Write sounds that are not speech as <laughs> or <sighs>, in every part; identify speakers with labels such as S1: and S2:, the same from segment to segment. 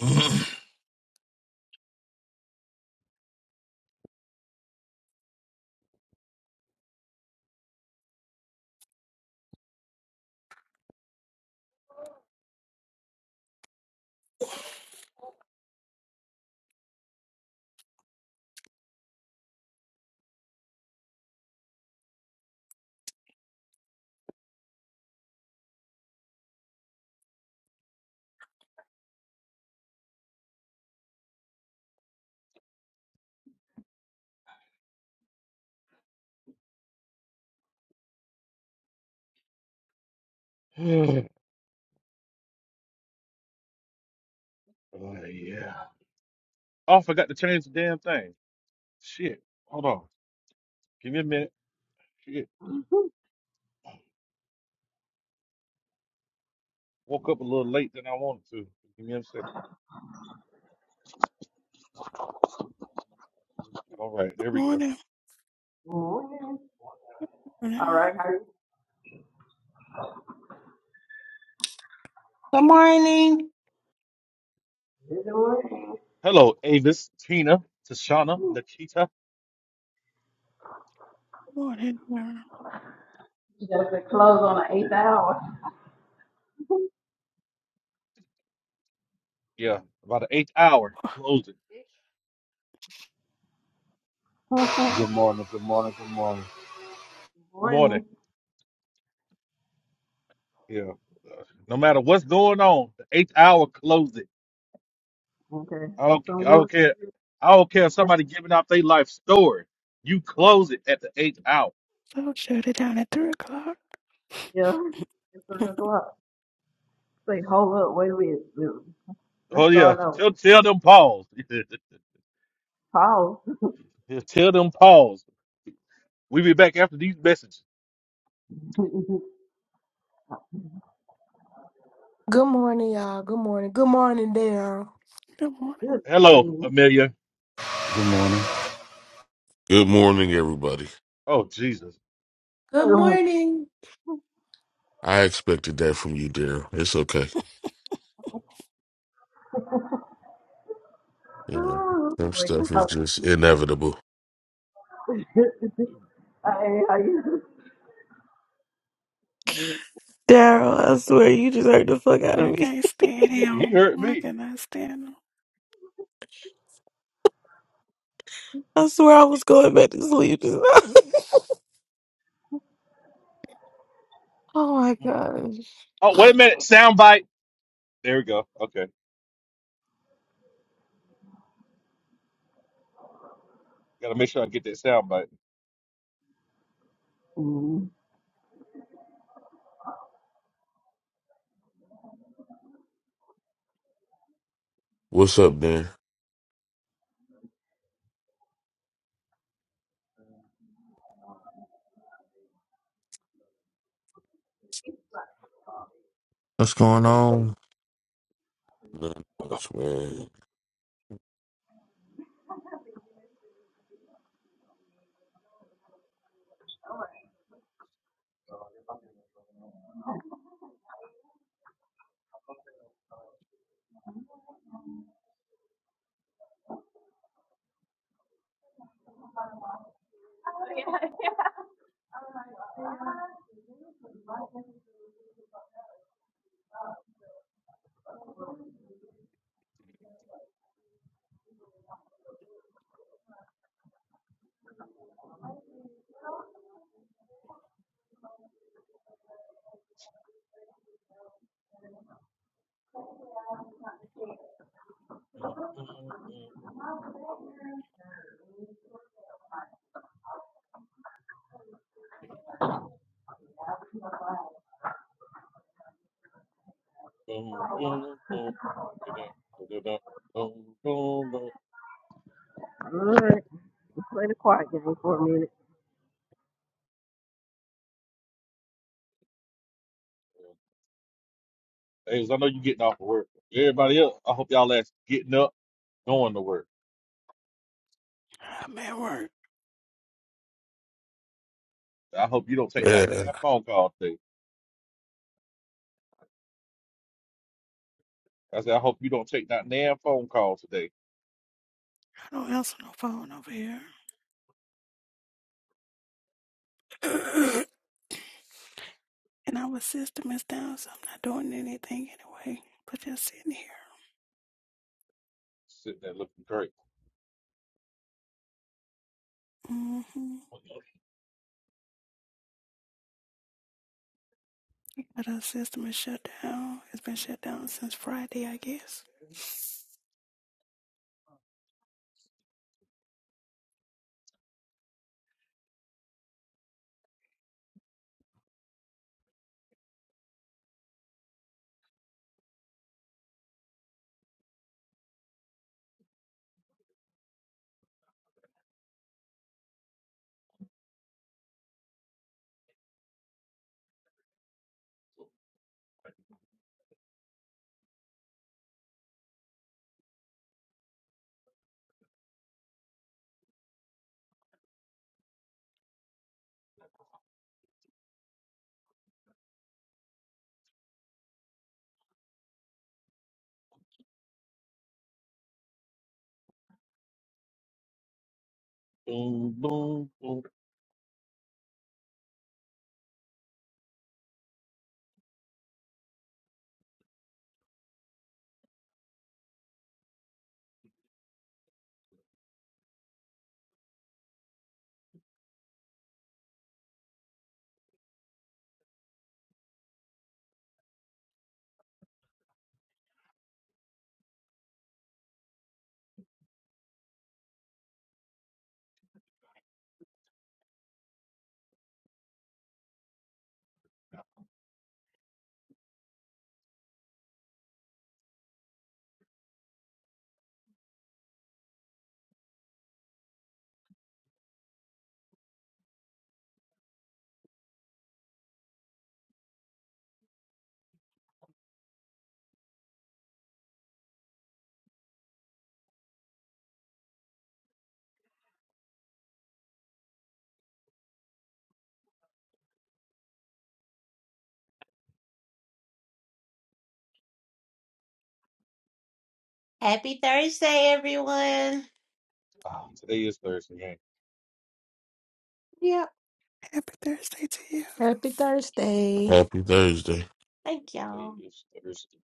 S1: Oh yeah. Oh, I forgot to change the damn thing. Shit. Hold on. Give me a minute. Shit. Woke up a little late than I wanted to. Give me a second. All right, there we go.
S2: Morning,
S3: Morning. All
S2: morning,
S3: right, how you
S4: Good morning.
S3: you doing?
S1: Hello, Avis, Tina, Tashana, Nikita.
S2: morning, morning.
S3: You got to close on the eighth hour.
S1: Yeah, about the eighth hour closing.
S3: <laughs> Good
S5: Good morning, good morning, good morning.
S1: Morning.
S3: Morning.
S1: Yeah. Uh, No matter what's going on, the eighth hour closing.
S3: Okay,
S1: I don't
S3: so I'm
S1: I
S3: going
S1: don't care. I don't care if
S3: to,
S1: somebody giving out their life story. You close it at the eighth hour.
S2: So shut it down at three o'clock. <laughs>
S3: yeah, it's three o'clock. Say, hold up, wait a minute. Let's
S1: Oh
S3: let's
S1: yeah.
S3: start off.
S1: Tell tell them pause. <laughs>
S3: Pause.
S1: Just tell them pause. We be back after these messages.
S3: <laughs> Good
S6: Good morning, y'all. Good morning. Good morning, Daryl.
S2: Good morning.
S1: Hello,
S3: morning.
S1: Amelia.
S5: Good morning.
S7: Good morning, everybody.
S1: Oh Jesus,
S4: Good
S3: Oh,
S4: morning.
S7: I expected that from you, Darryl. It's okay. You know, some
S3: Wait,
S7: stuff is
S3: how,
S7: just inevitable.
S3: <laughs> hey, how you
S8: Daryl, I swear you just hurt the fuck out
S2: I
S8: of me.
S2: can't stand
S1: he, he
S2: him.
S1: hurt
S2: I
S1: me.
S2: cannot stand him.
S8: I swear I was going back to sleep just now. <laughs> oh my gosh.
S1: Oh wait a minute, sound bite. There we go. Okay, gotta make sure I get that sound bite.
S3: Mm.
S7: What's up, Dan?
S9: What's going
S1: Hey,
S9: on?
S7: Not much, man.
S1: I
S3: <laughs> All right, let's play the quiet game for a minute.
S1: know you getting off of work. Everybody else, I hope y'all that's getting up, going to work.
S2: I'm at work.
S1: I hope you don't take that
S9: Yeah,
S1: damn phone call today. I said, I hope you don't take that damn phone call today.
S2: I don't answer no phone over here. <clears throat> <coughs> and our system is down, so I'm not doing anything anyway. But just sitting here.
S1: Sitting there looking great.
S2: Mm-hmm. But our system is shut down. It's been shut down since Friday, I guess.
S1: Boom, boom, boom.
S4: Happy Thursday, everyone.
S1: Ah, today is Thursday, man.
S4: Yep.
S2: Happy Thursday to you.
S6: Happy Thursday.
S7: Happy Thursday.
S4: Thank
S1: Today
S4: y'all.
S1: is Thursday.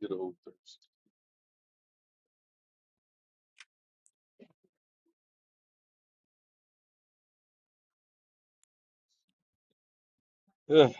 S1: Good old Thursday. Ugh,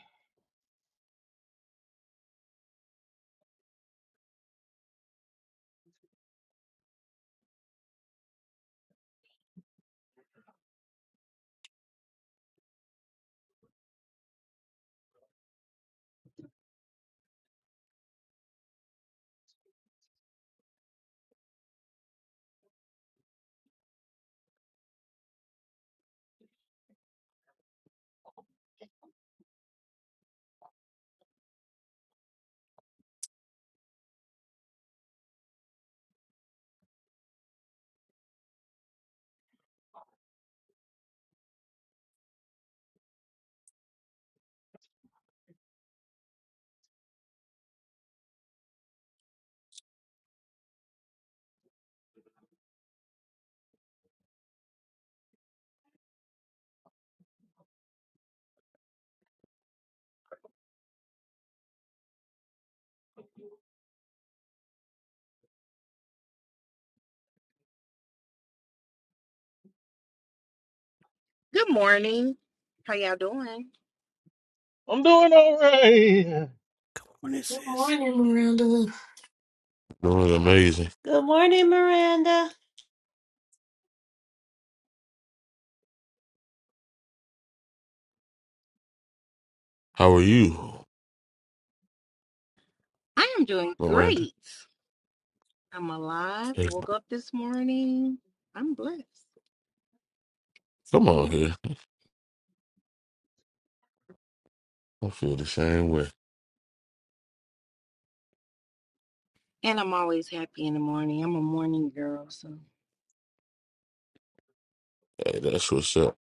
S10: Good morning. How y'all doing?
S1: I'm doing all right.
S2: Good morning,
S6: Good
S2: sis.
S6: morning, Miranda.
S7: Doing amazing.
S4: Good morning, Miranda.
S7: How are you,
S10: I am doing
S7: Miranda?
S10: great. I'm alive.
S7: Hey,
S10: Woke up this morning. I'm blessed.
S7: come on here. I feel the same way.
S10: And I'm always happy in the morning. I'm a morning girl, so
S7: Hey, that's what's up.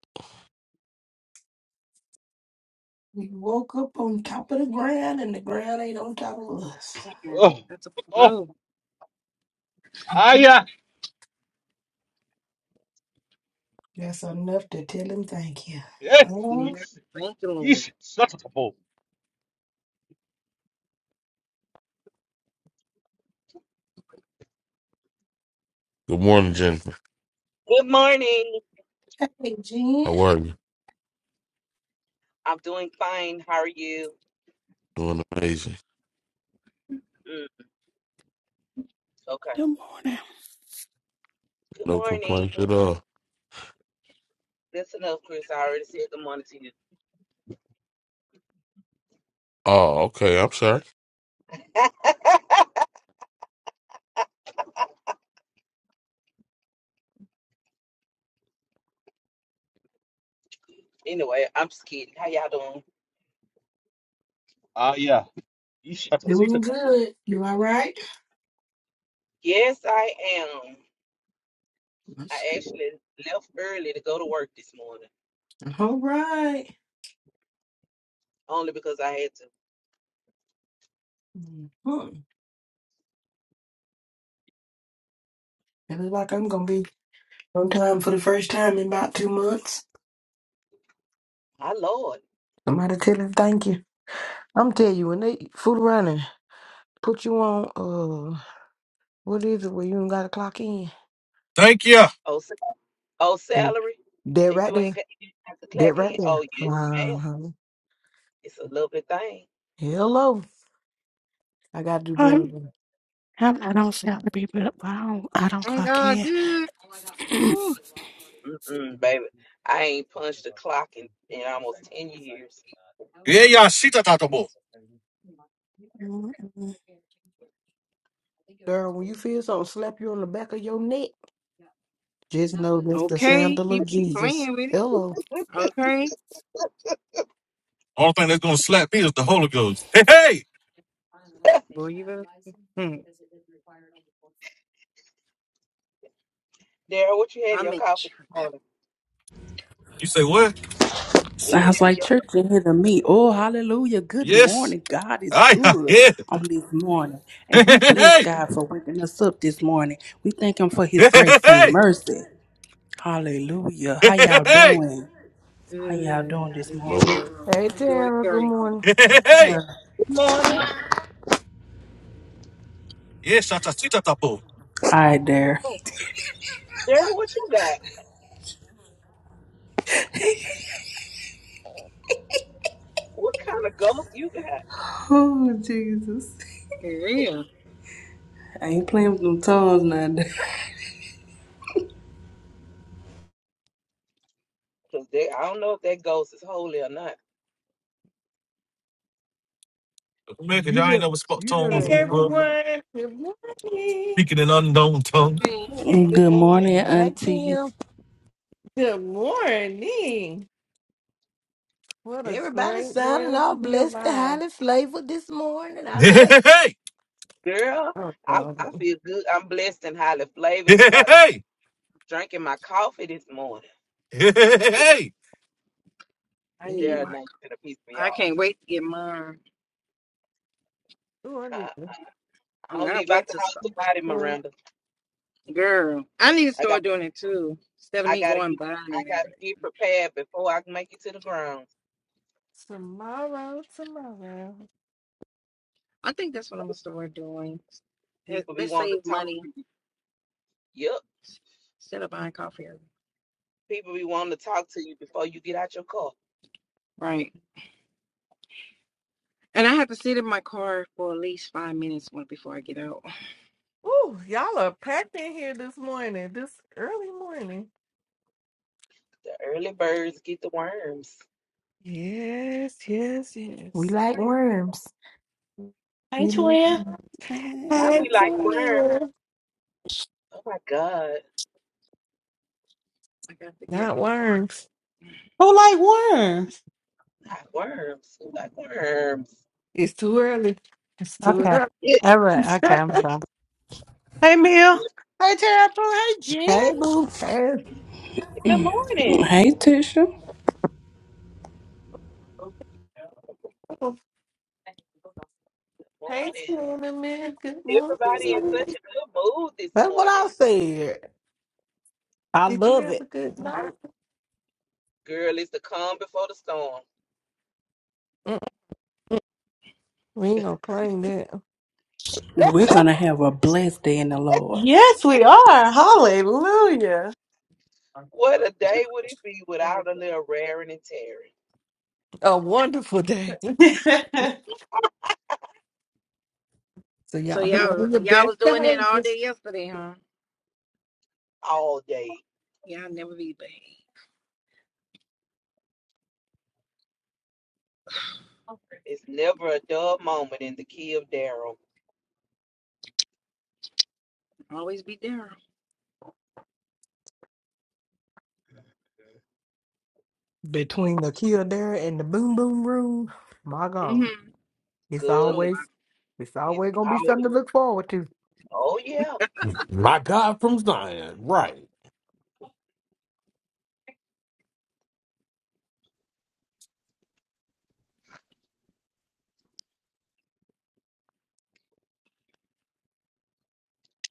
S6: We woke up on top of the ground and the ground ain't on top of us.
S10: yeah,
S1: Oh,
S10: that's a
S1: oh,
S10: oh
S1: ah,
S6: <laughs>
S1: yeah.
S6: That's enough to tell him thank you.
S1: Yeah.
S10: yeah.
S1: Yeesh,
S10: Thank you,
S1: yeesh,
S10: Lord.
S1: shut up, boy.
S7: Good morning, Jennifer.
S11: Good morning.
S6: Okay, Jen.
S7: How are you?
S11: I'm doing fine. How are you?
S7: Doing amazing.
S11: Mm, okay.
S2: Good morning.
S11: Good
S7: No
S11: morning.
S7: complaints at all.
S11: That's enough, Chris. I already said good morning to you.
S7: Oh, okay. I'm sorry.
S11: Anyway, I'm just kidding. How y'all doing?
S1: Ah, yeah. Yeesh, shut up, sit
S6: Doing
S1: up, boy.
S6: good. You all right?
S11: Yes, I am.
S6: That's
S11: I
S6: good.
S11: actually left early to go to work this morning,
S6: All right.
S11: only because I had to.
S6: Mm-hmm. It looks like I'm going to be on time for the first time in about two months.
S11: My Lord.
S6: Somebody tell him thank you. I'm telling you, when they fool around and put you on. What is it where you ain't got to clock in?
S1: Thank you.
S11: Oh, sa- oh
S6: They-
S11: salary?
S6: they
S11: And
S6: right
S11: you ain't
S6: there.
S11: got you didn't have to
S6: they
S11: clock
S6: right
S11: in? Oh,
S6: there.
S11: yes, ma'am.
S6: Uh-huh.
S11: It's a lovely thing.
S6: Hello. I got to do better.
S2: I'm,
S6: than-
S2: I'm, I don't sound to be, but I don't, I don't
S10: Thank
S2: clock
S10: God
S2: in.
S10: good.
S2: <clears throat>
S10: Whew.
S11: Mm-mm, baby, I ain't punched the clock in, in almost ten years.
S1: Yeah, yeah, all shit that the ball.
S6: Girl, when you feel something slap you on the back of your neck, just know that's the
S10: Okay.
S6: sandal
S10: You,
S6: of
S10: be
S6: Jesus.
S10: playing with
S6: Hello.
S10: it. Okay.
S1: Only thing that's gonna slap me is the Holy Ghost. Hey, hey!
S10: Boy, you better hmm.
S11: Daryl, what you had in
S10: I'm
S11: your
S10: in
S11: coffee this
S10: traffic.
S11: morning?
S1: You say what?
S11: What you
S12: Sounds
S11: had in
S12: like
S11: your
S12: church in here to
S11: coffee?
S12: me. Oh, hallelujah. Good
S1: Yes.
S12: morning. God is
S1: I yeah.
S12: good
S1: yeah.
S12: on this morning. And
S1: Hey, hey,
S12: we bless
S1: hey,
S12: God for waking us up this morning. We thank Him for
S1: hey,
S12: His grace
S1: hey,
S12: and mercy. Hallelujah.
S1: hey,
S12: How y'all
S1: hey,
S12: doing? How y'all
S10: Good.
S12: doing
S10: How
S12: this
S10: are
S7: Nope.
S12: morning?
S10: you?
S6: Hey,
S10: Doing
S6: Tara. Good
S10: great.
S6: morning.
S1: hey, hey, hey.
S11: Good morning,
S1: Yes, I see that boy.
S12: All right, there.
S10: Oh,
S11: Daryl. What you got? What kind of ghost you got?
S12: Oh, Jesus.
S10: yeah.
S12: I ain't playing with them tongues now.
S11: Cause they, I don't know if that ghost is holy or not.
S1: Man, cause
S6: You
S1: y'all ain't
S6: know,
S1: never spoke
S6: you know
S1: tongues,
S13: morning,
S6: they ain't
S1: bro.
S6: holy.
S13: everyone. Good morning.
S1: Speaking an unknown tongue.
S10: Okay.
S12: <laughs>
S11: Good
S12: Good morning,
S11: morning,
S6: Hi,
S12: Auntie.
S6: Kim.
S13: Good morning. What a
S6: Everybody
S13: great
S6: sounding
S13: morning to
S6: all
S13: be
S6: blessed and
S13: alive.
S6: highly flavored this morning. I
S1: <laughs>
S6: love it.
S11: girl.
S13: Oh,
S11: I I
S13: God.
S11: feel good. I'm blessed and highly flavored
S1: Hey, hey,
S11: because I done
S1: hey,
S11: drinking my coffee this morning.
S1: hey, hey, hey, hey.
S10: I
S6: Tell you
S10: need
S6: what
S11: Daryl,
S10: my
S6: I-
S11: now you gonna piss me
S10: I
S11: off.
S10: can't wait to get mine.
S13: Ooh, I need to
S11: Uh, I
S10: Oh,
S11: don't
S10: I
S11: leave out
S10: went
S11: the
S10: to
S11: house
S10: start.
S11: tonight,
S13: go
S11: Miranda.
S10: Girl, I need to
S11: I got
S10: start doing it too. Instead of
S11: I
S10: me
S11: gotta
S10: going
S11: get
S10: buying and
S11: I
S10: everything.
S11: gotta get prepared before I can make it to the ground.
S13: tomorrow, tomorrow.
S10: I think that's what I'm gonna start doing. Let-
S11: People be
S10: Let's
S11: wanting
S10: save
S11: to talk.
S10: money
S11: Yep.
S10: instead of buying coffee. every-
S11: People be wanting to talk to you before you get out your car.
S10: Right. And I have to sit in my car for at least five minutes when- before I get out.
S13: Ooh, y'all are packed in here this morning, this early morning.
S11: The early birds get the worms.
S13: Yes, yes,
S6: We
S13: yes.
S6: like worms.
S4: Hey,
S13: We love
S4: twin.
S13: you.
S11: Now
S13: Hi,
S11: we
S2: Good
S11: like worms.
S13: Tamia.
S11: Oh my God.
S10: I got the gift
S13: Not
S10: card.
S13: worms.
S4: Who like worms?
S11: Not worms. We like worms.
S13: It's too early. It's too
S4: Okay.
S13: early.
S11: Yeah.
S4: All right. Okay, I'm
S13: <laughs>
S4: sorry. Hey, Mill. Hey, Tara. Hey, Jen.
S6: Hey, boo. Hey.
S11: Good morning.
S12: Hey, Tisha.
S13: hey,
S11: Morning.
S13: cinnamon. Good
S11: Everybody in
S13: morning.
S11: such a good mood this
S6: That's what I
S11: morning.
S6: said. I
S13: Did you
S6: love
S13: have a
S6: it.
S13: good night?
S11: Girl, it's the calm before the storm.
S13: Mm-mm. We ain't gonna claim that.
S12: We're going to have a blessed day in the Lord.
S4: Yes, we are. Hallelujah. <laughs>
S11: What a
S10: Sure.
S11: day would it be without a little raring and tearing?
S13: A wonderful day. <laughs>
S4: it's
S13: So
S10: So
S13: y'all be
S10: y'all,
S13: on your
S10: y'all
S13: best
S10: was doing it all
S13: behavior.
S10: day yesterday, huh?
S11: All day.
S10: Y'all never be bad.
S11: It's never a dull moment in the key of Daryl.
S10: Always be there.
S6: between the Kildare and the Boom Boom Room, my
S10: hmm
S6: God, it's
S10: Oh,
S11: Good.
S10: wow.
S6: always it's
S11: It's
S6: always gonna be
S11: powerful.
S6: something to look forward to.
S11: Oh yeah.
S9: my God from Zion, right?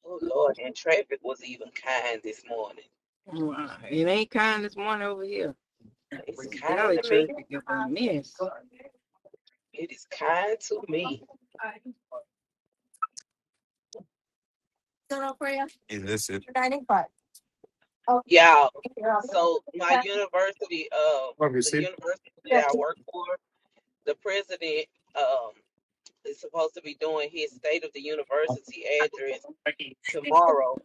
S11: Oh Lord, and traffic was even kind this morning.
S10: Wow. It ain't kind this morning over here.
S11: It's kind
S10: Dolly
S11: to
S10: Tree
S11: me.
S10: is a mess.
S11: It is kind to me. Y'all. So my university, uh, the university that I work for, the president um is supposed to be doing his state of the university address tomorrow,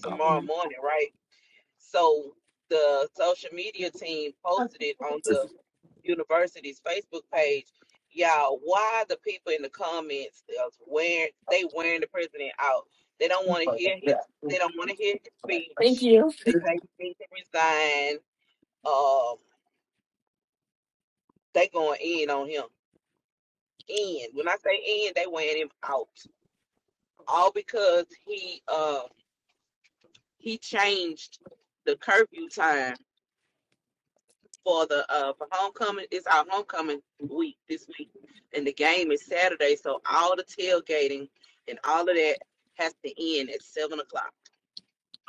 S11: tomorrow
S10: hmm
S11: morning, right? So the social media team posted it on the university's Facebook page. Y'all, why the people in the comments is wearing they wearing the president out? They don't want to hear his they don't want to hear his speech. They say he needs to resign. Um, they going in on him. In when I say in, they wearing him out. All because he uh he changed the curfew time for the uh for homecoming. It's our homecoming week this week, and the game is Saturday. So all the tailgating and all of that has to end at seven o'clock.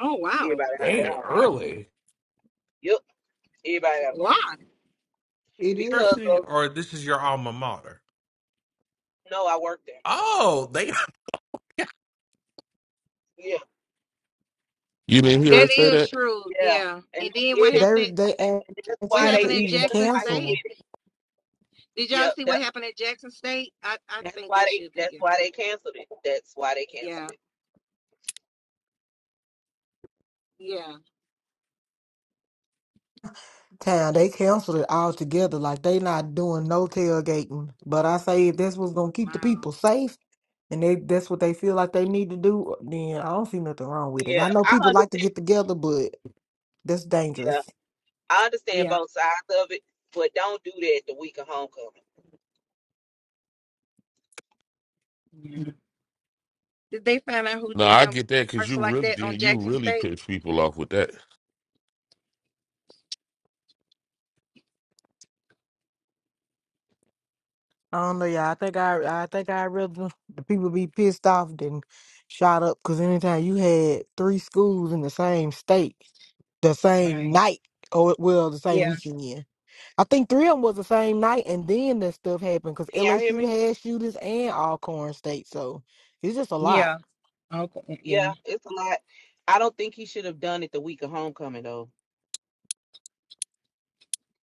S10: Oh wow,
S11: Everybody gotta go
S9: Damn,
S11: home.
S9: early.
S11: Yep, everybody gotta go
S10: wow,
S11: home
S6: It is.
S11: because
S9: university
S11: of
S9: or this is your alma mater?
S11: no, I work there.
S9: Oh, they
S11: Yeah,
S7: You didn't hear her
S10: that
S7: say
S10: is
S7: that?
S10: true.
S11: yeah,
S10: Yeah,
S11: and
S10: and
S11: they
S10: then what
S11: did it,
S6: They
S10: happened? At,
S6: they
S11: and that's
S6: asked
S10: what
S11: why
S6: them
S11: they
S6: to
S10: happened
S11: did.
S10: at
S6: even
S11: That's
S10: Jackson
S11: why he
S10: State?
S6: cancel
S11: did it.
S10: Did y'all
S11: Yep,
S10: see
S11: that's
S10: what happened at Jackson State? I I
S11: that's
S10: think
S11: why
S10: that
S11: they
S10: should be
S11: that's
S10: it.
S11: why they canceled it. That's why they canceled
S10: Yeah,
S11: it.
S10: yeah.
S6: town. They canceled it altogether. Like they not doing no tailgating. But I say if that's what's gonna keep the
S10: Wow.
S6: people safe and they that's what they feel like they need to do, then I don't see nothing wrong with
S11: Yeah,
S6: it. I know
S11: I
S6: people like to
S11: understand.
S6: get together, but that's dangerous.
S11: Yeah, I understand
S10: Yeah.
S11: both sides of it, but don't do that the week of homecoming.
S10: Yeah. Did they find out who
S7: No,
S10: did
S7: I
S10: them
S7: get that because you
S10: person like
S7: really
S10: that on
S7: did. You
S10: Jackson
S7: really
S10: State?
S7: pissed people off with that.
S6: I don't know, y'all. I think I, I think I'd rather the people be pissed off than shot up. Cause anytime you had three schools in the same state, the same
S10: Right.
S6: night, or well, the same
S10: Yeah.
S6: weekend. I think three of them was the same night, and then that stuff happened. Cause
S11: Can y'all hear me?
S6: LSU had shooters and Alcorn State, so it's just a lot.
S10: Yeah. Okay.
S11: Yeah,
S10: Yeah.
S11: it's a lot. I don't think he should have done it the week of homecoming though.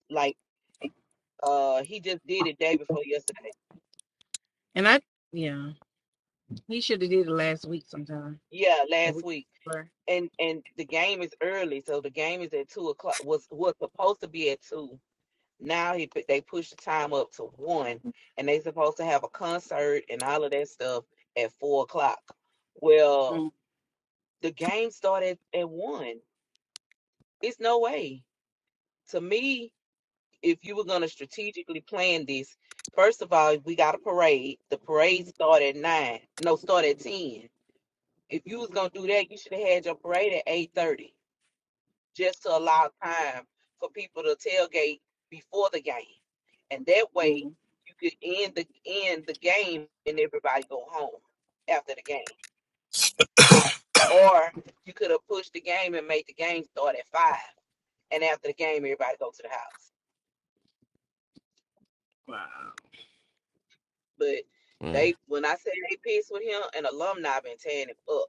S11: Like uh he just did it day before yesterday.
S10: And I. Yeah. He should have did it last week sometime.
S11: Yeah,
S10: A
S11: last
S10: week
S11: week.
S10: before.
S11: And and the game is early, so the game is at two o'clock was was supposed to be at two. Now he put- they pushed the time up to one and they supposed to have a concert and all of that stuff at four o'clock. Well,
S10: mm
S11: the game started at one. It's no way. To me, if you were going to strategically plan this, first of all, we got a parade. The parade start at nine. No, start at ten. If you was gonna do that, you should have had your parade at eight thirty, just to allow time for people to tailgate before the game, and that way
S10: mm.
S11: you could end the end the game and everybody go home after the game. Or you could have pushed the game and made the game start at five, and after the game, everybody go to the house.
S10: Wow.
S11: But they, when I say they pissed with him, an alumni been tearing him up.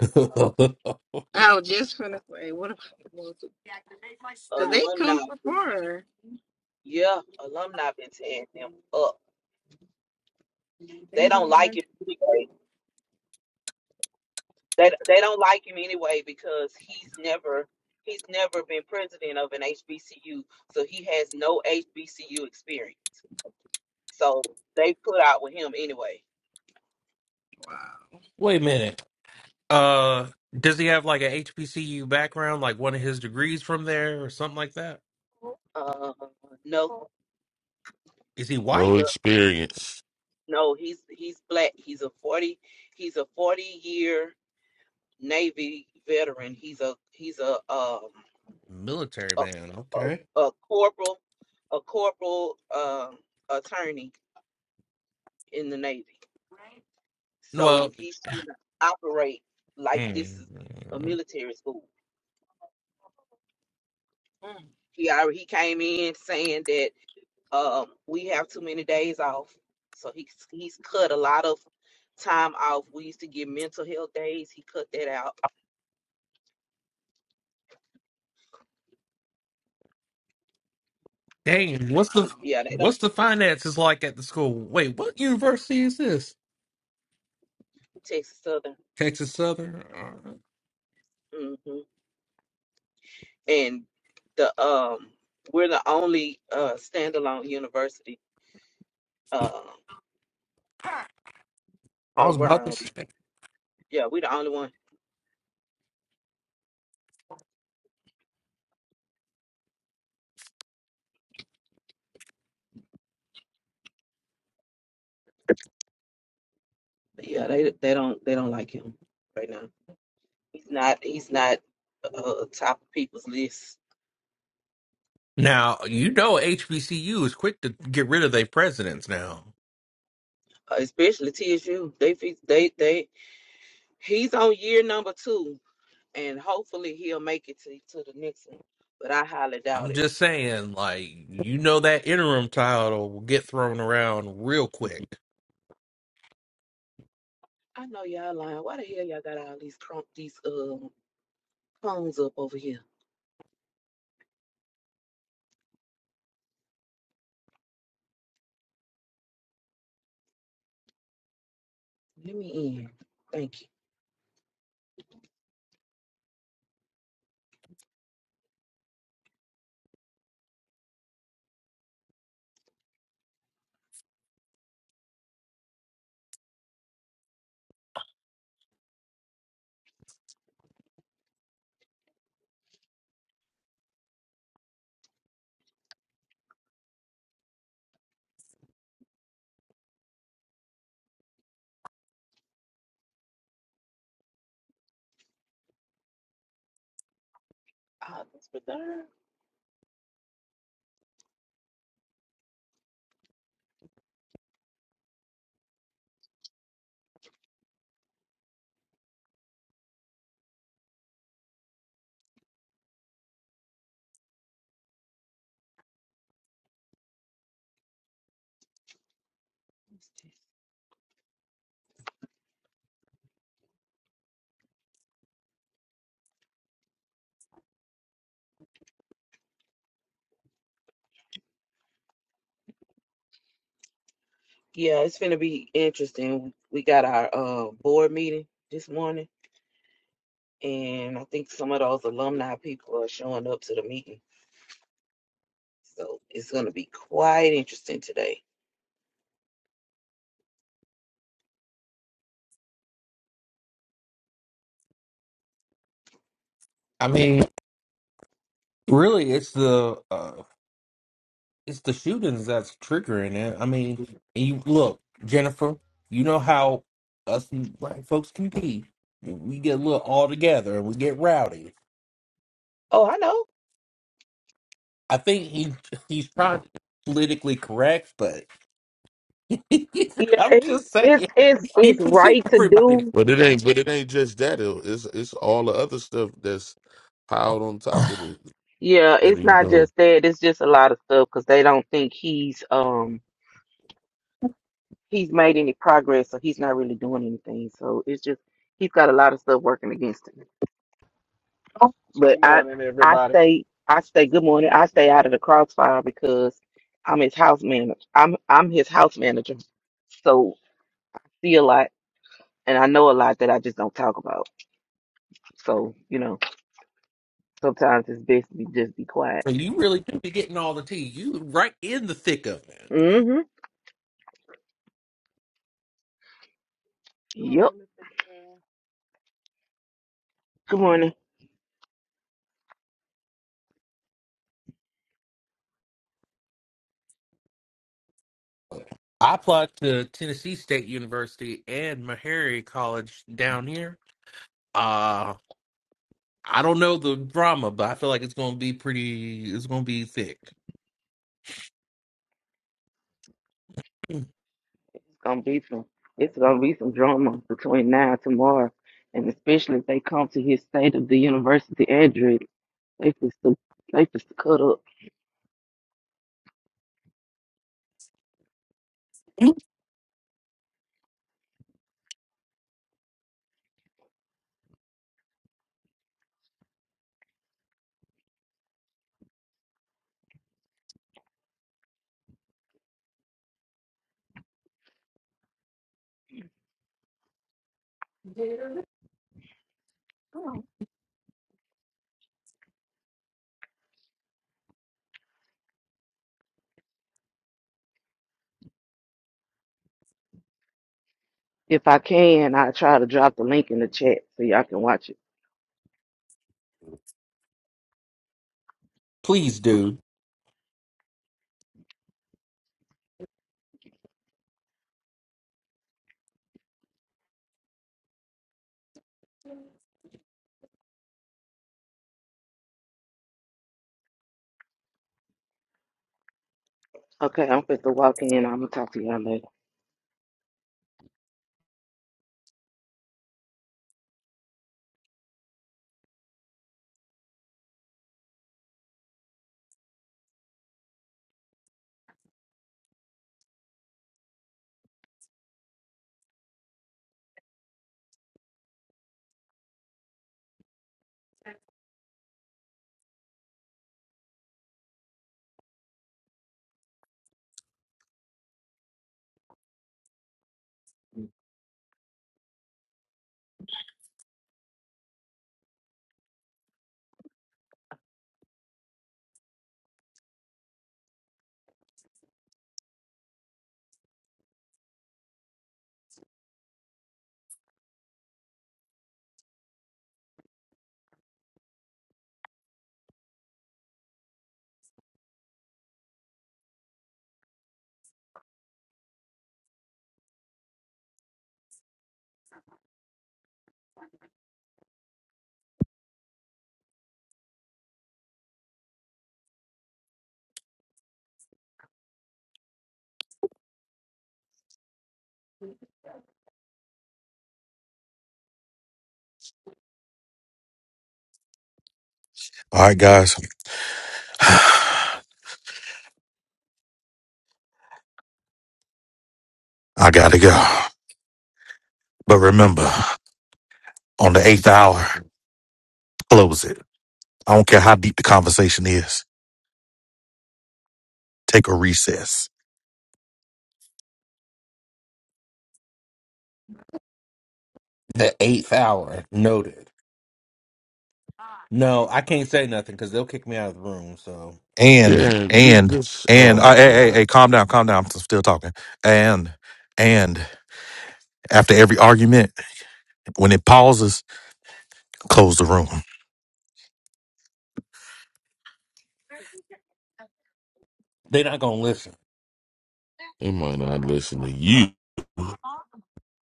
S9: <laughs>
S10: I was just gonna say, what about the Moses? Because they come
S11: Alumni,
S10: from far.
S11: yeah, alumni been tearing him up.
S10: They
S11: They don't
S10: done
S11: like
S10: done-
S11: him anyway. They they don't like him anyway because he's never he's never been president of an HBCU, so he has no HBCU experience. So they put out with him anyway.
S10: Wow.
S9: Wait a minute. uh does he have like a HBCU background, like one of his degrees from there or something like that?
S11: Uh, no,
S9: Is he
S11: he's
S7: No
S9: white?
S11: a
S7: experience.
S11: no, he's he's black. He's a forty. He's a forty year. Navy veteran. He's a he's a um
S9: Military
S11: a,
S9: man, okay.
S11: a, a corporal a corporal um attorney in the Navy. So
S9: Well,
S11: he's trying to operate like this
S9: mm,
S11: is a military school.
S10: Mm,
S11: He already he came in saying that um we have too many days off. So he's he's cut a lot of time off. We used to get mental health days. He cut that out.
S9: dang, what's
S11: But
S9: the
S10: wow.
S11: yeah, they don't
S9: what's the finances like at the school? Wait, what university is this?
S11: Texas Southern.
S9: Texas Southern?
S11: mm-hmm. and the um we're the only uh standalone university uh
S9: I was about to
S11: around.
S9: say.
S11: Yeah, we're the only one. But yeah, they they don't they don't like him right now. He's not he's not uh top of people's list,
S9: Now, you know HBCU is quick to get rid of their presidents now.
S11: uh, especially TSU. They fe- they they he's on year number two, and hopefully he'll make it to to the next one. But I highly
S9: I'm
S11: doubt it.
S9: just saying, like, you know that interim title will get thrown around real quick.
S11: I know y'all lying. Why the hell y'all got all these crump these uh phones up over here? Let me in. Thank you. Oh, that's for Yeah, it's gonna be interesting. We got our uh, board meeting this morning, and I think some of those alumni people are showing up to the meeting, so it's gonna be quite interesting today.
S9: I mean, really it's the uh it's the shootings that's triggering it. I mean, and you look, Jennifer, you know how us black folks can be. We get a little all together and we get rowdy.
S11: Oh, I know.
S9: I think he he's trying to be politically correct, but. <laughs> I'm
S11: Yeah, he's
S9: just
S11: it's
S9: saying,
S11: it's,
S9: he
S11: it's
S9: puts
S11: right to
S9: everybody.
S11: do.
S7: But it ain't. But it ain't just that. It- It's it's all the other stuff that's piled on top of it
S11: Yeah,
S7: that
S11: it's
S7: he's
S11: not
S7: doing.
S11: just that. It's just a lot of stuff because they don't think he's um he's made any progress, so he's not really doing anything. So it's just he's got a lot of stuff working against him. But
S14: Good
S11: I
S14: morning,
S11: I
S14: everybody.
S11: stay I stay good morning. I stay out of the crossfire because I'm his house manager. I'm I'm his house manager. So see a lot and I know a lot that I just don't talk about. So, you know, sometimes it's best to just be quiet.
S9: So you really do be getting all the tea. You right in the thick of it.
S11: Mm-hmm.
S6: Good
S11: Yep.
S6: morning, Mr. Girl.
S11: Good morning.
S9: I applied to Tennessee State University and Meharry College down here. Uh I don't know the drama, but I feel like it's gonna be pretty. It's gonna be thick.
S11: It's gonna be some it's gonna be some drama between now and tomorrow. And especially if they come to his state of the university address, they just they just cut up. If I can, I try to drop the link in the chat so y'all can watch it.
S9: Please do
S11: Okay, I'm fit to walk in. I'm gonna talk to y'all later.
S1: All right, guys, <sighs> I gotta go. But remember, on the eighth hour, close it. I don't care how deep the conversation is. Take a recess.
S9: the eighth hour noted. No, I can't say nothing because they'll kick me out of the room. So
S1: And
S7: Yeah, you
S1: and
S7: just.
S1: and uh,
S7: Oh
S1: hey, hey,
S7: God,
S1: hey, calm down, calm down. I'm still talking. And and after every argument, when it pauses, close the room.
S9: they're not gonna listen.
S7: he might not listen to you.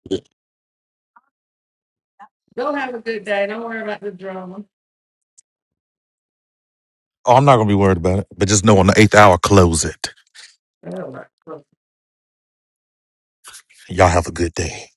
S7: <laughs>
S13: Go have a good day. Don't worry about the drama.
S1: Oh, I'm not gonna be worried about it. But just know on the eighth hour, close it.
S13: All right. Girl,
S1: Y'all have a good day.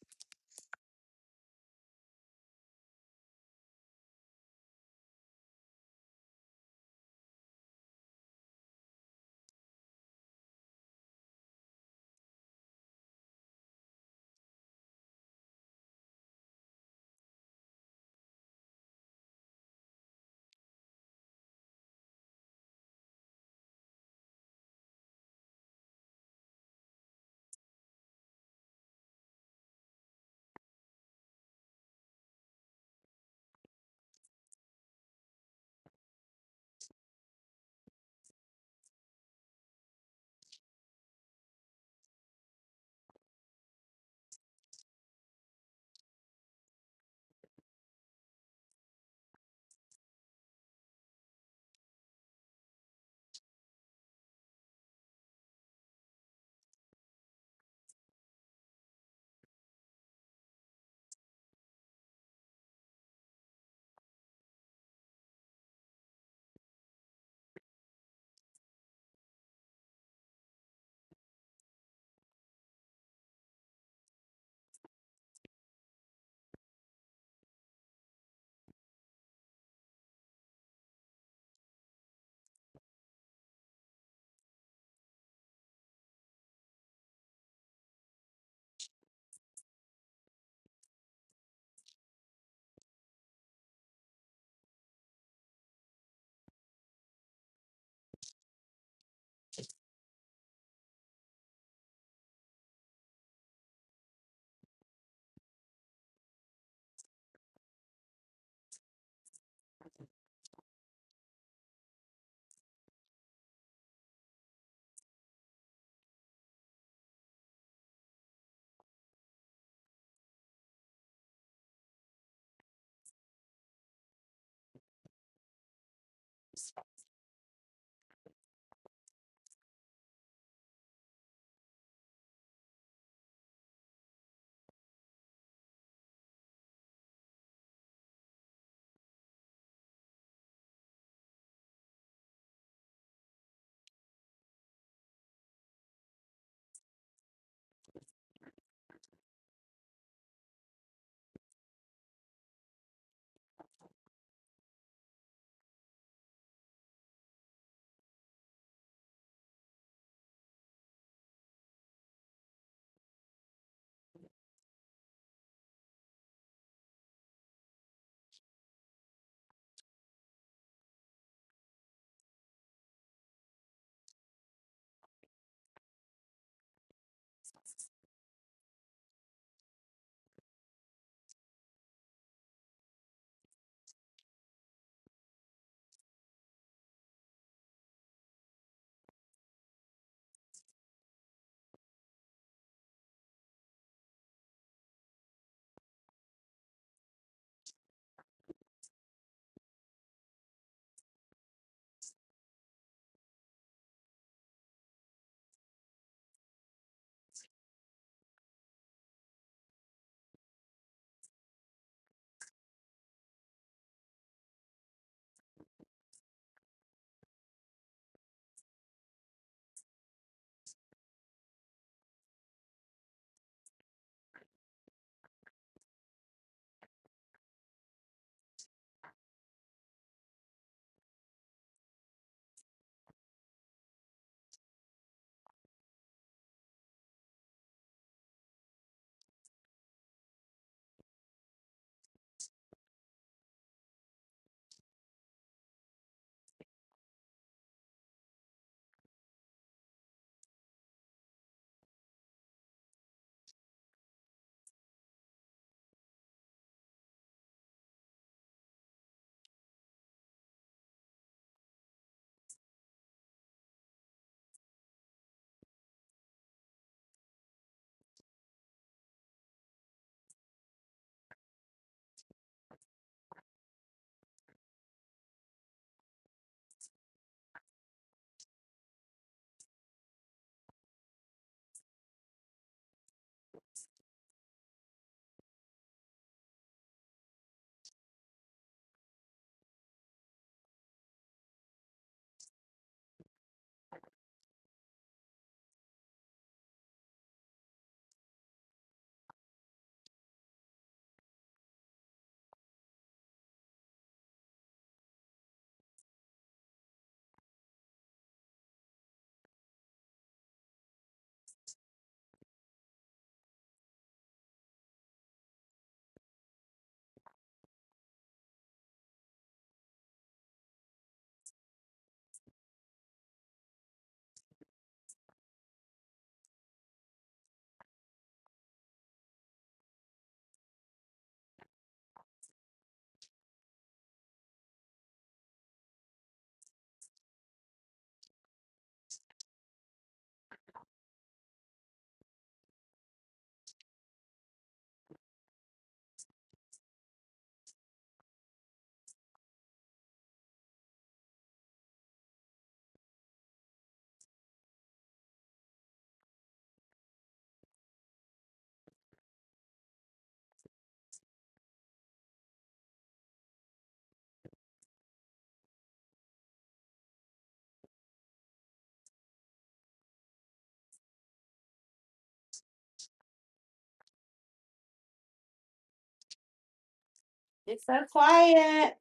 S4: so quiet.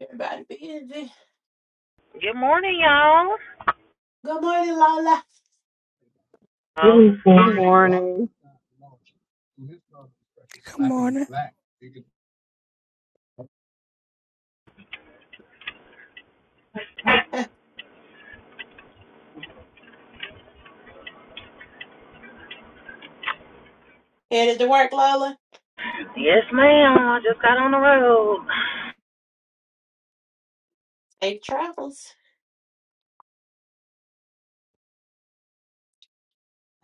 S4: Everybody busy.
S15: Good morning, y'all.
S4: Good morning, Lola.
S15: Um, Really?
S3: Good morning.
S2: morning.
S4: Headed to work, Lola.
S15: yes, ma'am. I just got on the road.
S4: Safe travels.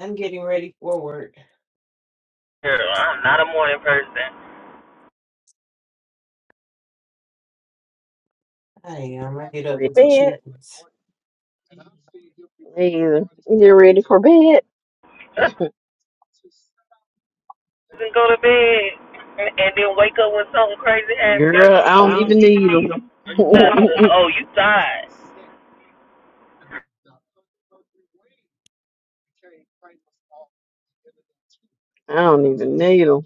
S4: I'm getting ready for work.
S15: Girl, I'm not a morning person.
S4: I am. I get up
S3: Ready? to
S4: with the
S3: bed.
S4: chickens.
S3: Either. You ready for bed?
S15: <laughs> and go to bed and, and then wake up when something crazy happens.
S3: Girl, I
S15: I
S3: don't even need 'em. <laughs> I
S15: Oh, you tired?
S3: don't even need 'em.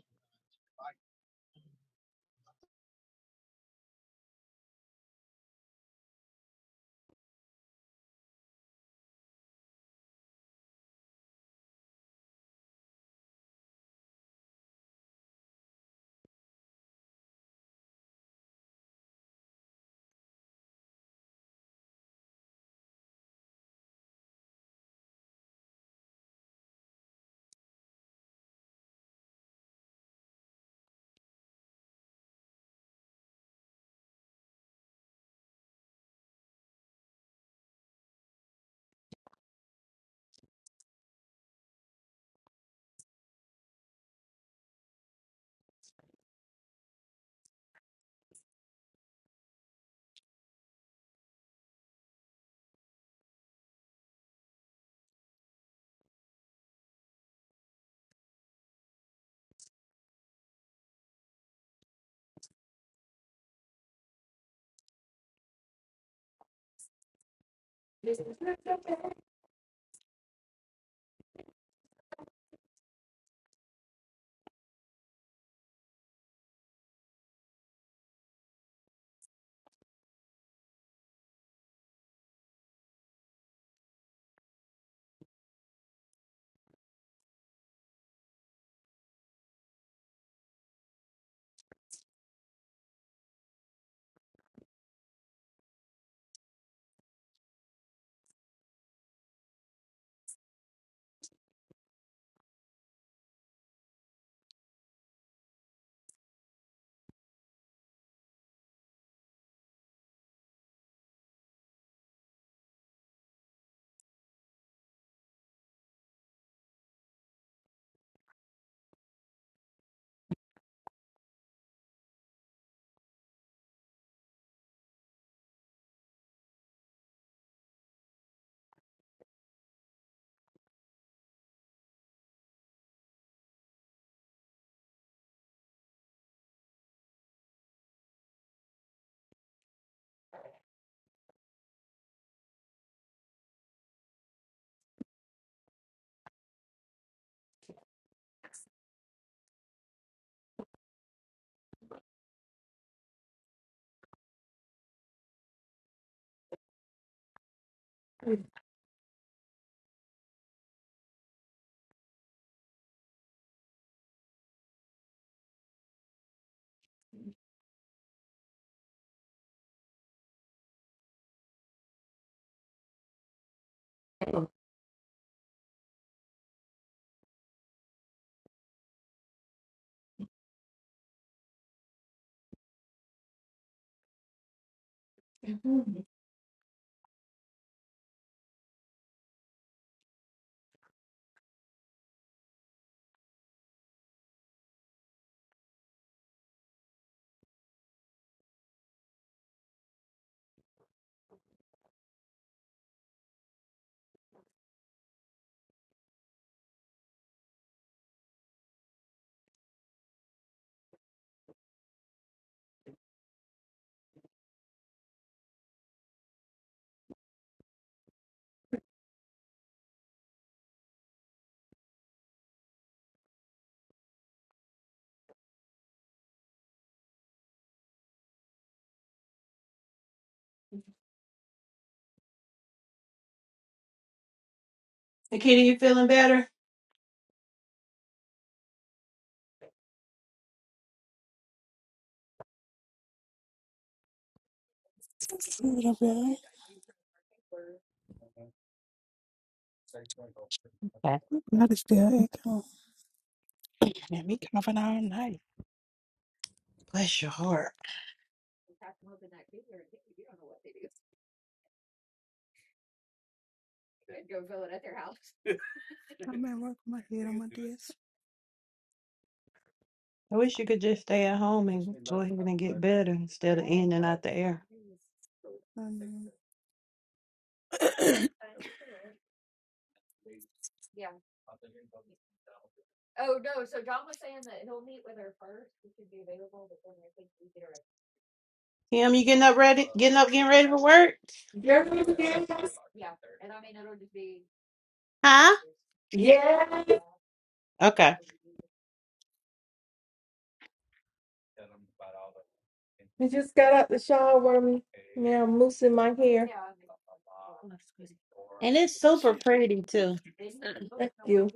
S13: Yes.
S4: Nikita, you feeling better?
S2: It's a little bit.
S4: Okay.
S2: My body's still aching. And me coughing all night.
S4: Bless your heart.
S2: I'm at work with my head on my desk.
S4: I wish you could just stay at home and go ahead and get better instead of in and out the air.
S2: <laughs> Um, <clears throat>
S4: Kim, you getting up ready? Getting up, getting ready for work? Huh?
S13: Yes.
S4: Okay.
S13: We just got out the shower. me. Now I'm loosening my hair.
S4: And it's super
S2: shit.
S4: pretty too.
S13: Thank you.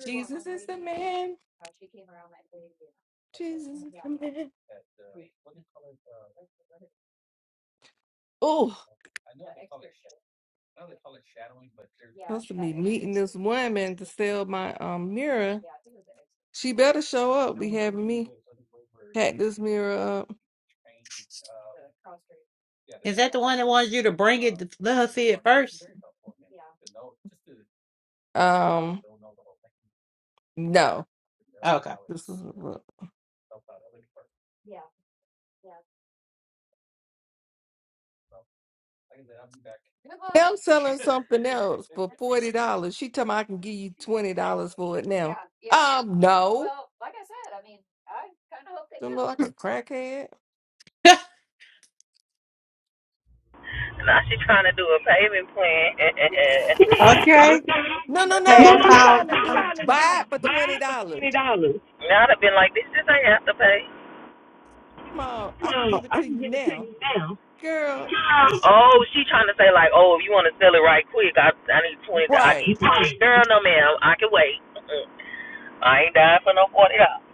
S13: Jesus is the man. Jesus is the man. Oh, supposed to be meeting this woman to sell my um mirror. She better show up. Be having me hack this mirror up.
S4: Is that the one that wants you to bring it to let her see it first?
S13: Um, no,
S4: Okay.
S13: this is a look. Now I'm selling something else for forty dollars. She tell me I can give you twenty dollars for it now. Um, no, don't look like a crackhead.
S4: <laughs>
S15: Now she trying to do a payment plan. <laughs>
S4: Okay.
S13: No, no,
S15: I think
S13: no.
S15: No,
S4: Pass
S15: no,
S13: She
S15: no.
S4: out.
S13: trying to
S15: She's
S13: do
S15: trying to do
S13: buy it for twenty
S15: five for
S13: dollars.
S15: twenty dollars? now I'd have been like, this just ain't have to pay.
S13: Come on, I can
S15: Come on,
S13: give it
S15: I
S13: to
S15: can
S13: you
S15: give it to
S13: now,
S15: you now.
S13: girl.
S15: Oh, she trying to say like, oh, if you want to sell it right quick, I I need twenty. I
S13: Right.
S15: give twenty. Girl, no ma'am, I can wait. Mm-mm. I ain't dying for no forty dollars.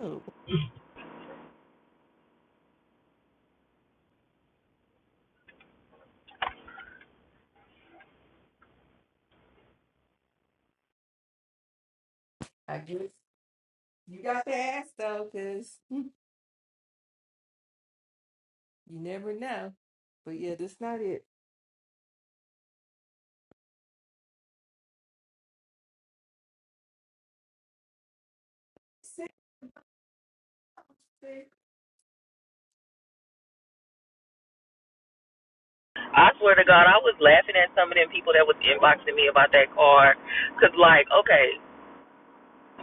S13: Oh, I guess you got to ask though, cause you never know. But yeah, that's not it.
S15: I swear to God, I was laughing at some of them people that was inboxing me about that car, cause like, okay,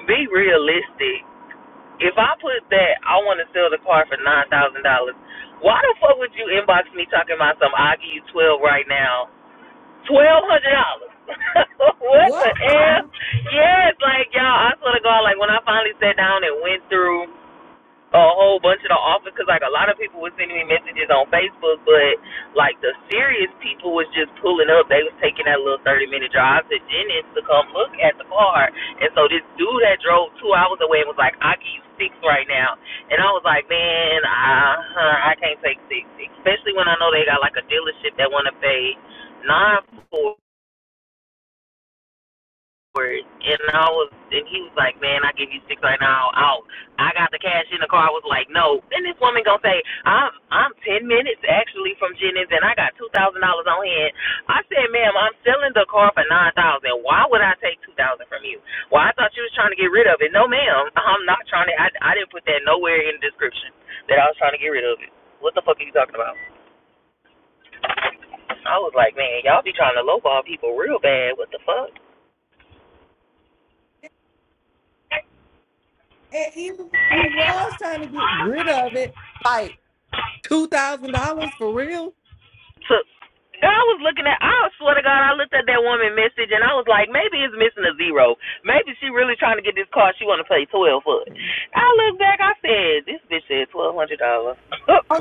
S15: be realistic. If I put that, I want to sell the car for nine thousand dollars. Why the fuck would you inbox me talking about some? I give you twelve right now. Twelve hundred dollars. <laughs> what the
S13: What?
S15: hell? Yes, like y'all, I swear to God, like when I finally sat down and went through a whole bunch of the offers, because like a lot of people were sending me messages on Facebook, but like the serious people was just pulling up. They was taking that little thirty minute drive to Dennis to come look at the car, and so this dude that drove two hours away was like, "I give you six right now," and I was like, "Man, I I can't take six, especially when I know they got like a dealership that want to pay nine for." And I was, and he was like, man, I give you six right now. Out. I got the cash in the car. I was like, no. Then this woman gonna say, I'm, I'm ten minutes actually from Jennings, and I got two thousand dollars on hand. I said, ma'am, I'm selling the car for nine thousand. Why would I take two thousand from you? Well, I thought you was trying to get rid of it. No, ma'am, I'm not trying to. I, I didn't put that nowhere in the description that I was trying to get rid of it. What the fuck are you talking about? I was like, man, y'all be trying to lowball people real bad. What the fuck?
S13: And even if you was trying to get rid of it, like two thousand dollars for real?
S15: So God was looking at. I swear to God, I looked at that woman message and I was like, maybe it's missing a zero. Maybe she really trying to get this car. She want to pay twelve for it.
S13: Oh,
S15: I looked back. I said, this bitch said twelve hundred dollars.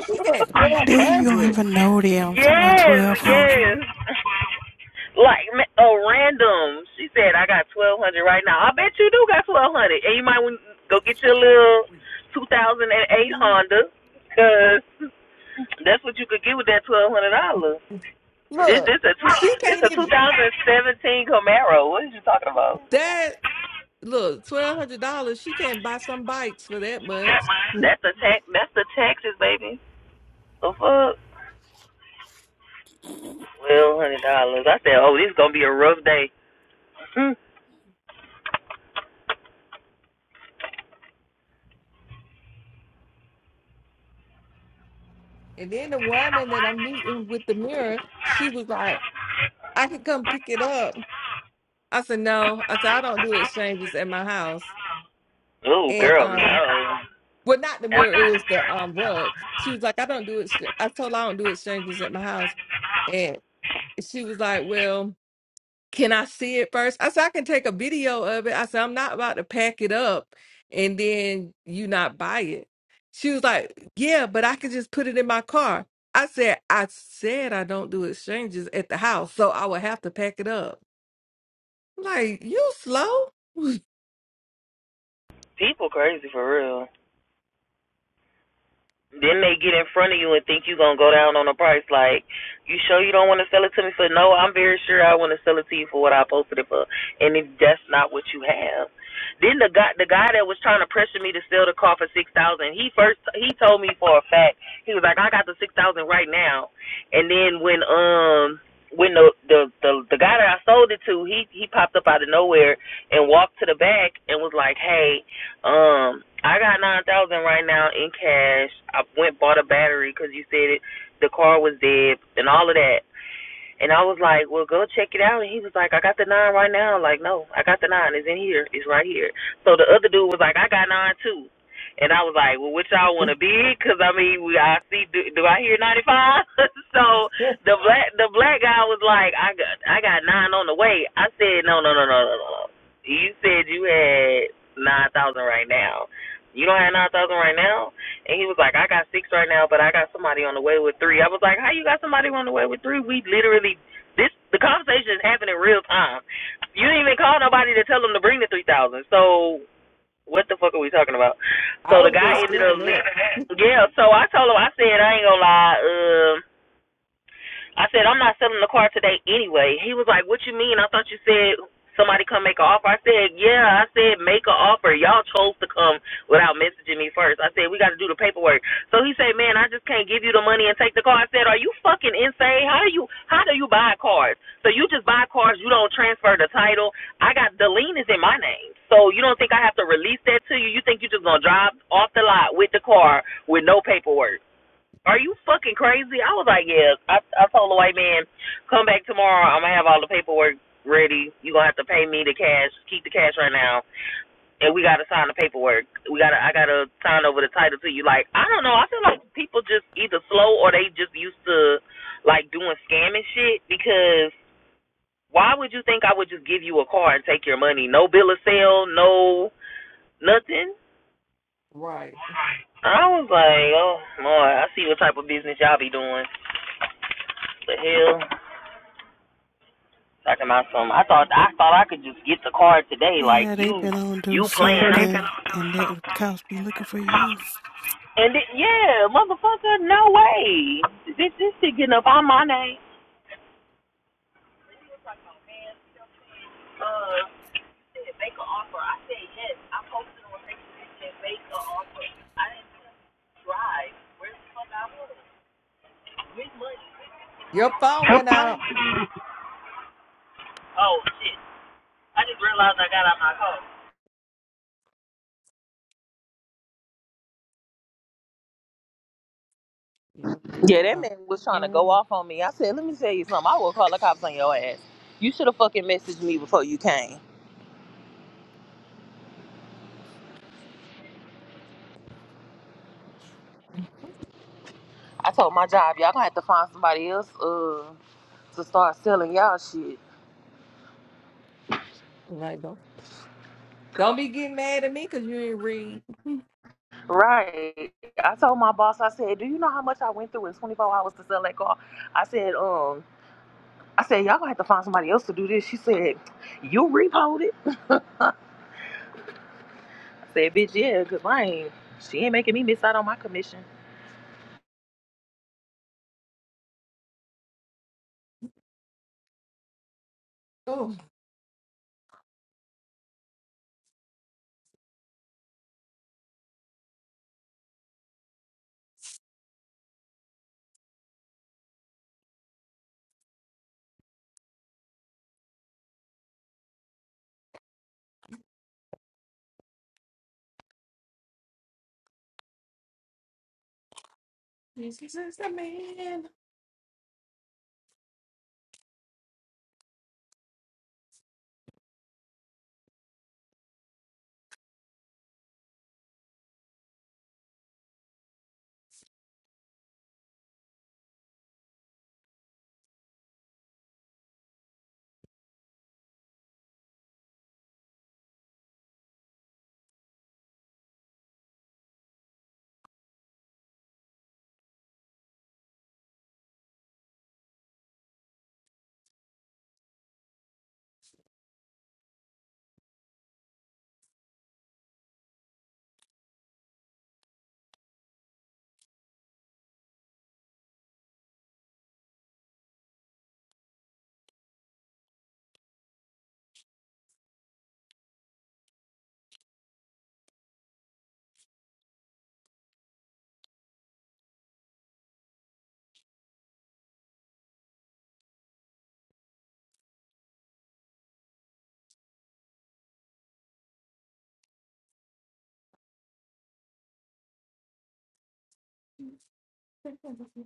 S13: she said
S2: And
S13: twelve
S2: then you don't
S13: hundred.
S2: even know them. I'm talking about
S15: yes,
S2: 1200
S15: yes. Like a random. She said, I got twelve hundred dollars right now. I bet you do got twelve hundred, dollars. and you might want to go get your little two thousand and eight Honda, cause that's what you could get with that twelve hundred dollars. This
S13: Look,
S15: this a
S13: she
S15: this a
S13: can't even
S15: 2017 Camaro. What are you talking about?
S13: that look, twelve hundred dollars, she can't buy some bikes for that much.
S15: That's the tax. That's the taxes, baby. The fuck? Twelve hundred dollars. I said, oh, this is gonna be a rough day. <laughs>
S13: And then the woman that I'm meeting with the mirror, she was like, I could come pick it up. I said, No. I said, I don't do exchanges at my house.
S15: oh,
S13: And
S15: girl,
S13: um
S15: no.
S13: Well, not the mirror. It was the um rug. She was like, I don't do it. str- I told her I don't do exchanges at my house, and she was like, Well, can I see it first? I said, I can take a video of it. I said, I'm not about to pack it up and then you not buy it. She was like, Yeah, but I can just put it in my car. I said, I said I don't do exchanges at the house, so I would have to pack it up. Like, you slow?
S15: People crazy for real. Then they get in front of you and think you're going to go down on the price. Like, you sure you don't want to sell it to me? So, no, I'm very sure I want to sell it to you for what I posted it for. And if that's not what you have. Then the guy, the guy that was trying to pressure me to sell the car for six thousand, dollars, he first he told me for a fact he was like, I got the six thousand dollars right now. And then when um when the, the the the guy that I sold it to, he he popped up out of nowhere and walked to the back and was like, Hey, um, I got nine thousand right now in cash. I went bought a battery because you said it, the car was dead and all of that. And I was like, well, go check it out. And he was like, I got the nine right now. I'm like, no, I got the nine. It's in here. It's right here. So the other dude was like, I got nine too. And I was like, well, which y'all want to be? Because I mean, we, I see. Do, do I hear ninety five? <laughs> so
S13: <laughs>
S15: the black the black guy was like, I got I got nine on the way. I said, no, no, no, no, no, no. You said you had nine thousand right now. You don't have nine thousand right now. And he was like, I got six right now, but I got somebody on the way with three. I was like, How you got somebody on the way with three? We literally this the conversation is happening in real time. You didn't even call nobody to tell them to bring the three thousand. So what the fuck are we talking about?
S13: I
S15: So
S13: would
S15: the
S13: have been
S15: guy ended
S13: scared
S15: up
S13: of that.
S15: li- yeah. So I told him I said I ain't gonna lie. um, I said, I'm not selling the car today anyway. He was like, What you mean? I thought you said somebody come make an offer. I said, Yeah, I said make an offer. Y'all chose to come without messaging me first. I said, We gotta do the paperwork. So he said, Man, I just can't give you the money and take the car. I said, Are you fucking insane? How do you how do you buy cars? So you just buy cars, you don't transfer the title. I got the lien is in my name. So you don't think I have to release that to you? You think you're just gonna drive off the lot with the car with no paperwork. Are you fucking crazy? I was like, yeah. I I told the white man, come back tomorrow. I'm gonna have all the paperwork ready. You gonna have to pay me the cash. Keep the cash right now, and we gotta sign the paperwork. We gotta I gotta sign over the title to you. Like I don't know. I feel like people just either slow or they just used to like doing scamming shit because why would you think I would just give you a car and take your money? No bill of sale, no nothing.
S13: Right.
S15: I was like, oh Lord, I see what type of business y'all be doing. The hell. Talking about some, I thought I thought I could just get the card today. Like
S2: Yeah, they
S15: you,
S2: been on do
S15: you playing.
S2: something, and that cops be looking for you. Good
S15: And it, yeah, motherfucker, no way. This this shit getting up on my name.
S13: Your phone
S15: <laughs>
S13: went out.
S15: Oh shit! I just realized I got out my car.
S13: Yeah,
S15: Yeah,
S13: people
S15: that
S13: are
S15: man was trying to go
S13: um,
S15: off on me. I said, let me tell you something. I will call the cops on your ass. You should have fucking messaged me before you came. I told my job, y'all gonna have to find somebody else uh, to start selling y'all shit.
S13: like don't don't be getting mad at me because you ain't read. <laughs>
S15: Right. I told my boss, I said, Do you know how much I went through in 24 hours to sell that car? I said, um, I said, y'all gonna have to find somebody else to do this. She said, you repoed it? I said, bitch, yeah, because I ain't, she ain't making me miss out on my commission.
S13: Oh, Jesus is the man. <laughs>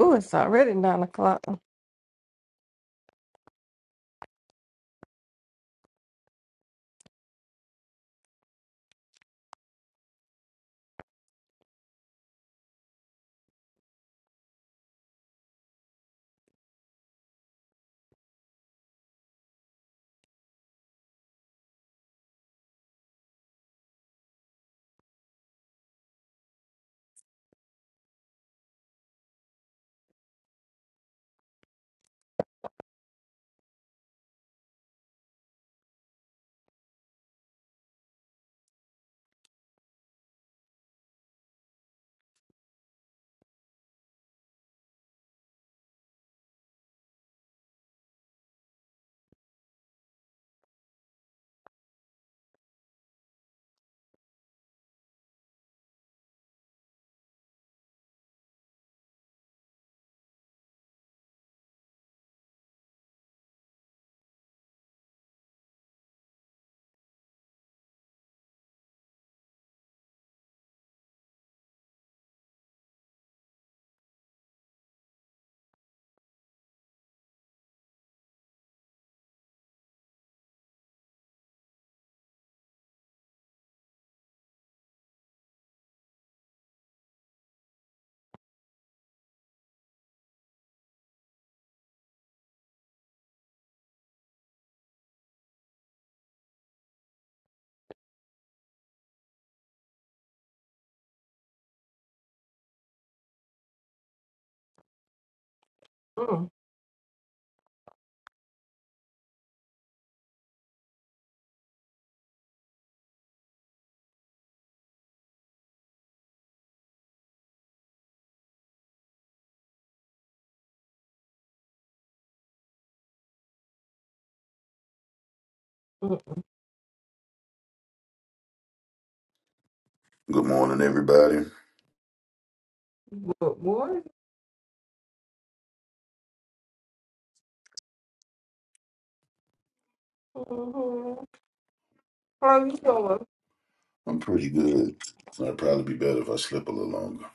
S13: Oh, it's already nine o'clock. Mm, mm,
S16: Good morning, everybody.
S13: mm. Good morning. Mhm. How you doing? <laughs>
S16: I'm pretty good. I'd probably be better if I slept a little longer.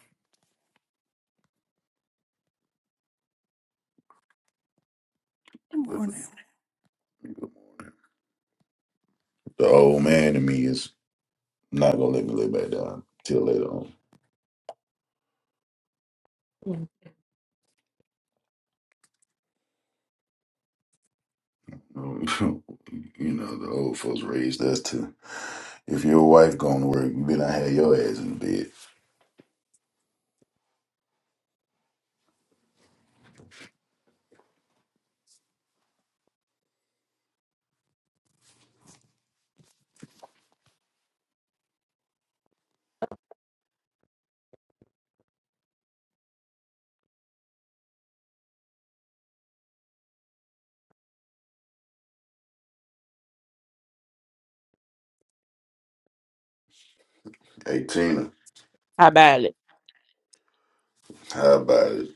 S16: But
S2: morning.
S16: good morning. The old man in me is not gonna let me lay back down till later on.
S13: Mm,
S16: Um, <laughs> you know, the old folks raised us to. If your wife going to work, you better not have your ass in the bed. Hey Tina,
S8: How about
S16: how about it,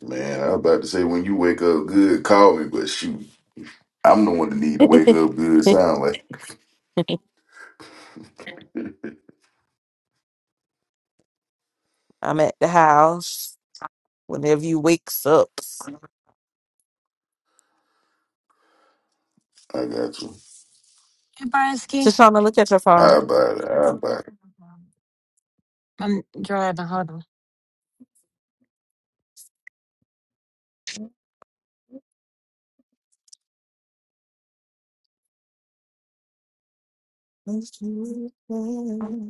S16: man? I was about to say when you wake up good, call me. But shoot, I'm the one that need to wake
S8: it?
S16: up good. Sound like
S8: <laughs> I'm at the house. Whenever you wakes up,
S16: I got you.
S4: Hey, Bronsky.
S8: just trying to look at your phone.
S16: How about it?
S4: I'm driving. Hold on.
S8: The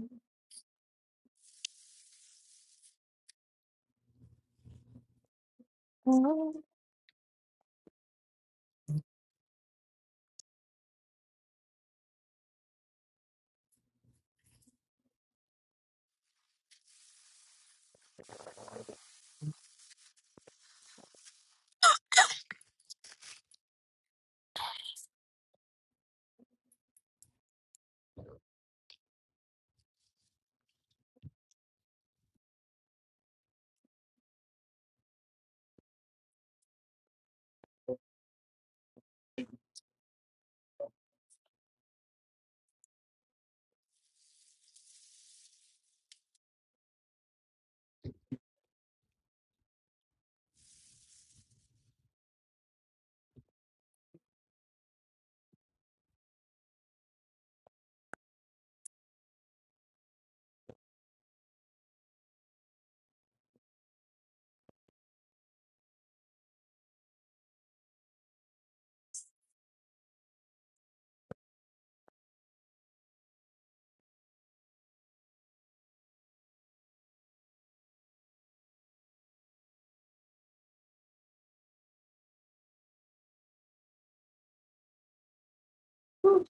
S13: who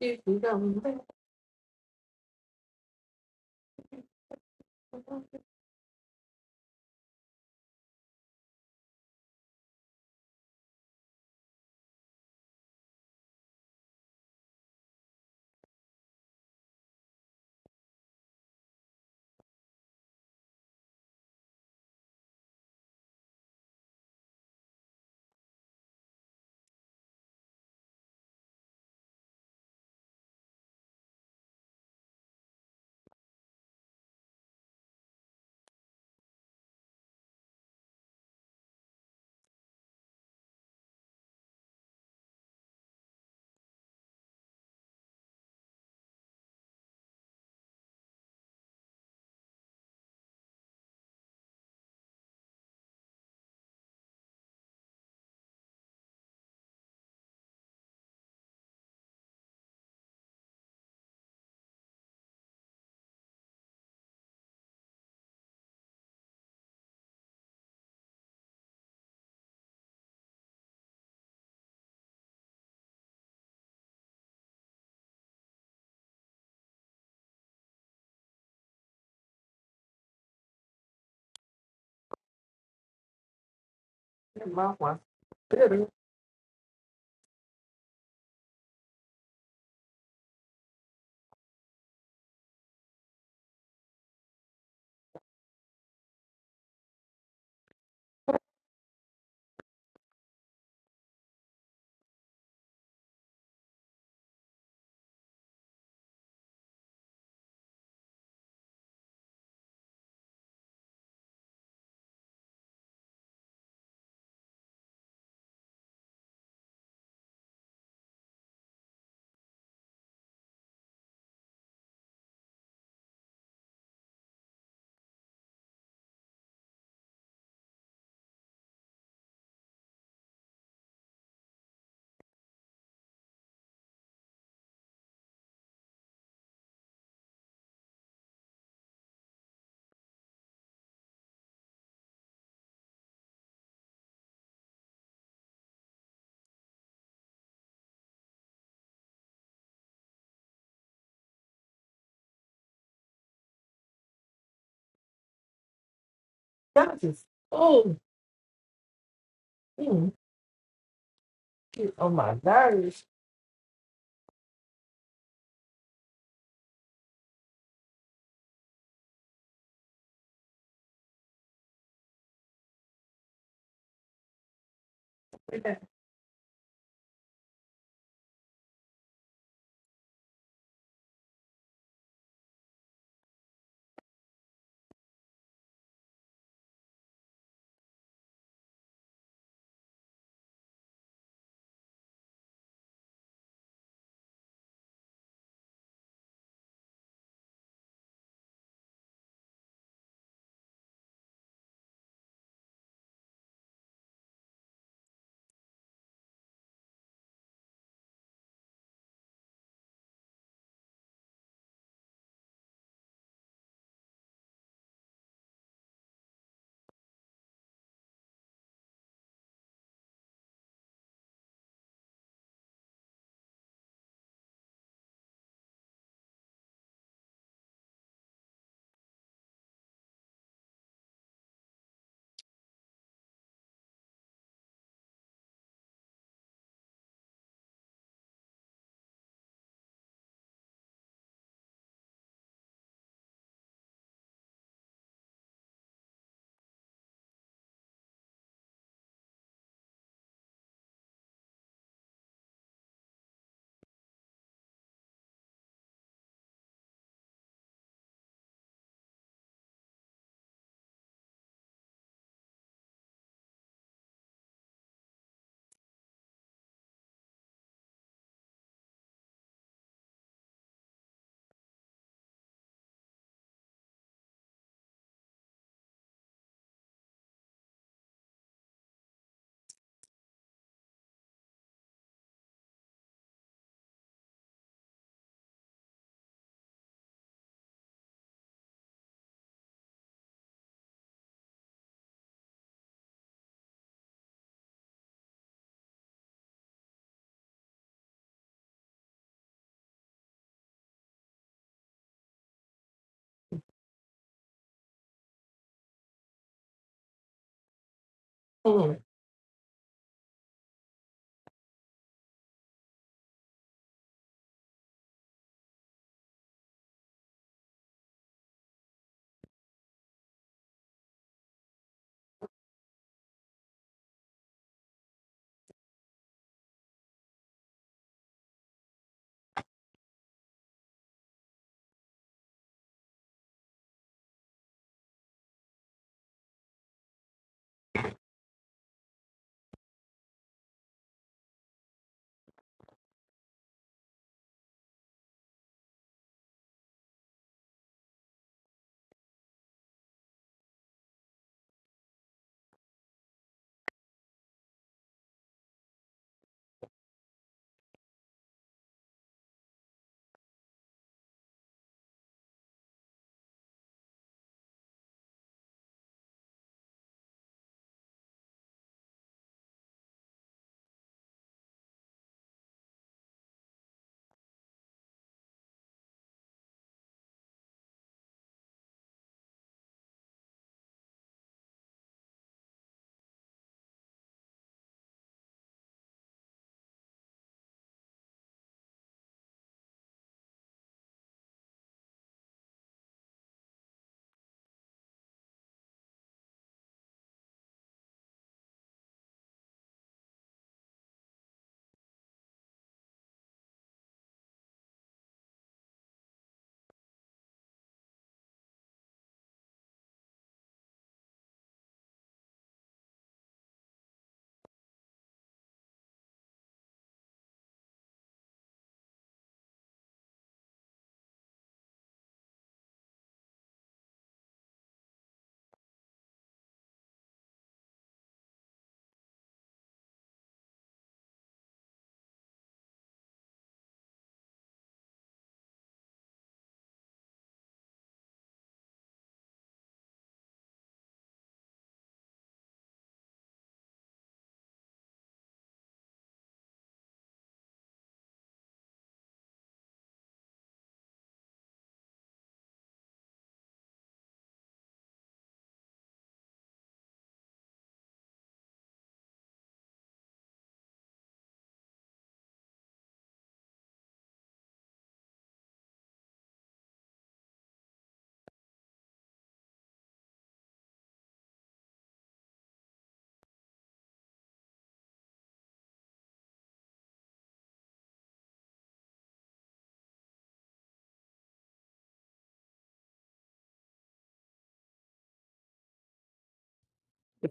S13: did you come back? Get My wife better. That is oh, mm, get on my nerves. <laughs> Mm, mm,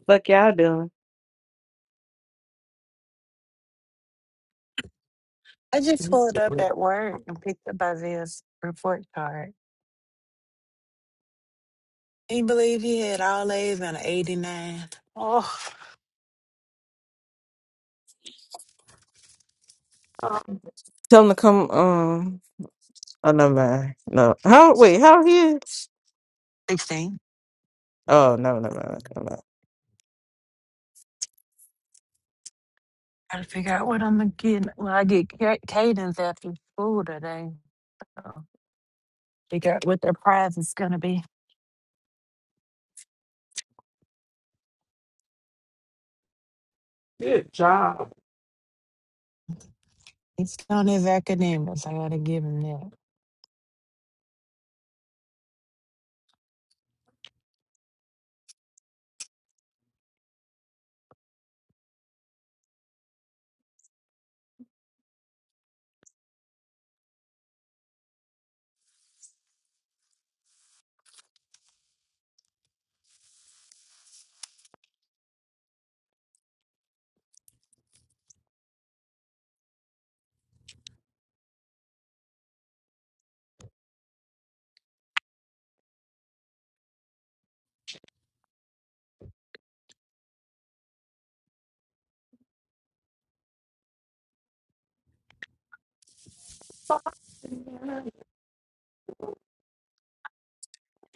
S8: fuck y'all doing?
S4: I just pulled up
S13: mm.
S4: at work and picked up Isaiah's report card. Can you believe he had all A's and an 89? nine.
S13: Oh,
S8: Tell him to come. Um. Oh no, man. No. How? Wait. How he? is? Oh no, no, no, no. no. no.
S4: Gotta figure out what I'm gonna get when I get ca- cadence after school today. So figure out what their prize is gonna be.
S13: Good job.
S4: He's on his academics. I gotta give him that.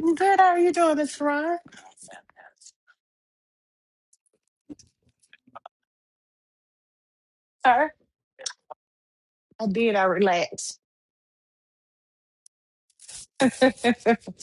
S4: I'm good. How are you doing, Miss Ron? Sir? I did. I relaxed. <laughs> it's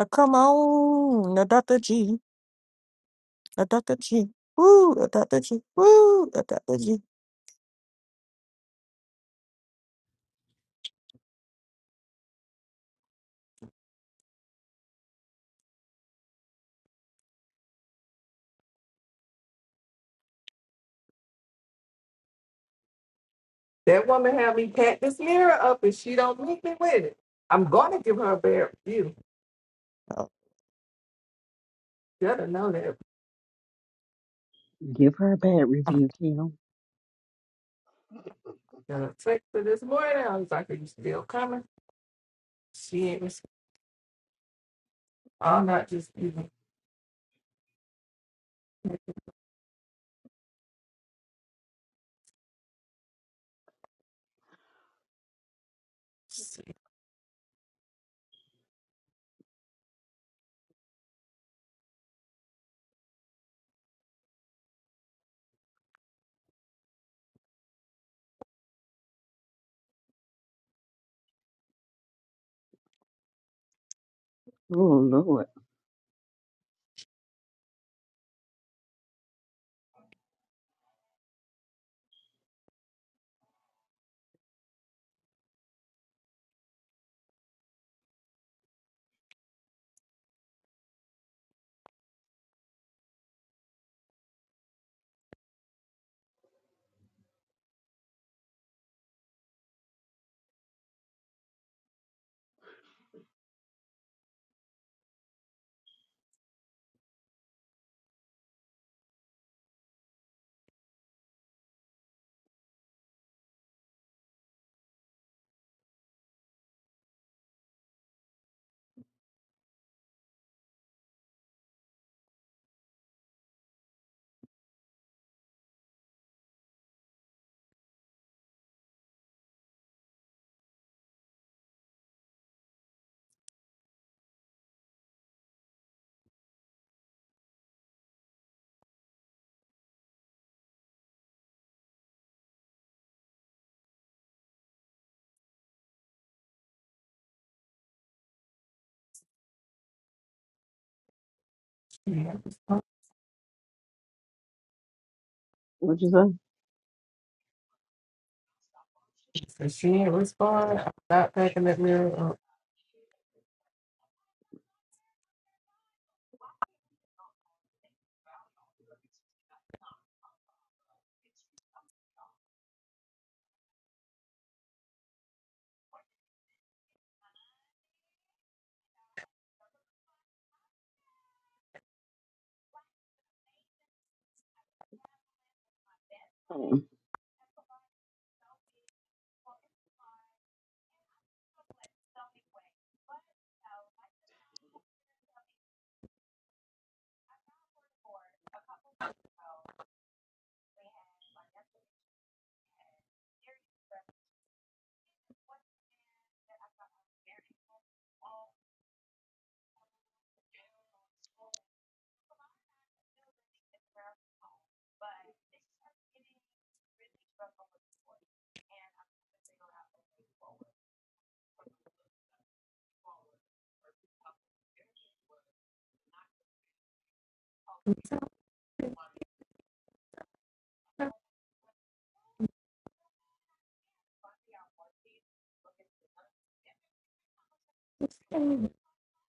S8: Oh, come on, no, Doctor G. I thought that woo, I thought that woo, I thought that
S13: That woman had me pack this mirror up and she don't meet me with it. I'm gonna give her a bad review.
S8: Oh,
S13: Gotta know that.
S3: Give her a bad
S13: I'm
S3: review, Kim. Oh
S13: gonna text her this morning. I was like, Are you still coming? She ain't responding. I'm not just even she
S3: Lord.
S13: ain't responding.
S3: What you say?
S13: So she ain't responding. I'm not packing that mirror
S3: Mm.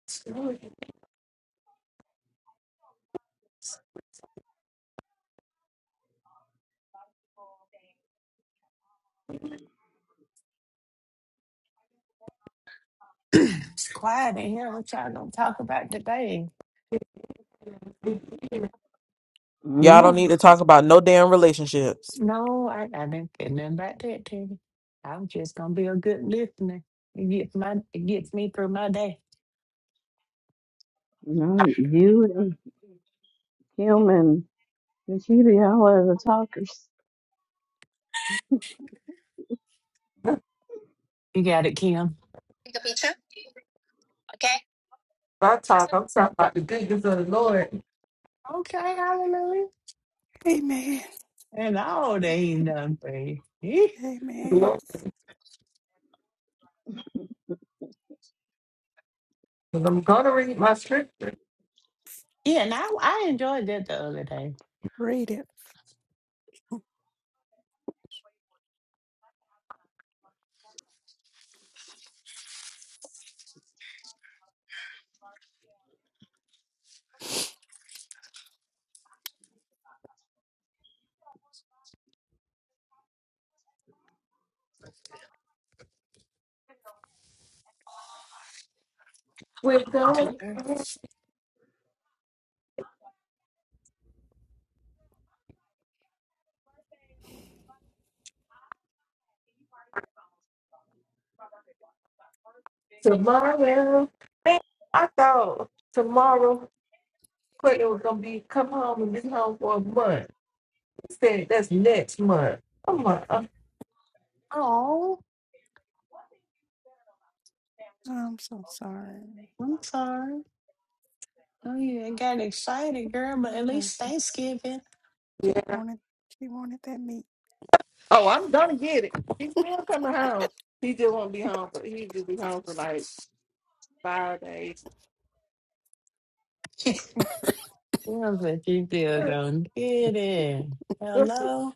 S13: up.
S4: quiet in here. What y'all gonna talk about today?
S8: Y'all don't
S3: Mm.
S8: need to talk about no damn relationships.
S4: No, I, I didn't say nothing about that to you. I'm just gonna be a good listener. It gets my it gets me through my day.
S3: No, you and Kim and Nikita, y'all are the talkers.
S13: <laughs>
S4: You got it, Kim.
S8: Take a picture, okay?
S13: If I talk, I'm talking about the goodness of the Lord.
S4: Okay, hallelujah.
S2: Amen.
S4: And all they ain't done for you. Eh? <laughs>
S2: Amen.
S13: Because I'm gonna read my scripture.
S4: Yeah, and I, I enjoyed that the other day.
S2: Read it.
S13: We're going
S4: Two thirds.
S13: tomorrow. Man, I thought tomorrow Clayton was gonna be come home and be home for a month. He said that's next month. I'm like, uh,
S4: Oh,
S2: I'm so sorry.
S4: I'm sorry. Oh, you done got excited, girl, but
S2: You
S4: at
S2: know,
S4: least Thanksgiving.
S2: She
S13: yeah.
S2: wanted, she wanted that
S13: Oh, I'm gonna get it. He's
S2: <laughs>
S13: still coming home. He just won't be home, but he just be home for like Fridays.
S4: Yeah, but you still
S13: I
S4: don't get it. Hello?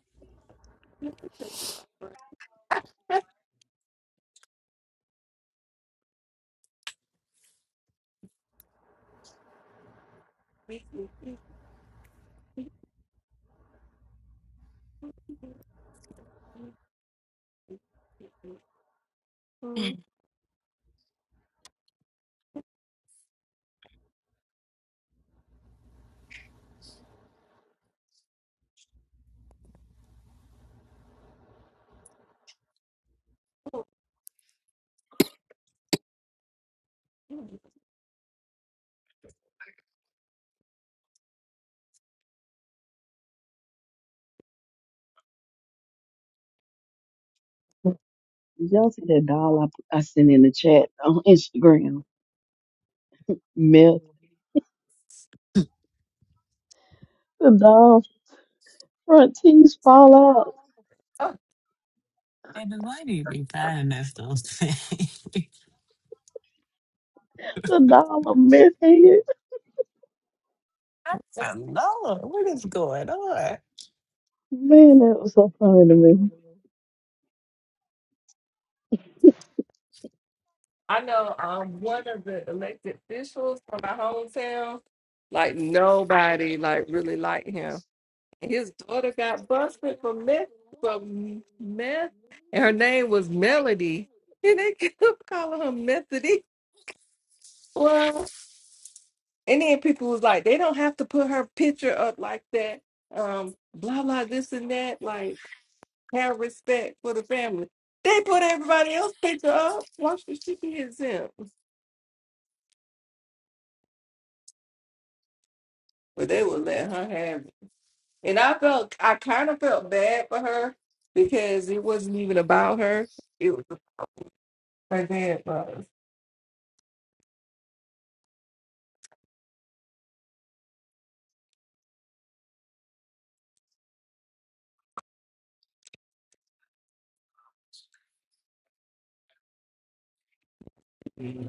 S3: Did Y'all see that doll I, I sent in the chat on Instagram. Myth. The doll front teeth fall out.
S4: Hey, why do you be firing us those things? <laughs>
S3: The doll a myth head.
S4: I know. What is going on?
S3: Man, that was so funny to me.
S13: know um one of the elected officials from my hometown, like nobody like really liked him. And his daughter got busted for meth for meth and her name was Melody. And they <laughs> kept calling her Methody. Well and then people was like, they don't have to put her picture up like that. Um, blah blah this and that. Like Have respect for the family. They put everybody else picture up. Why should she be exempt? But they would let her have it. And I felt, I kind of felt bad for her because it wasn't even about her. It was her dad was. I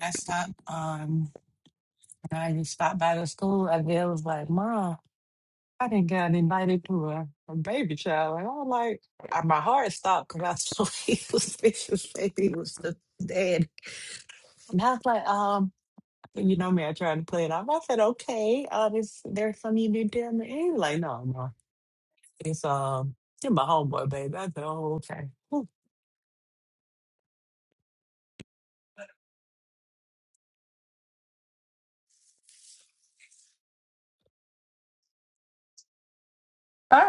S4: I stopped, um, when I just stopped by the school. I there was like, Mom, I didn't get invited to a, a baby shower. And I was like, I, my heart stopped because I saw <laughs> he was vicious, baby was the dad. And I was like, um, You know me, I tried to play it off. I said, okay, uh, this, there's something you did there. he was like, no, no. It's um, you're my homeboy, baby. I said, oh, okay.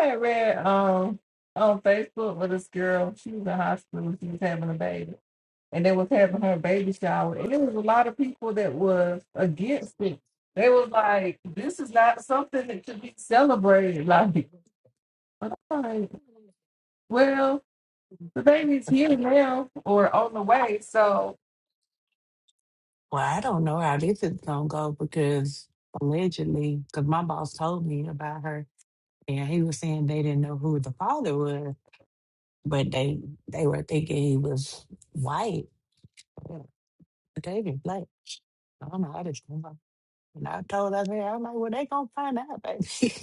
S13: had read um on Facebook with this girl. She was in high school. She was having a baby, and they was having her baby shower. And there was a lot of people that was against it. They was like, "This is not something that should be celebrated." <laughs> Like But I'm like, well, the baby's here now or on the way, so
S4: Well, I don't know how this is gonna go because allegedly, because my boss told me about her, and he was saying they didn't know who the father was, but they they were thinking he was white, Yeah, but they didn't black. I don't know how this gonna go. And I told her, I said, I'm like, well, they gonna find out, baby. <laughs>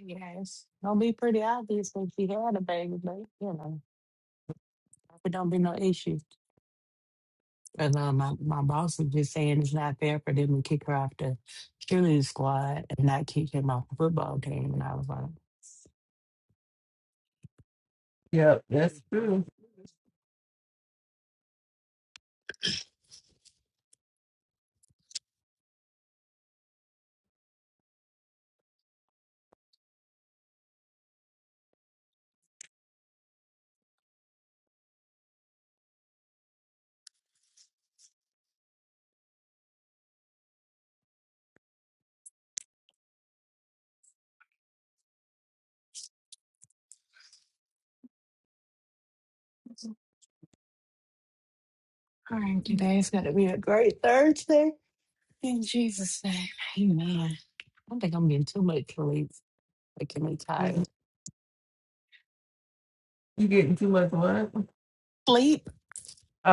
S4: Yes. It'll be pretty obvious when she had a baby, but you know, it don't be no issue. And uh, my, my boss was just saying it's not fair for them to kick her off the cheerleading squad and not kick him off the football team. And I was like,
S13: yeah, that's true.
S4: all right, today's going to be a great Thursday. In Jesus' name, amen. I think I'm getting too much sleep, making me tired.
S13: And You getting too much what?
S4: Sleep?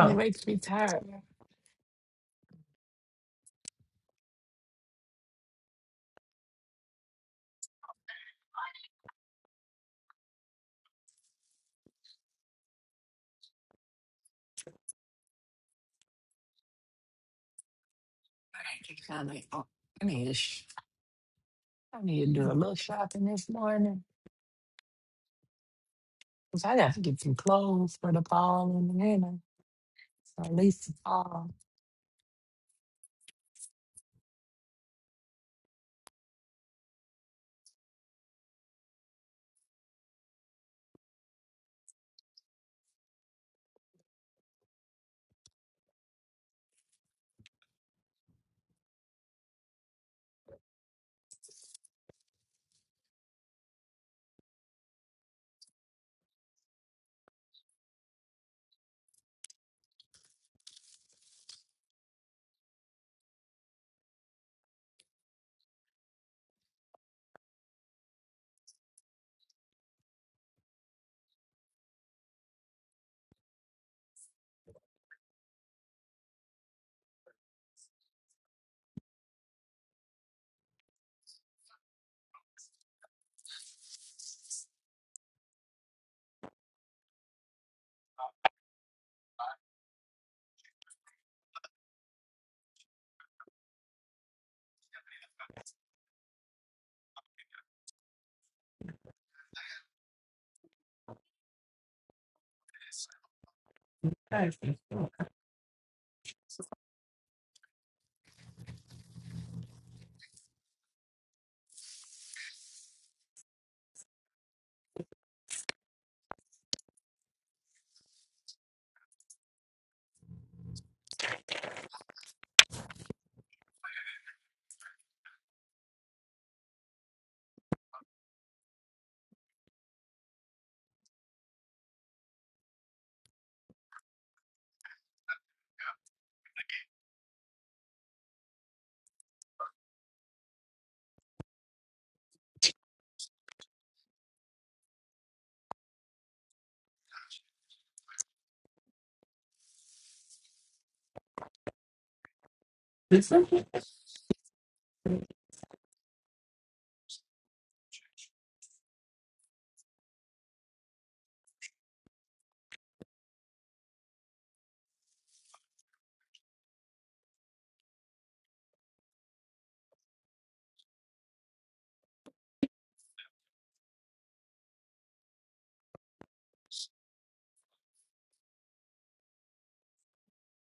S4: and It makes me tired. I gotta get kinda- oh, I need to sh- I need to do a little shopping this morning. 'Cause I got to get some clothes for the fall and the winter, or at least the fall.
S13: I see. Did something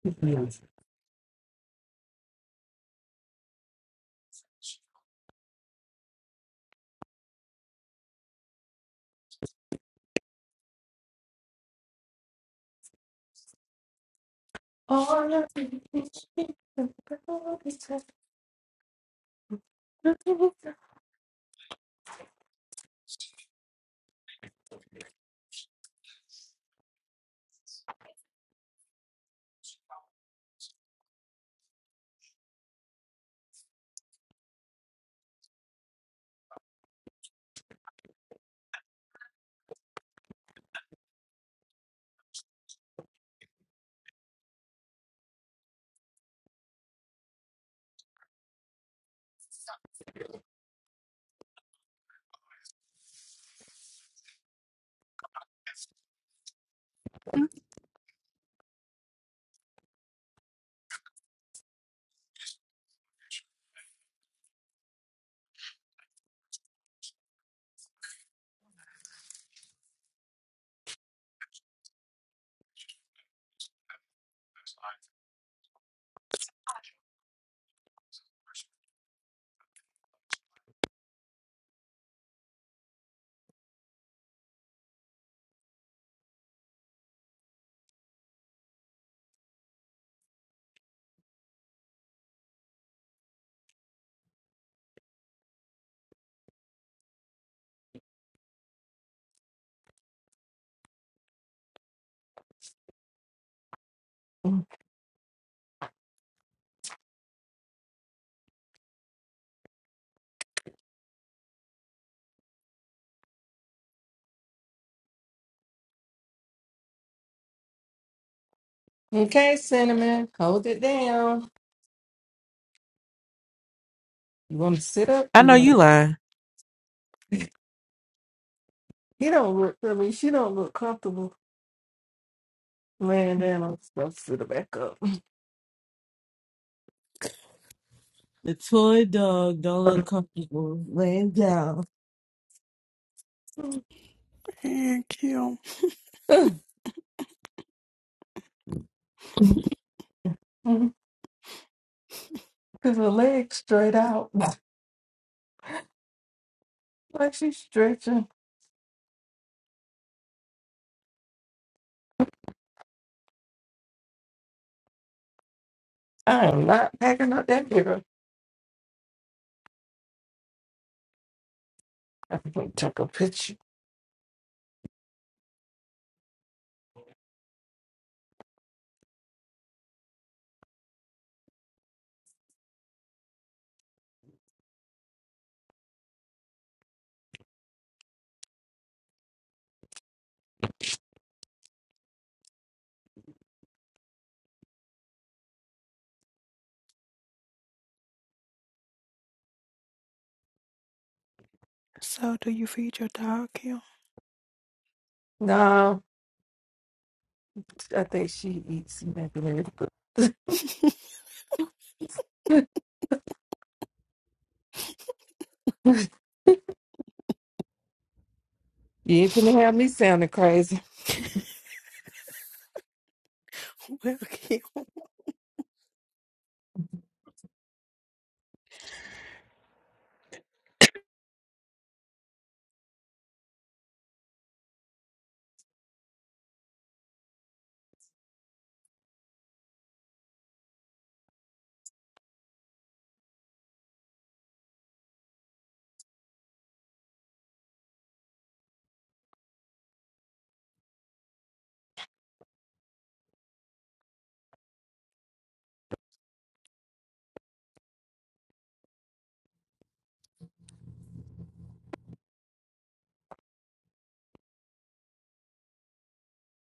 S13: confused? Oh,
S4: Mm,
S13: Okay, cinnamon, hold it down. You want to sit up?
S8: I
S13: Or you
S8: know
S13: want
S8: you
S13: to...
S8: lying.
S13: He don't look. I mean, she don't look comfortable laying down I'm supposed to Sit her back up.
S8: The toy dog don't look comfortable laying down.
S2: Thank you.
S13: <laughs> Cause her legs straight out, like she's stretching. I am not packing up that girl. I think I took a picture.
S2: So, do you feed your dog, Kim?
S13: No, I think she eats macaroni. But <laughs>
S2: <laughs>
S13: you ain't to have me sounding crazy.
S2: Well, Kim,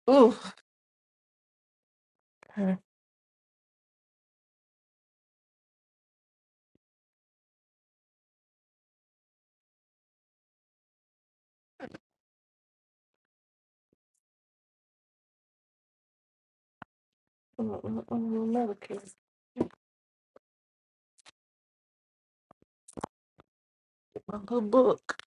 S13: Ooh, uh, uh, uh, another case. Get my little book.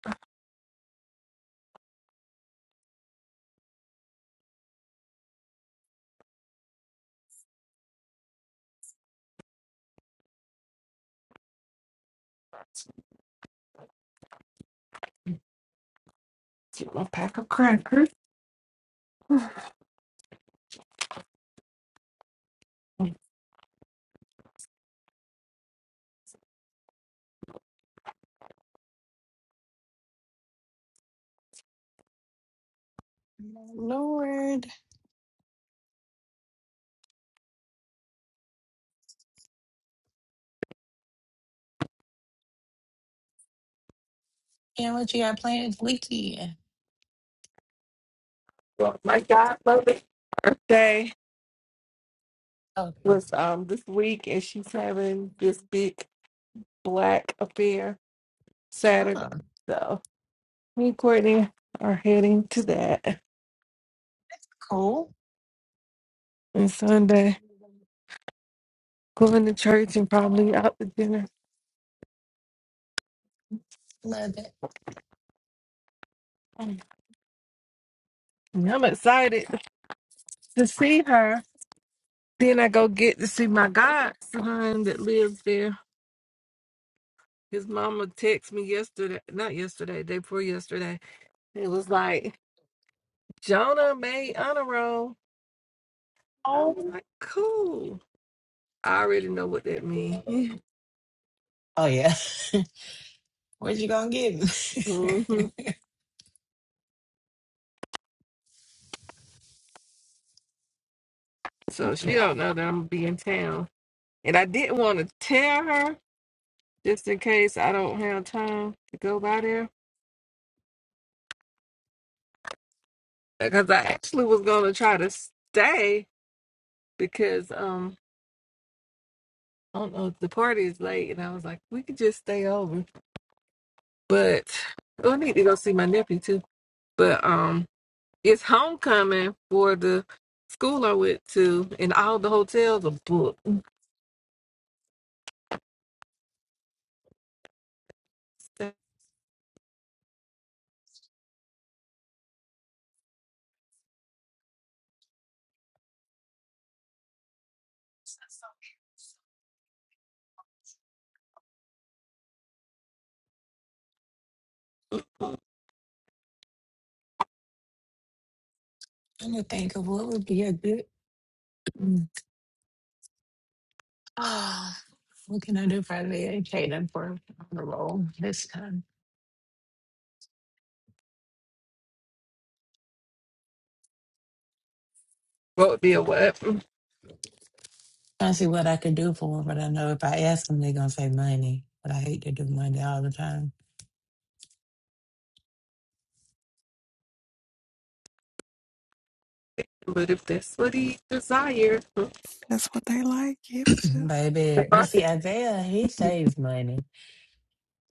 S13: Get my pack of crackers.
S4: Lord, and what you got planned this weekend?
S13: Well, my godmother's birthday
S4: Okay.
S13: was um this week, and she's having this big black affair Saturday.
S4: Ah,
S13: so Me and Courtney are heading to that
S4: cool.
S13: on Sunday, going to church and probably out to dinner.
S4: Love it.
S13: Um, I'm excited to see her. Then I go get to see my godson that lives there. His mama texted me yesterday, not yesterday, day before yesterday. It was like, Jonah made honor roll. I was
S4: Oh,
S13: like, cool. I already know what that means. <laughs>
S4: oh yeah. <laughs> What you gonna get? me? <laughs>
S13: hmm So she don't know that I'm going to be in town. And I didn't want to tell her just in case I don't have time to go by there. Because I actually was gonna try to stay because um I don't know the party is late and I was like we could just stay over. But oh, I need to go see my nephew too. But um it's homecoming for the school I went to and all the hotels are booked.
S4: I'm gonna think of what would be a good. <clears throat> Ah, what can I do for the educating for on the roll this time?
S13: What would be a what?
S4: trying to see what I could do for them, but I know if I ask them, they're gonna say money. But I hate to do money all the time,
S13: But if that's what he desires, <laughs> oh
S2: That's what they like. Give it
S4: <clears throat>
S2: to
S4: baby. But see, Isaiah, he saves money.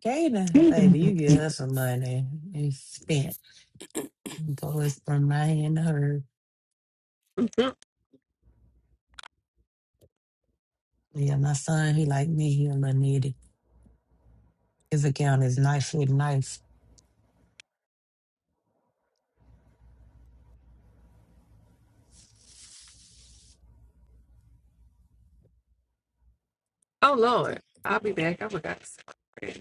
S4: Jada, baby, you give her some money. It's spent. So it's from my hand to her. Yeah, my son, he like me. He a little needy. His account is nice with nice.
S13: Lord, I'll be back. I forgot. to say.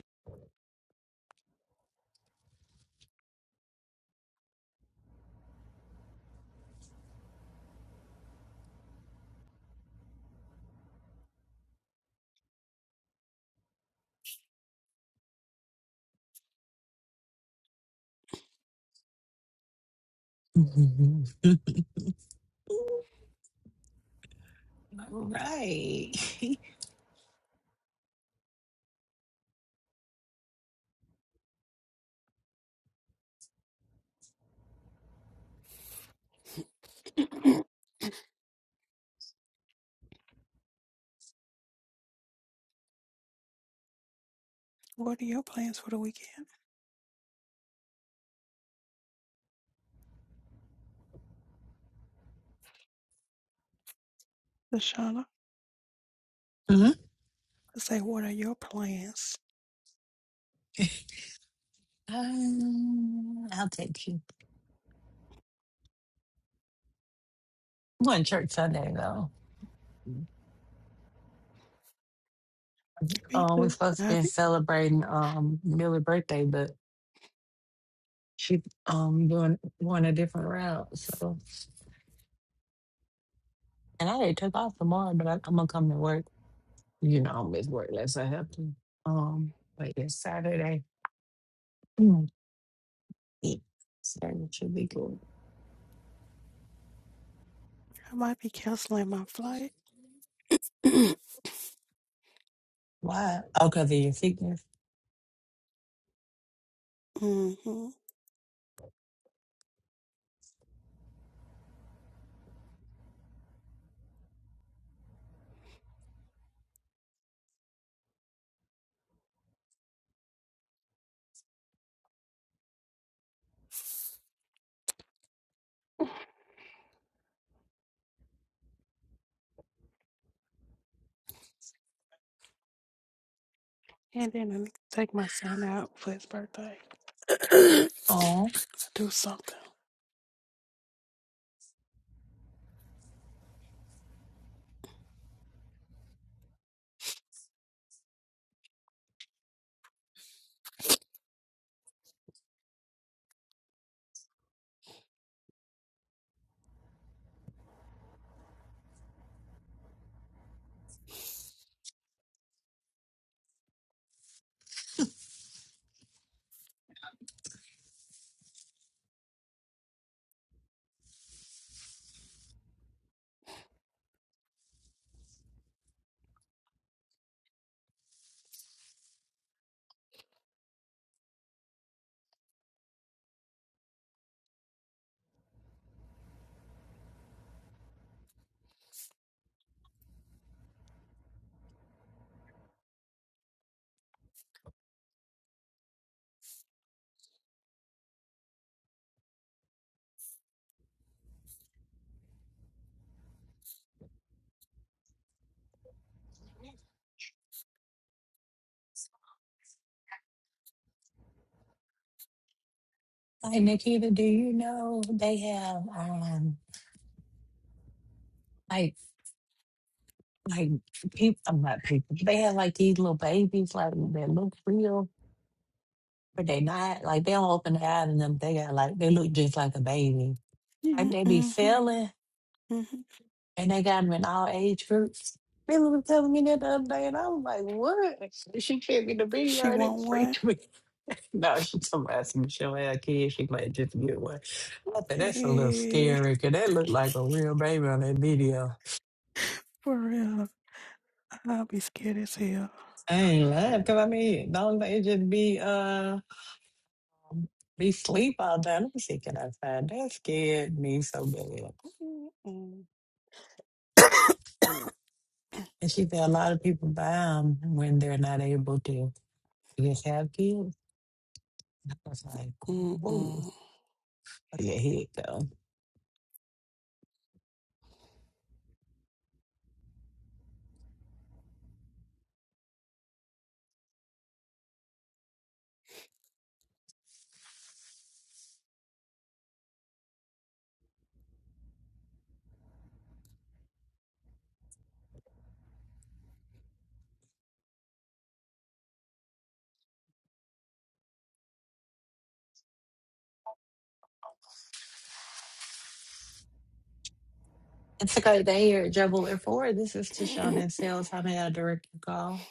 S4: <laughs> All right. <laughs>
S2: 'em. <clears throat> What are your plans for the weekend, Lashana?
S4: Mhm.
S2: I say, what are your plans?
S4: um, I'll take you. One church Sunday though.
S2: Me
S4: Um, we're
S2: too.
S4: supposed to
S2: I,
S4: been
S2: be,
S4: celebrating um Millie's birthday, but she um doing going a different route. So, and I already took off tomorrow, but I, I'm gonna come to work. You know, I'm at work unless I have to. Um, but it's Saturday. Mm, yeah, Saturday should be good.
S2: I might be canceling my flight. <clears throat>
S4: Why? Oh, cause of your sickness.
S2: hmm And then I need to take my son out for his birthday. <coughs>
S4: Oh,
S2: To Do something.
S4: Like Nikita, do you know they have um like like people I'm not people. They have like these little babies like they look real, but they not like they don't open their eyes and them they got like they look just like a baby. Like they be
S2: Mm-hmm.
S4: failing
S2: hmm
S4: and they got them in all age groups. Billy was telling me that the other day and I was like, What? She sent me the
S2: She
S4: video and
S2: want
S4: it
S2: one?
S4: freaked me. <laughs> No, she told me I said, Michelle had a kid, she might just get one. I said, that's a little
S2: Hey,
S4: scary, 'cause that looked like a real baby on that video.
S2: for real. I'll be scared as hell.
S4: I ain't lying, cause I mean, don't they just be uh um, be sleep all day? Let me see, can I find that scared me so bad?
S2: Mm-mm. <coughs>
S4: And she said a lot of people buy 'em when they're not able to just have kids. I was like, whoa,
S2: Mm-mm.
S4: yeah, here it go. It's a great day here at Juggler Four. This is
S2: <coughs>
S4: Tishon and Sales. How may I direct your call?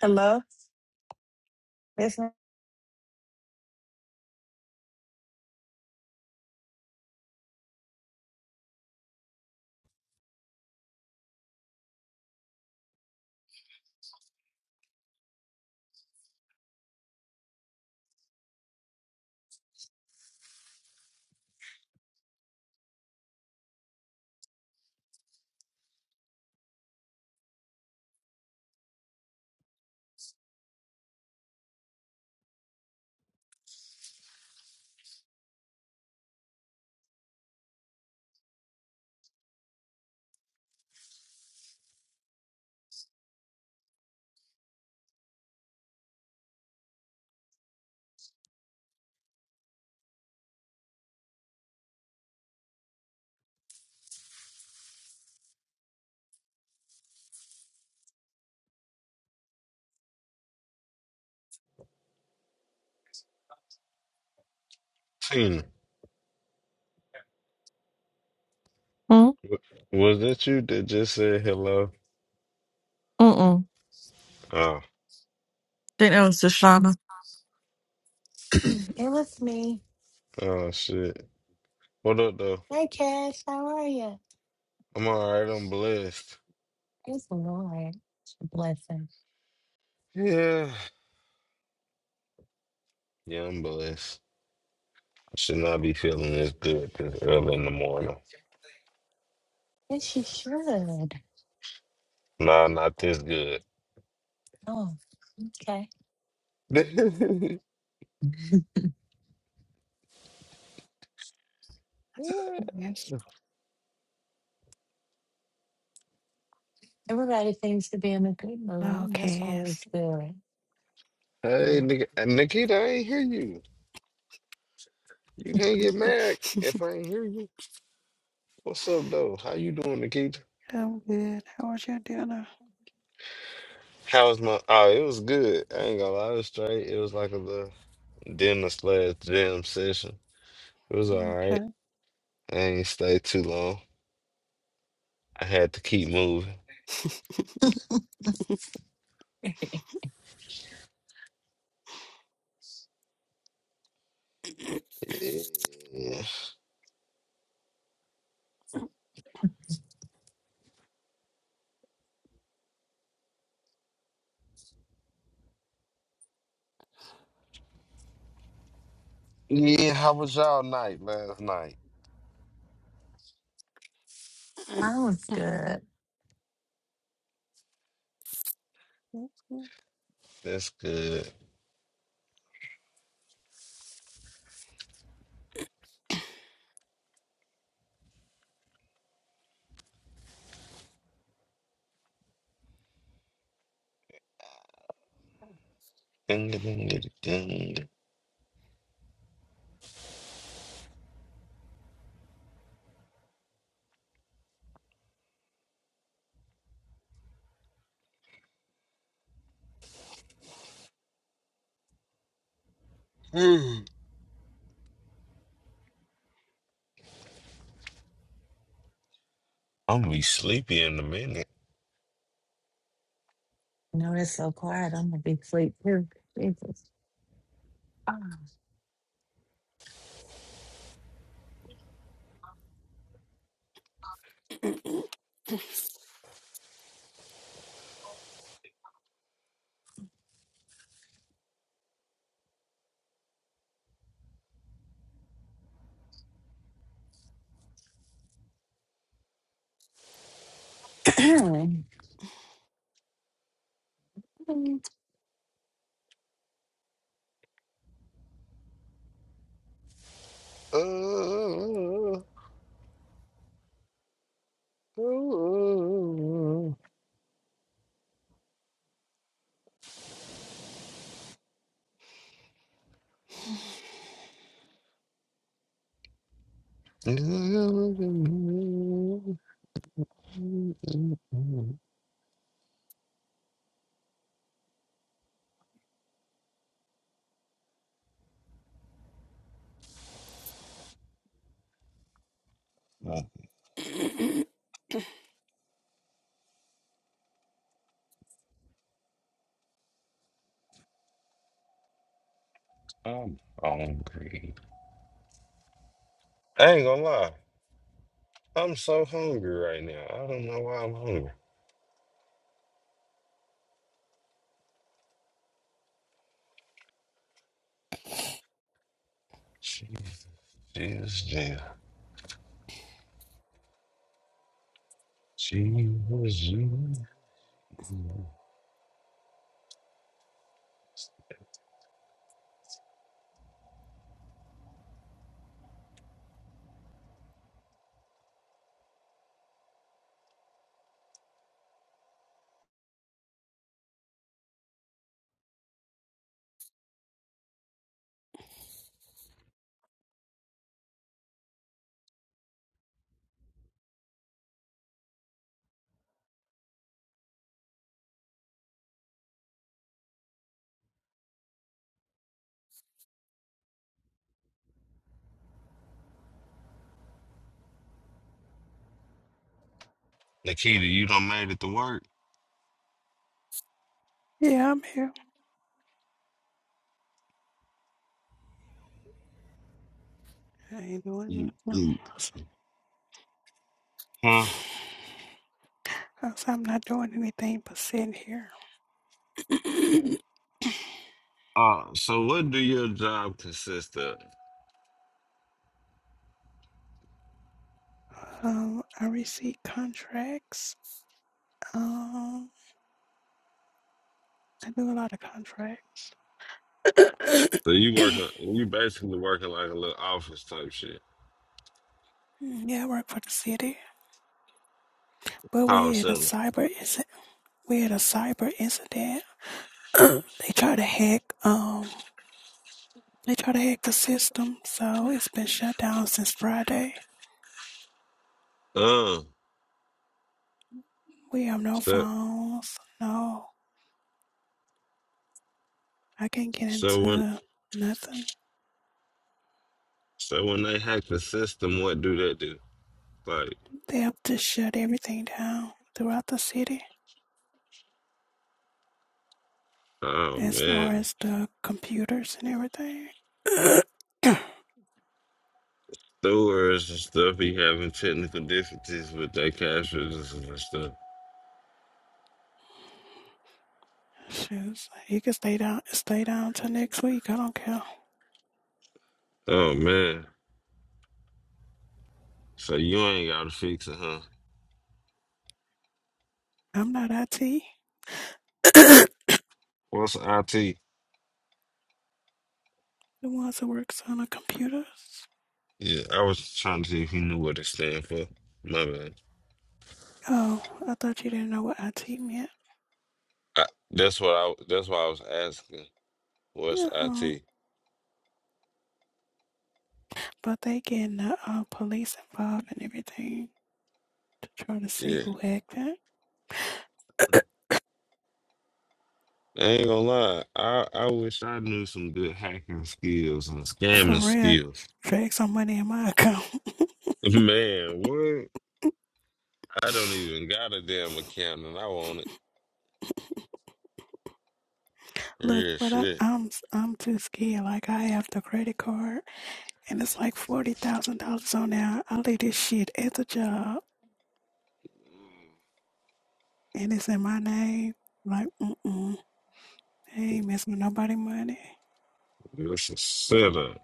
S4: Hello, yes, ma'am?
S17: Tina,
S8: Mm,
S17: w- was that you that just said hello?
S8: mm-mm.
S17: Oh,
S8: Think that was Deshauna.
S4: <clears throat> it was me.
S17: oh shit. What up though?
S4: Hey, Cash, how are you?
S17: I'm alright, I'm blessed.
S4: It's Lord, blessing.
S17: Yeah. Yeah, I'm blessed. I should not be feeling this good this early in the morning.
S4: Yes, you should.
S17: Nah, not this good.
S4: Oh, okay.
S17: <laughs>
S4: <laughs>
S17: What?
S2: Yes.
S4: Everybody seems to be in a good mood. That's
S2: Okay,
S4: always
S2: yes.
S4: good.
S17: hey,
S4: So,
S17: Nik- Nikita, I ain't hear you. You can't get mad
S2: <laughs>
S17: if I ain't hear you. What's up though? How you doing, Nikita?
S2: I'm good. How was your dinner?
S17: How was my? Oh, it was good. I ain't gonna lie, it was straight. It was like a little dinner slash jam session. It was all right.
S2: Okay.
S17: I ain't stay too long. I had to keep moving.
S2: <laughs>
S17: Yeah. Yeah, how was y'all night last night?
S4: I was
S2: <coughs>
S4: good.
S17: That's good. Ding, ding, ding, ding, ding, <sighs> I'm gonna be sleepy in a minute.
S4: I know it's so quiet. I'm gonna be asleep too. Jesus. Ah. <clears throat> Good
S17: I'm hungry. I ain't gonna lie. I'm so hungry right now. I don't know why I'm hungry. Jesus, Jesus. She was you. Nikita, you done made it to work?
S2: yeah, I'm here. I ain't
S17: You,
S2: doing nothing
S17: you.
S2: else.
S17: Huh?
S2: Cause I'm not doing anything but sitting here. <coughs>
S17: Uh, so what do your job consist of?
S2: um, I receive contracts. Um, I do a lot of contracts. <coughs>
S17: So you
S2: yeah,
S17: working, you basically working like a little office type shit.
S2: I work for the city. But
S17: Call
S2: we had a
S17: center.
S2: cyber incident. We had a cyber incident. <coughs> they tried to hack. Um, they tried to hack the system, so it's been shut down since Friday.
S17: Uh,
S2: We have no
S17: so,
S2: phones. No. I can't get
S17: so when,
S2: into nothing.
S17: so when they hack the system, what do they do? Like,
S2: They have to shut everything down throughout the city
S17: oh
S2: as far
S17: man,
S2: as the computers and everything.
S17: stewards and stuff be having technical difficulties with their cash registers and stuff.
S2: <coughs> Shoes. You can stay down stay down till next week. I don't care.
S17: Oh man, so you ain't gotta fix it, huh?
S2: I'm not IT. <coughs> the
S17: What's IT?
S2: ones that works on the computers.
S17: Yeah, I was trying to see if he knew what it stand for. My bad.
S2: Oh, I thought you didn't know what IT meant.
S17: I, that's what I. That's why I was asking. What's
S2: Yeah.
S17: IT?
S2: But they getting the uh, police involved and everything to try to see
S17: Yeah,
S2: who hacked it.
S17: I ain't gonna lie. I I wish I knew some good hacking skills and
S2: For
S17: scamming
S2: real,
S17: skills.
S2: drag some money in my <laughs> account.
S17: <laughs> Man, what? I don't even got a damn account, and I want it.
S2: Look,
S17: Real
S2: but I,
S17: shit.
S2: I'm I'm too scared. Like I have the credit card, and it's like forty thousand dollars on there. I leave this shit at the job, and it's in my name. Like, mm-mm, I ain't messing with nobody money.
S17: It's a setup.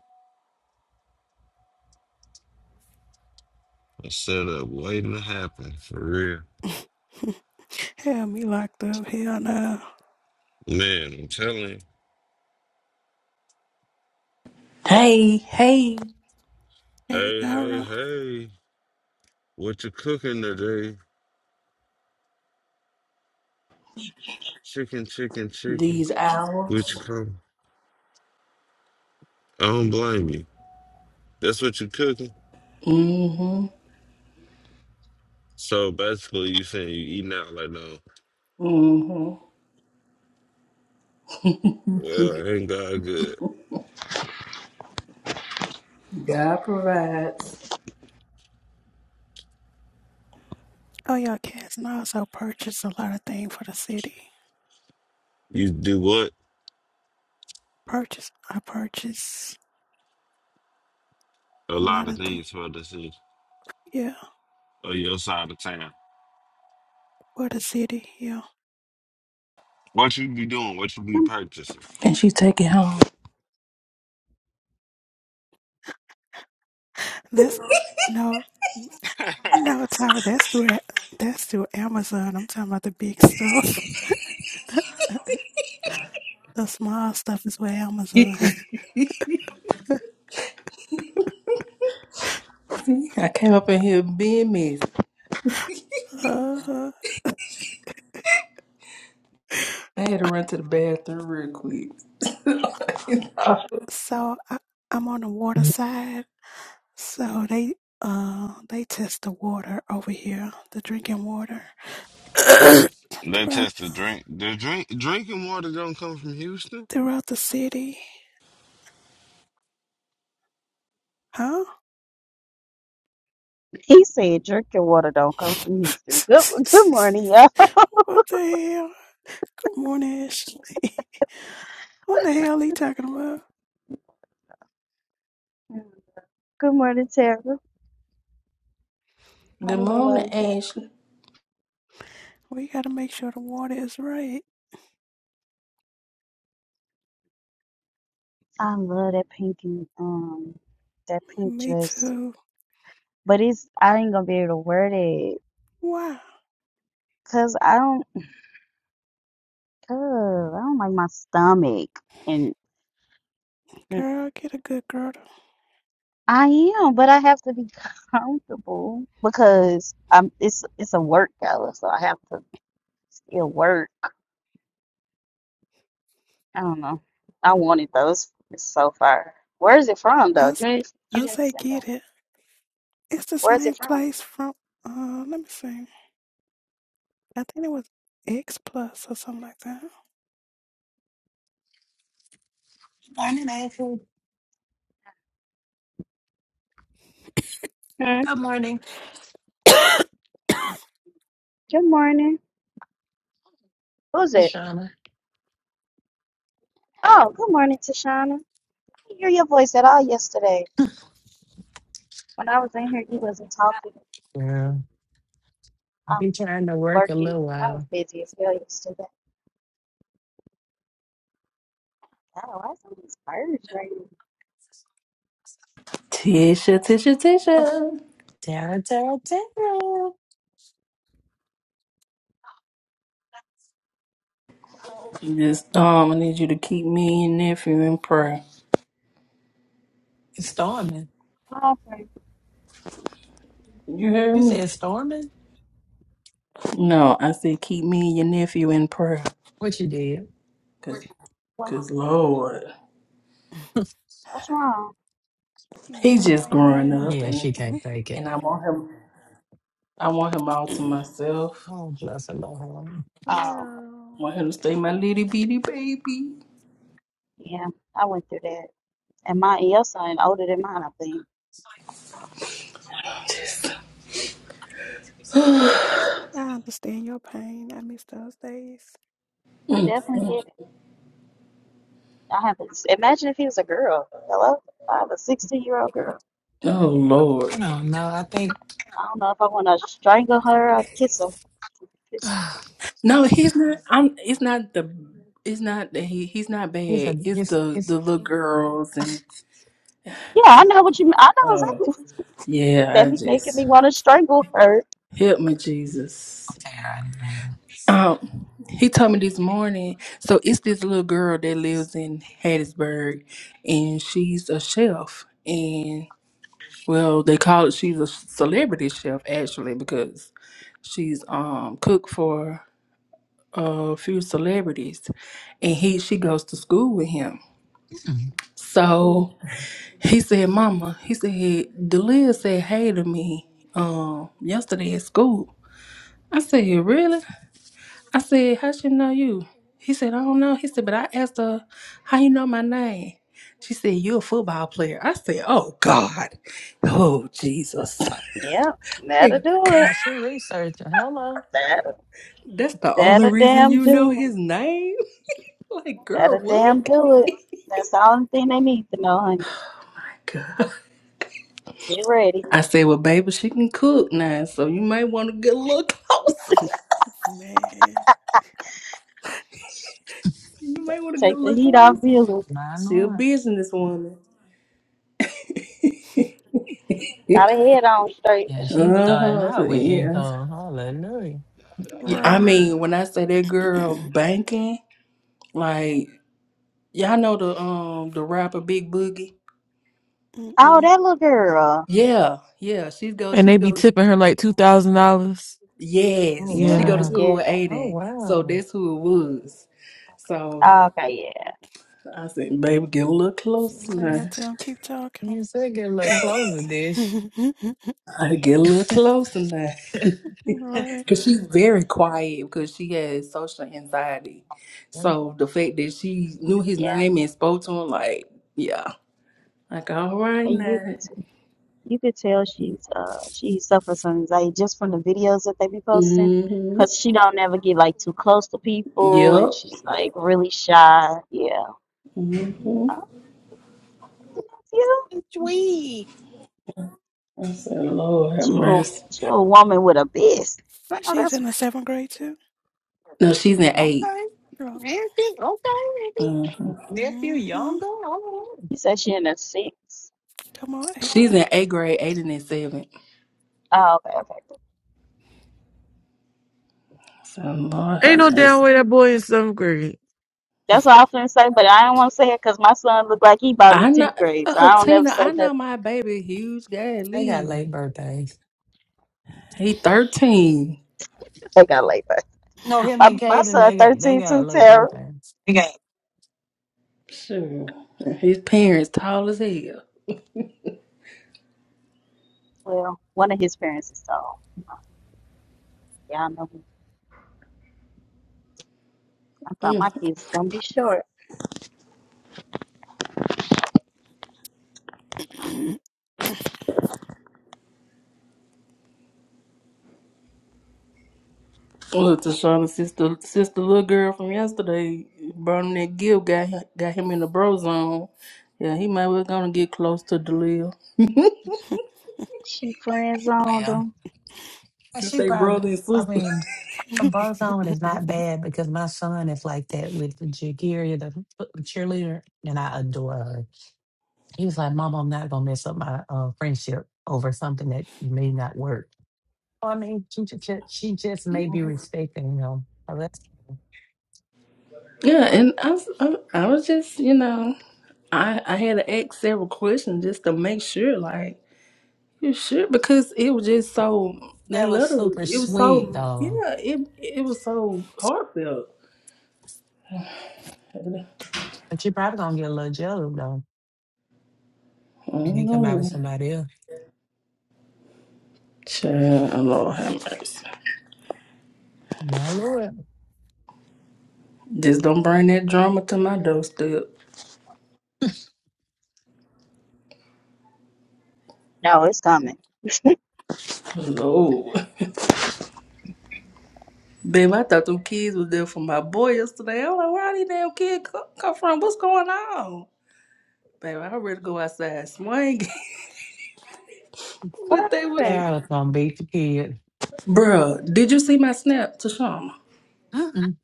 S17: A setup waiting to happen for real.
S2: <laughs> Hell, me locked up. Hell no.
S17: Man, I'm telling. you.
S12: Hey, hey,
S2: Hey,
S17: Hey, hey,
S2: Nara.
S17: hey! What you cooking today? Chicken, chicken, chicken.
S12: these hours.
S17: Which come? I don't blame you. That's what you cooking.
S12: hmm
S17: So basically, you saying you eating out like no.
S12: hmm
S17: Well, ain't God good?
S12: God provides.
S2: Oh, y'all cats. And I also purchased a lot of things for the city.
S17: You do what?
S2: Purchase. I purchased
S17: A
S2: a
S17: lot
S2: lot
S17: of
S2: of things.
S17: things for the city
S2: Yeah,
S17: or your side of town.
S2: for the city. Yeah.
S17: What you be doing? What you be purchasing?
S12: And she take it home.
S2: That's no,
S17: <laughs>
S2: no, Tyra. That's through that's through Amazon. I'm talking about the big stuff. <laughs> The small stuff is with
S12: <laughs>
S2: Amazon.
S12: See, I came up in here being messy.
S2: <laughs> uh,
S12: I had to run to the bathroom real quick. <laughs>
S2: so I, I'm on the water side. So they uh they test the water over here, the drinking water <coughs>
S17: They
S2: throughout
S17: test the drink. The drink drinking water don't come from Houston.
S2: throughout the city, huh?
S18: He said, "Drink your water. Don't come
S2: <laughs>
S18: from Houston." Good, good morning, y'all.
S2: what the hell? Good morning, Ashley. <laughs> what the hell he talking about?
S18: Good morning, Tara. How
S12: Good
S18: does it
S12: morning,
S18: look?
S12: Ashley.
S2: We gotta make sure the water is right.
S18: I love that pink and um, that pink
S2: Me
S18: dress,
S2: too.
S18: but it's I ain't gonna be able to wear that
S2: Wow,
S18: cause I don't, cause I don't like my stomach, and and
S2: girl, get a good girdle.
S18: I am, but I have to be comfortable because I'm. It's it's a workout, so I have to still work. I don't know. I wanted those. It's so far. Where is it from, though?
S2: I,
S18: You
S2: s-
S18: didn't, you
S2: I
S18: didn't
S2: say
S18: send that.
S2: get it. It's the
S18: Where is it
S2: same
S18: from?
S2: place from, uh, let me see. I think it was X Plus or something like that.
S4: morning, Ashley.
S18: Hmm.
S4: Good morning,
S18: Good morning. Who's it?
S4: Shauna.
S18: Oh, good morning, Tashana. I didn't hear your voice at all yesterday. When I was in here, you wasn't talking.
S4: Yeah.
S18: I
S4: I've
S18: was
S4: been trying to work a
S18: working.
S4: little
S18: I was
S4: while.
S18: busy as hell yesterday. Oh, I some these birds right
S12: Tisha, Tisha, Tisha.
S4: Tara, Tara, Tara.
S12: Just um, I need you to keep me and your nephew in prayer.
S4: It's storming.
S18: now? Oh, okay.
S12: You hear
S4: You
S12: me?
S4: said storming?
S12: No, I said keep me and your nephew in prayer.
S4: What you did?
S12: Cause,
S18: What,
S12: 'cause Lord,
S4: <laughs>
S18: what's wrong?
S2: You know,
S12: he
S2: work
S12: just
S2: on your
S12: growing
S2: nerve.
S12: up,
S4: Yeah,
S12: and
S4: she can't
S2: Mhm.
S4: take it.
S12: and I want him. I want him all to
S2: <clears throat>
S12: myself.
S4: Oh, bless the Lord.
S18: Oh,
S12: I
S2: girl,
S12: want him to stay my little bitty baby.
S18: yeah. I went through that. And my your son older than mine, I think.
S12: <laughs>
S2: I understand your pain. I miss those days.
S18: I definitely get it. I haven't. Imagine if he was a girl. Hello, I have a 16 year old girl.
S12: oh Lord.
S4: I don't know. no, I think
S18: I don't know if I want to strangle her or kiss her. Kiss-
S12: No, he's not. I'm. It's not the. It's not that he. He's not
S4: <sighs> he's
S12: bad.
S4: a
S12: It's
S4: he's
S12: the the
S4: he's
S12: little girls and.
S18: Yeah, I know what you mean. I know
S12: Oh
S18: exactly <laughs>
S4: okay.
S12: yeah,
S18: that
S12: I
S18: be making me
S12: just
S18: want to strangle her.
S12: help me, Jesus.
S4: All right, later.
S12: Um, he told me this morning. So it's this little girl that lives in Hattiesburg, and she's a chef. And well, they call it she's a celebrity chef actually because she's um cooked for a few celebrities, and he she goes to school with him.
S4: Mm.
S12: So he said, "Mama," he said, "Delia said hey to me um yesterday at school." I said, "Really?" I said, "How she know you?" He said, "I don't know." He said, "But I asked her how you know my name." She said, "You're a football player." I said, "Oh God, oh Jesus." <laughs>
S18: Yeah, that'll
S12: Like,
S18: do
S4: Baby,
S18: it.
S4: she researching. Hello.
S18: That'll,
S12: That's the only
S18: that'll
S12: reason
S18: damn
S12: you know
S18: do
S12: his
S18: it.
S12: name? <laughs> Like, girl,
S18: That'll damn
S12: what?
S18: do it. That's the only thing they need to know, honey.
S12: <laughs> God.
S18: Get ready.
S12: I said, well, baby, she can cook now, so you may want to get a little <laughs> closer.
S2: <laughs> Man,
S12: You may want to get a
S18: Take the
S12: little
S18: heat off
S12: closer.
S18: Billy.
S4: I
S12: She a
S4: know
S12: businesswoman. <laughs>
S18: Got a head on straight.
S4: Yeah, she
S12: uh
S4: starting
S12: huh. So,
S4: out with
S12: yeah.
S4: income. Hallelujah.
S12: Yeah, I
S2: right.
S12: mean, when I say that girl
S2: <clears throat>
S12: banking, like y'all know the um the rapper Big Boogie.
S18: Oh,
S2: Mm-mm.
S18: that little girl.
S12: Yeah, yeah. She's go.
S8: And they
S12: She's
S8: be
S12: go.
S8: tipping her like two thousand dollars.
S4: Oh
S12: Yes, she
S18: Yeah,
S12: go to
S8: Yeah.
S4: wow.
S12: school
S18: yeah.
S12: with
S4: Oh
S12: Aiden. So
S4: wow.
S12: that's who it was. So
S18: Okay, yeah,
S12: I said, baby, get a little closer
S2: Well, you have
S12: now.
S2: to keep talking.
S4: You said get a little closer, dish.
S2: <laughs>
S12: I get a
S4: <laughs>
S12: little closer now. <laughs>
S2: right.
S12: Because she's very quiet because she has social anxiety. So the fact that she knew his
S18: yeah.
S12: name and spoke to him, like, yeah. Like, all right
S18: And you
S12: now.
S18: can. You could tell she's uh she suffers from anxiety just from the videos that they be posting,
S12: Mm-hmm.
S18: cause she don't ever get like too close to people,
S12: Yep.
S18: and she's like really shy. Yeah,
S12: Mm-hmm.
S18: Oh, I don't know you.
S4: Sweet.
S12: I said, Lord have
S18: You a
S12: mercy.
S18: you a woman with a business. I know
S2: She's
S18: that's.
S2: in
S18: right.
S2: the seventh grade too.
S12: No, she's in 8
S4: Okay.
S2: Bravo.
S4: Nephew,
S12: Mm-hmm.
S4: okay. Nephew
S2: hmm
S4: younger. all right.
S18: You said she in a six.
S2: Come on,
S12: She's
S2: Aiden.
S12: in eighth grade, eight and in seven.
S18: Oh, okay, okay.
S12: So Lord
S8: Ain't
S12: have
S8: no damn
S12: mercy.
S8: way that boy in seventh grade.
S18: That's what I was gonna say, but I don't want to say it cause my son look like he about in
S12: I know
S18: tenth grade, so
S12: uh,
S18: I don't ever
S12: Tina,
S18: say
S12: I
S18: nothing.
S12: know my baby huge
S4: They got
S12: daddy.
S4: late birthdays.
S12: He thirteen.
S18: They got laid back.
S4: No, him
S18: my
S4: and
S18: my
S4: Caden,
S18: son
S4: they got they
S18: thirteen
S4: got
S18: too,
S4: late
S18: Tara.
S4: birthday.
S12: Sure. His parents tall as hell.
S18: Well, one of his parents is tall. Y'all know. I thought my
S12: Mm.
S18: kids was gonna be short.
S12: Look, Tashana, sister, sister, little girl from yesterday, Bernadette Gill got hi- got him in the bro zone. Yeah, he might well gonna get close to Delil.
S18: She friend zoned
S4: Well,
S18: them.
S4: and
S12: Since
S4: she
S12: they
S4: probably
S12: brother and
S4: I
S12: sister. <laughs>
S4: mean A barzone is
S2: <laughs>
S4: not bad because my son is like that with the Jagiria, the foot- the cheerleader, and I adore her. He was like, Mom, I'm not going to mess up my uh, friendship over something that may not work. So, I mean, she just, she just may be respecting him. So that's, cool.
S12: Yeah, and I, was- I, I was just, you know, I I had to ask several questions just to make sure, like, you sure? Because it was just so that
S4: that was
S12: letter,
S4: super
S12: it was
S4: sweet,
S12: so,
S4: though.
S12: yeah, it it was so heartfelt. I
S4: But you're probably going to get a little jealous, though, when
S12: don't
S4: he come
S12: know,
S4: out with
S12: man.
S4: somebody else.
S12: Child, Lord have mercy.
S4: My Lord.
S12: Just don't bring that drama to my doorstep.
S18: No, it's coming.
S12: No. Babe, I thought them kids was there for my boy yesterday. I'm like, where these damn kids co- come from? What's going on? Babe, I ready to go outside swinging. <laughs> but
S18: What
S12: they would.
S18: happened?
S4: Sarah's going to beat the kid.
S12: Bruh, did you see my snap to Shama?
S4: Mm-mm.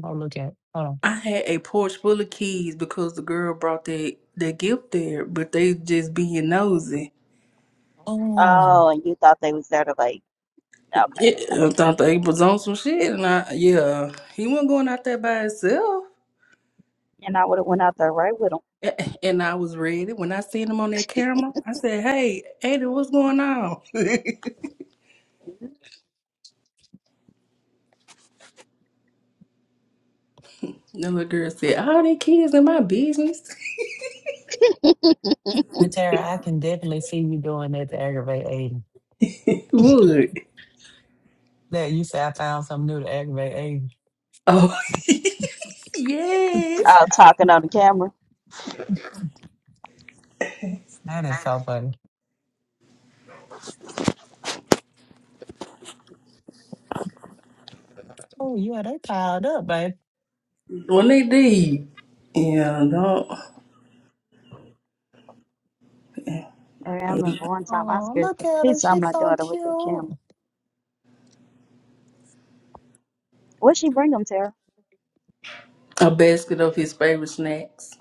S4: Go look at it. Hold
S12: I had a porch full of keys because the girl brought that, that gift there, but they just being nosy.
S4: on.
S18: Oh, and you thought they was there to like? Okay, got
S12: Yeah, I
S18: you.
S12: thought they was on some shit,
S4: Oh.
S12: and I, yeah, he wasn't going out there by himself.
S18: And I would have went out there right with
S12: <laughs> A- And I was ready. When I seen him on that camera, I said, Hey, Ada, what's going on? <laughs>
S18: them.
S12: The little girl said, All these kids in my business.
S4: And Tara, I can definitely see you doing that to aggravate Aiden.
S12: <laughs> Would.
S4: That you say I found something new to aggravate Aiden.
S12: Oh, <laughs> yes.
S18: Oh, talking on the camera.
S4: That is so funny. Oh, you are they piled up, babe.
S12: When they did. Yeah, no.
S18: And I remember one time I
S4: Oh,
S18: scared
S4: look
S18: the
S4: at her.
S18: piss out of
S4: She's
S18: my
S4: so
S18: daughter with the
S4: cute.
S18: camera. What'd she bring them, Tara?
S12: A basket of his favorite snacks.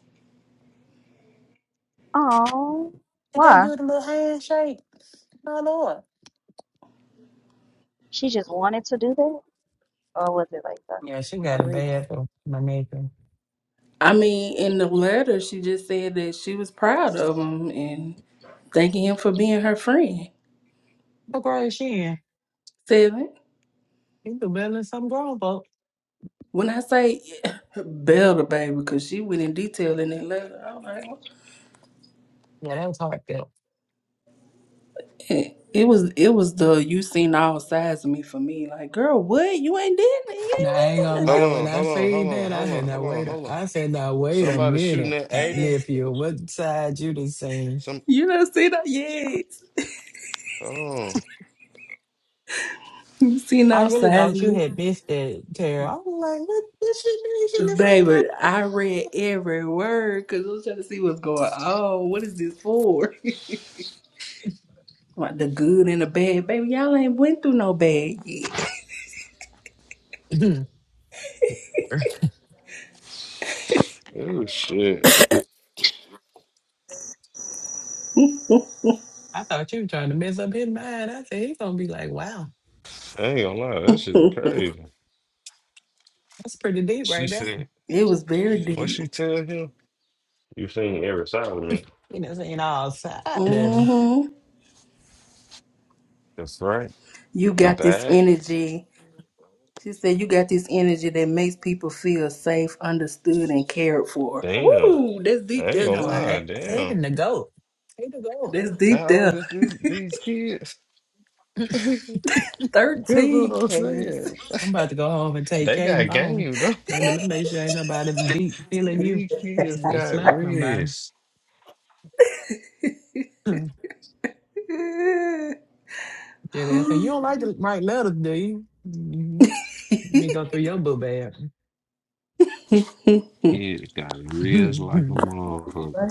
S18: Oh,
S4: Did they
S18: why?
S4: do the little handshake? My lord.
S18: She just wanted to do that, or was it like
S4: Yeah, she
S18: a,
S4: got
S18: a
S4: a
S18: reason?
S4: bad for my nigga.
S12: I mean, in the letter, she just said that she was proud of him and thanking him for being her friend.
S4: What grade is she in?
S12: Seven.
S4: She do better than some grown folk.
S12: When I say <laughs> Bella, baby, because she went in detail in that letter, I was like,
S4: Yeah, that was heartfelt.
S12: It, it was it was the you seen all sides of me for me. Like, girl, what? You ain't did nothing. You
S4: Now,
S12: ain't
S4: I
S12: went
S4: ain't
S12: through
S4: gonna
S17: Hold
S4: lie,
S12: nothing. <laughs>
S4: when
S17: on,
S4: I
S17: hold on, hold
S4: seen
S17: on,
S4: that, I
S17: hold
S4: said,
S17: on,
S4: now
S17: hold on,
S4: wait a,
S17: hold on.
S4: I said, now wait a
S17: Somebody shooting
S4: minute,
S17: at Aiden.
S4: nephew, what side you done seen?
S17: Some
S12: You done seen that? Yes.
S17: hold on.
S12: You seen
S4: I
S12: all
S4: really
S12: sides of
S4: thought you
S12: me.
S4: had missed that, Tara. I was like, what this shit you shouldn't
S12: Baby, I
S4: have
S12: read every word because I was trying to see what's going on. What is this for? <laughs> like the good and the bad. Baby, y'all ain't went through no bad yet.
S4: seen out there.
S17: Oh shit.
S4: <laughs> <clears throat> I thought you were trying to mess up his mind. I said, he's gonna be like, wow,
S17: I ain't gonna lie, that shit is crazy.
S4: that's pretty deep
S17: She
S4: right there.
S17: said
S12: It was very
S17: What
S12: deep.
S17: she tell him? You seen every side of me.
S4: You know, saying all side of him.
S12: hmm
S17: The front,
S12: You
S17: the
S12: got this
S17: back.
S12: energy. She said, "You got this energy that makes people feel safe, understood, and cared for."
S17: Damn.
S12: Ooh, that's
S17: I
S12: deep.
S17: ain't
S4: I
S12: That
S17: gonna
S4: know,
S12: good.
S17: lie,
S4: I, I
S17: damn.
S4: hating the goat. Hate the goat.
S12: That's deep.
S17: How old
S12: There,
S17: is this, these kids? <laughs> That's what
S12: thirteen,
S17: I'm
S12: Cass.
S17: saying.
S4: I'm about to go home and take
S17: They
S4: Caden
S17: got
S4: phone.
S17: game, though.
S4: Baby, let me make sure ain't nobody deep
S17: <laughs>
S4: feeling you.
S17: These kids
S4: They
S17: got
S4: slapped somebody.
S17: wrists.
S4: <laughs>
S12: <laughs>
S4: Yeah, they say, <laughs> you don't like to write letters, do you? hmm Let me go through your boo bag.
S17: Kids got
S4: <laughs>
S17: wrists like a
S4: Ain't
S17: motherfucker.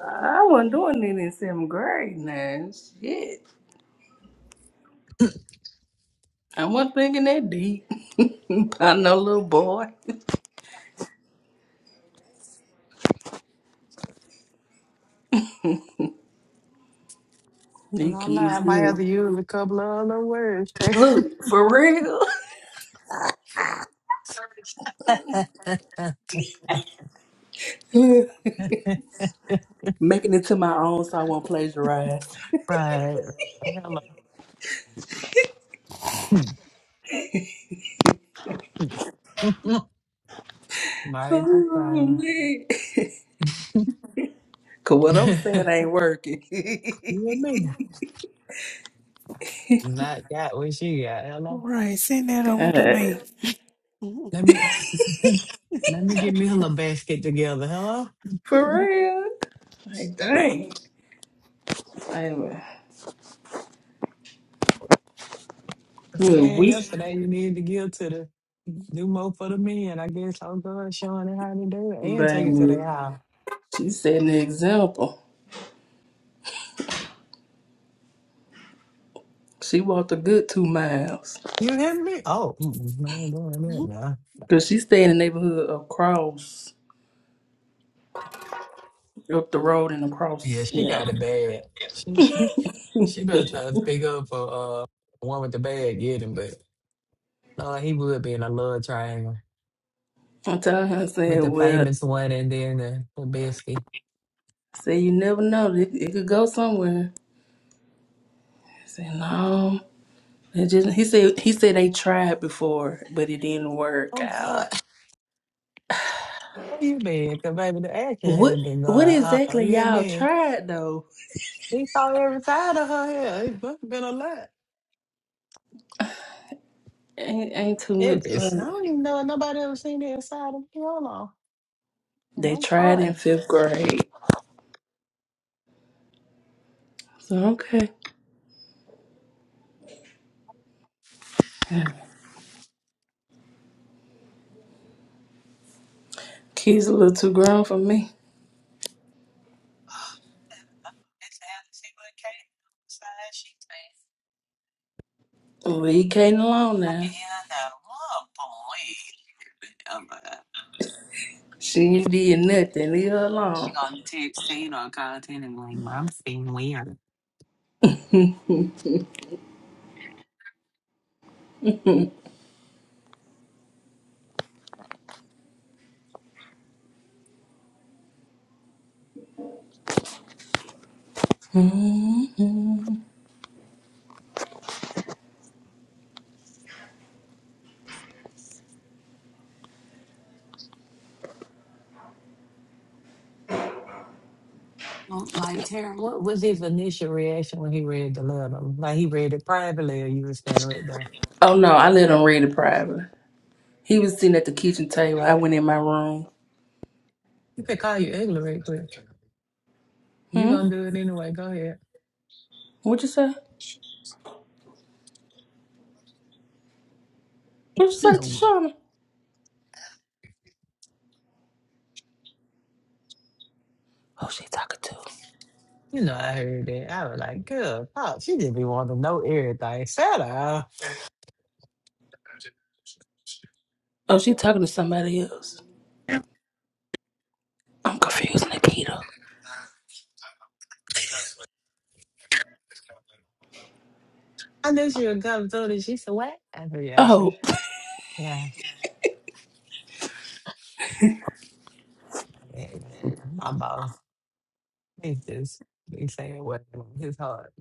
S12: I wasn't doing it in seventh grade. Now, shit, I wasn't thinking that deep. <laughs> I know, little boy. These
S4: gonna lie,
S12: kids,
S4: I might
S12: good.
S4: have to use a couple of other words. Terry.
S12: look for real,
S4: <laughs> <laughs>
S12: <laughs> making it to my own, so I won't plagiarize. <laughs>
S4: right. Hello. <laughs> might as well
S12: Oh,
S4: try.
S12: man. <laughs> Cause what I'm
S4: <laughs>
S12: saying ain't working. <laughs>
S4: you and me. Not got what she got. Hello.
S2: right, send that over to me.
S12: God.
S4: Let me. <laughs> Let me get me a little basket together. Hello?
S12: For real. Like dang. Anyway.
S4: I
S12: Yeah,
S4: said
S12: weak,
S4: yesterday you need to give to the do more for the men. I guess I'll go and showing them how to do it and take it to
S12: baby.
S4: their house.
S12: She setting the example. She walked a good two miles.
S4: You hear me? Oh, mm-mm, I ain't doing that
S2: Mhm.
S4: now.
S12: Cause she stay in the neighborhood across up the road and
S4: Yeah,
S12: across
S4: she
S12: yeah.
S4: got a bad. She, <laughs> she
S12: <laughs>
S4: better try to speak up for uh one with the bad getting, but uh, he would be in a love triangle
S12: I told her I said,
S4: with the
S12: Well, I
S4: famous one and then the, the bestie.
S12: said you never know. It, it could go somewhere. I said, No. It just he said he said they tried before, but it didn't work
S4: Oh
S12: out.
S4: God, <laughs> where you been? Cause baby, the action
S12: What
S4: has been
S12: what
S4: going. Oh,
S12: exactly
S4: you hear
S12: y'all
S4: me?
S12: tried though?
S4: We saw every side of her hair. It's bu- been a lot.
S12: Ain't ain't too much.
S4: Every, I I
S12: Um,
S4: don't even know if nobody ever seen the inside of me. I do And
S12: they
S4: I'm
S12: tried
S4: 40.
S12: in fifth grade. So okay, kids a little too grown for me.
S4: It's how she would came outside. She thinks,
S12: Leave can alone
S4: I
S12: now.
S4: can hear that. Oh, boy. Oh, my God.
S12: She ain't did nothing. Leave her
S4: She
S12: alone.
S4: gonna text Tina or call Tina and be like, Mom, seeing weird.
S12: hmm
S4: Oh, Like, Tara, what was his initial reaction when he read the letter? Like, he read it privately or you were standing right there?
S12: Oh no, I let him read it privately. He was sitting at the kitchen table. I
S4: <laughs>
S12: went in my room.
S4: You could call you ugly right quick. you
S12: Hmm.
S4: gonna do it anyway. Go
S12: What you say? What you say to
S4: ahead.
S12: Shauna? Oh, she talking to.
S4: You know, I heard that. I was like, girl, fuck, she just be wanting to know everything. Shut up.
S12: Oh, she talking to somebody else. I'm confused, Nikita.
S4: I knew she would come through and she said, what? I said, yeah, she,
S12: Oh.
S4: yeah. yeah, yeah. My boss, he just be saying what his heart.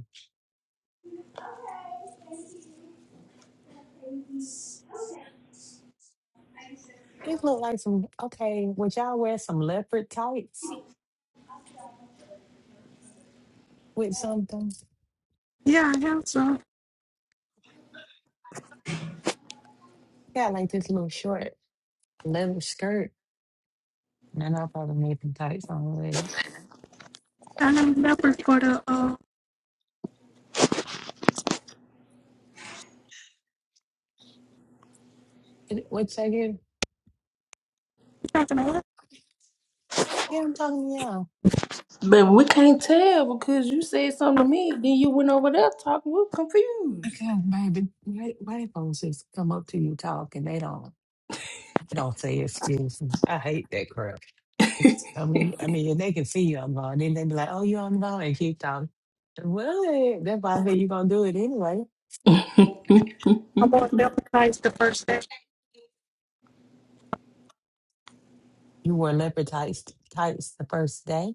S4: He look like some, okay, would y'all wear some leopard tights with something?
S2: Yeah, I have some.
S4: Got like this little short leather skirt. And then I'll probably make them tights on later.
S2: I have numbers for the uh.
S4: What's that again? Yeah, I'm talking to y'all.
S12: But we can't tell because you said something to me, then you went over there talking. We're confused.
S4: God, baby, white, white folks just come up to you talk and they don't they don't say excuse me. I hate that crap. It's, I mean, I mean, and they can see you on the phone, then they be like, "Oh, you on the phone?" and keep talking. Well, that's why I said you're gonna do it anyway.
S12: I
S4: You wore leopard tights, tights the first day.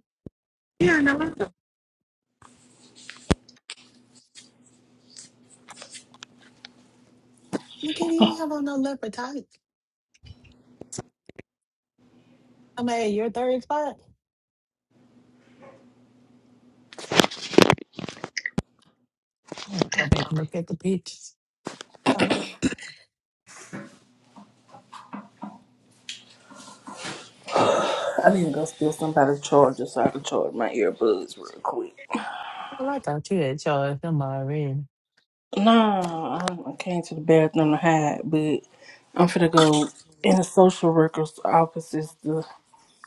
S4: Look at you! even have on no leopard tights. I mean, you're third spot. I have to go back and look at the pictures. Oh, I like,
S12: need to go steal somebody's charger so I can charge my earbuds real quick.
S4: I like thought you had charged them already.
S12: Nah, I I came to the bathroom to hide, but I'm finna go in the social worker's offices to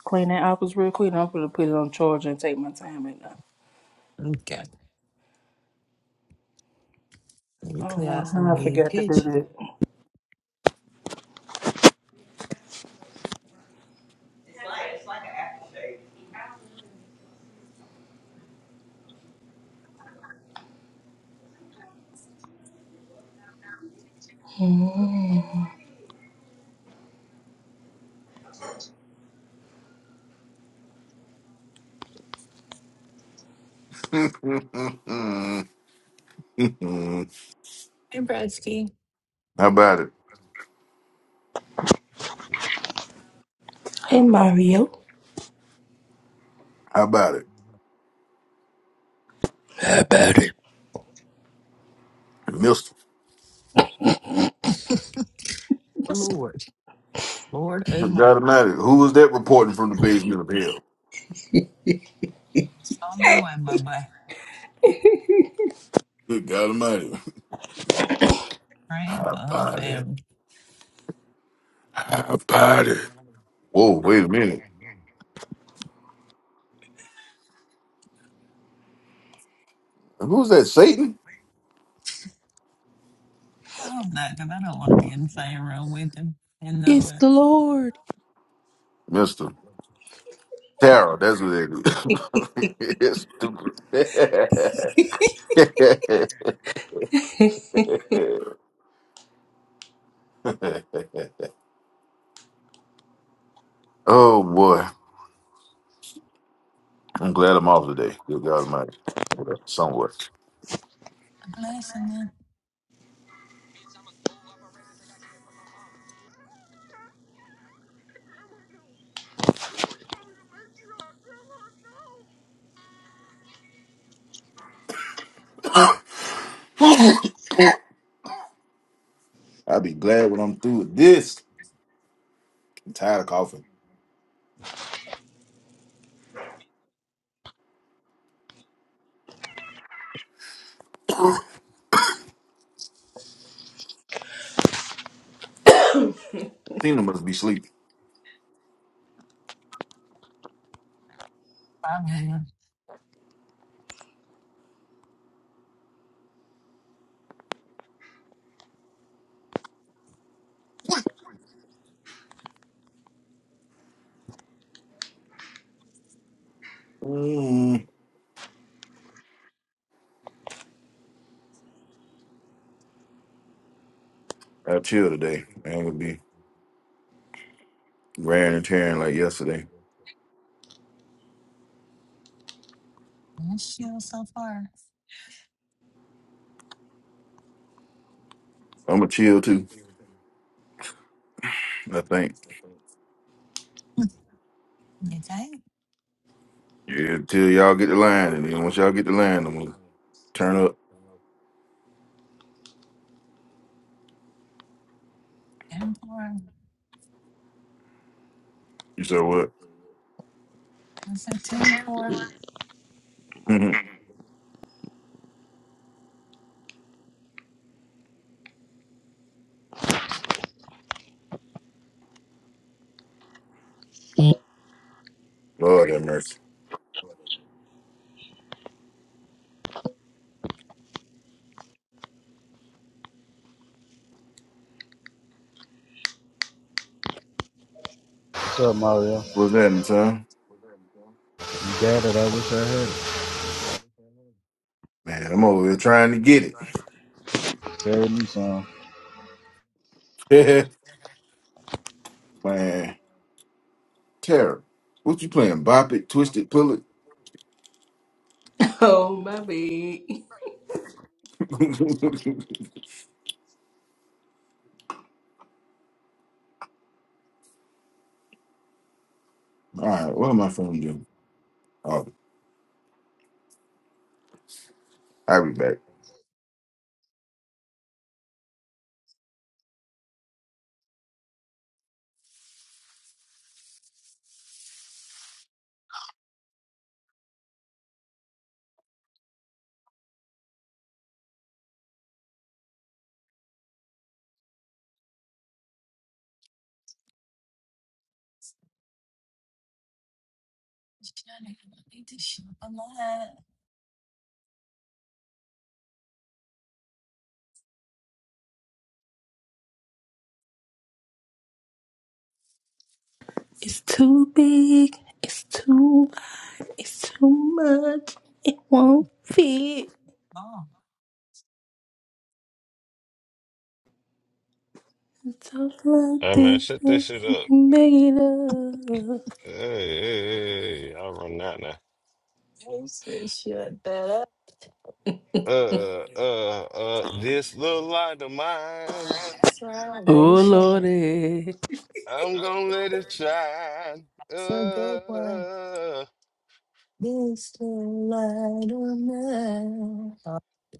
S12: clean that office real quick. And I'm finna put it on charge and take my time right now.
S4: Okay. Let me
S12: I don't
S4: clear
S12: know
S4: out some of
S12: how I
S4: the
S12: forgot to do
S4: pictures.
S12: that. Mm.
S16: How about it? <laughs>
S4: and Bradsky.
S16: How about it?
S12: Hey Mario,
S16: How about it?
S12: about it.
S16: Mister.
S4: Lord. Lord, oh
S16: Good
S4: my.
S16: God Almighty. Who was that reporting from the basement of hell?
S4: Solomon one, my boy.
S16: Good God Almighty. <laughs>
S4: Praying
S16: How about it?
S4: family.
S16: How about it? Whoa, wait a minute. Who's that? Satan?
S4: I hope not, because I don't want to be in the same room with him and know
S12: it's
S4: it.
S12: the Lord.
S16: Mister. Tara, that's what that is. <laughs> it's
S12: <laughs>
S16: stupid. <laughs> oh boy. I'm glad I'm off today. Good God Almighty. Somewhat.
S4: I'm blessing them.
S16: <coughs> I'll be glad when I'm through with this. I'm tired of coughing. Tina must be sleeping.
S4: I'm here.
S16: Mm, I chill today. I ain't gonna be raring and tearing like yesterday.
S4: And shield so far.
S16: I'm gonna chill too. I think.
S4: You think?
S16: Yeah, till y'all get the line, and then once y'all get the line, I'm gonna turn up.
S4: Ten four. 4.
S16: You said what?
S4: I said 10 4.
S16: Mhm. Lord have mercy.
S5: What's up, Mario?
S16: What's happening, son?
S5: You got it. I wish I had it.
S16: Man, I'm over here trying to get it.
S5: Save me some.
S16: <laughs> Man, Tara, what you playing? Bop it, twist it, pull it.
S12: Oh, my big.
S16: <laughs> All right, what am I phone doing? Oh, I'll be back.
S4: Shut it. I need to shut the light.
S12: It's too big. It's too wide. It's too much. It
S4: Mm,
S12: won't fit.
S4: Oh,
S12: Talk like
S17: Hey man,
S12: this.
S17: shut this shit
S12: I
S17: up.
S12: can make it up.
S17: Hey, hey, hey, I'll run out now.
S4: they said shut that up.
S17: Uh, uh, uh, uh, this little light of mine.
S4: That's right. Lady
S12: Oh,
S4: Shannon.
S12: Lordy.
S17: I'm gonna let it shine.
S4: That's a good one.
S17: Uh,
S4: This light of mine.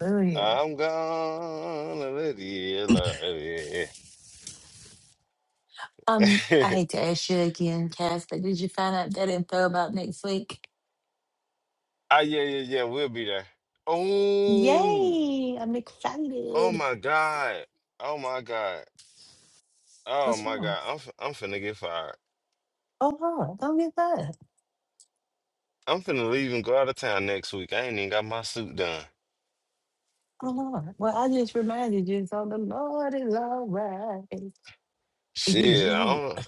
S4: Hallelujah.
S17: I'm gonna let it love yeah. <laughs>
S4: Um, I hate to ask you again, Cass, but did you find out that info about next week?
S17: ah, yeah, yeah, yeah. We'll be there. Oh,
S4: Yay! I'm
S17: oh
S4: excited.
S17: my God. Oh my God. Oh
S4: What's
S17: my
S4: wrong?
S17: God. I'm f- I'm finna get fired.
S4: Oh Lord, don't get that.
S17: I'm finna leave and go out of town next week. I ain't even got my suit done.
S4: Oh Lord. Well, I just reminded you, so the Lord is all right. <laughs> Thank you,
S17: Shit, I
S4: Jesus.
S17: don't,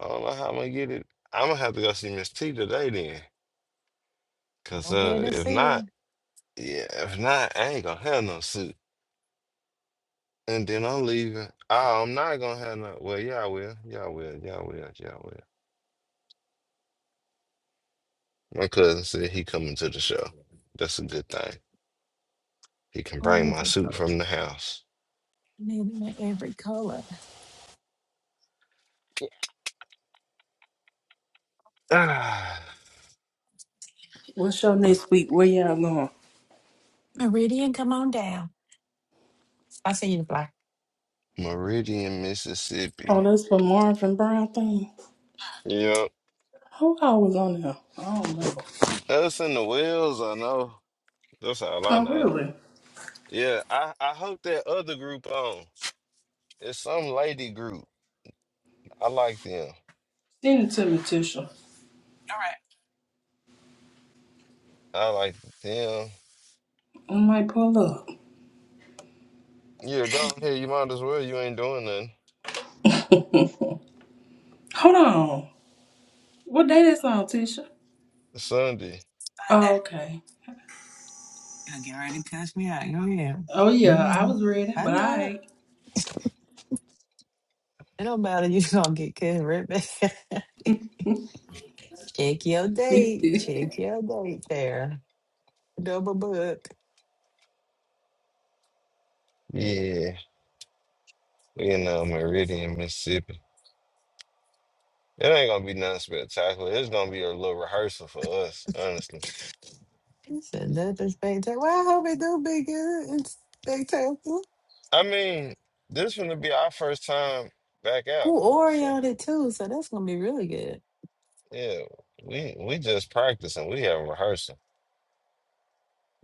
S17: I don't know how I'm gonna get it. I'm gonna have to go see Miss T today then. Cause
S4: I'm here
S17: uh,
S4: to
S17: if
S4: see
S17: not,
S4: him.
S17: yeah, if not, I ain't gonna have no suit. And then I'm leaving. Oh, I'm not gonna have no. Well, yeah, I will. Yeah, I will. Yeah, I will. Yeah, I will. My cousin said he coming to the show. That's a good thing. He can
S4: I'm
S17: bring
S4: here
S17: my
S4: to
S17: suit from the house.
S4: I need him in every color.
S17: Ah,
S12: What's your
S17: y-
S12: next week? Where y'all going?
S4: Meridian, come on down. I'll see you the fly. All
S17: Meridian,
S12: Oh,
S17: Mississippi.
S12: that's for Marvin Brown thing.
S17: Yep.
S12: Who I was on there? I don't know.
S17: Us in the Wells, I know. That's all I
S12: Oh,
S17: know.
S12: really?
S17: Yeah, I, I hope that other group on. It's some lady group. I like them.
S12: Send it to me, Tisha.
S17: I like them.
S12: I might pull up.
S17: Yeah, go ahead. You might as well. You ain't doing nothing.
S12: <laughs> Hold on. What day is on, Tisha?
S17: It's Sunday.
S4: right. Bye,
S12: Oh, okay.
S4: You'll get ready to cuss me out. Go ahead.
S12: Oh yeah, I
S4: hmm
S12: was ready,
S4: I
S12: but
S4: know
S12: I
S4: it. It don't matter. <laughs> you going to get cussed right back. <laughs> Check your date.
S12: ain't.
S4: Check your date there. Double book.
S17: Yeah. You know, Meridian, Mississippi. It ain't gonna be nothing spectacular. It's gonna be a little rehearsal for us, honestly.
S4: It's another spectacular. Well, I hope it do be good and spectacular.
S17: I mean, this gonna be our first time back out.
S4: Who
S17: So
S4: Oreo it too, so that's gonna be really good.
S17: yeah, we we just practicing. We have a rehearsal.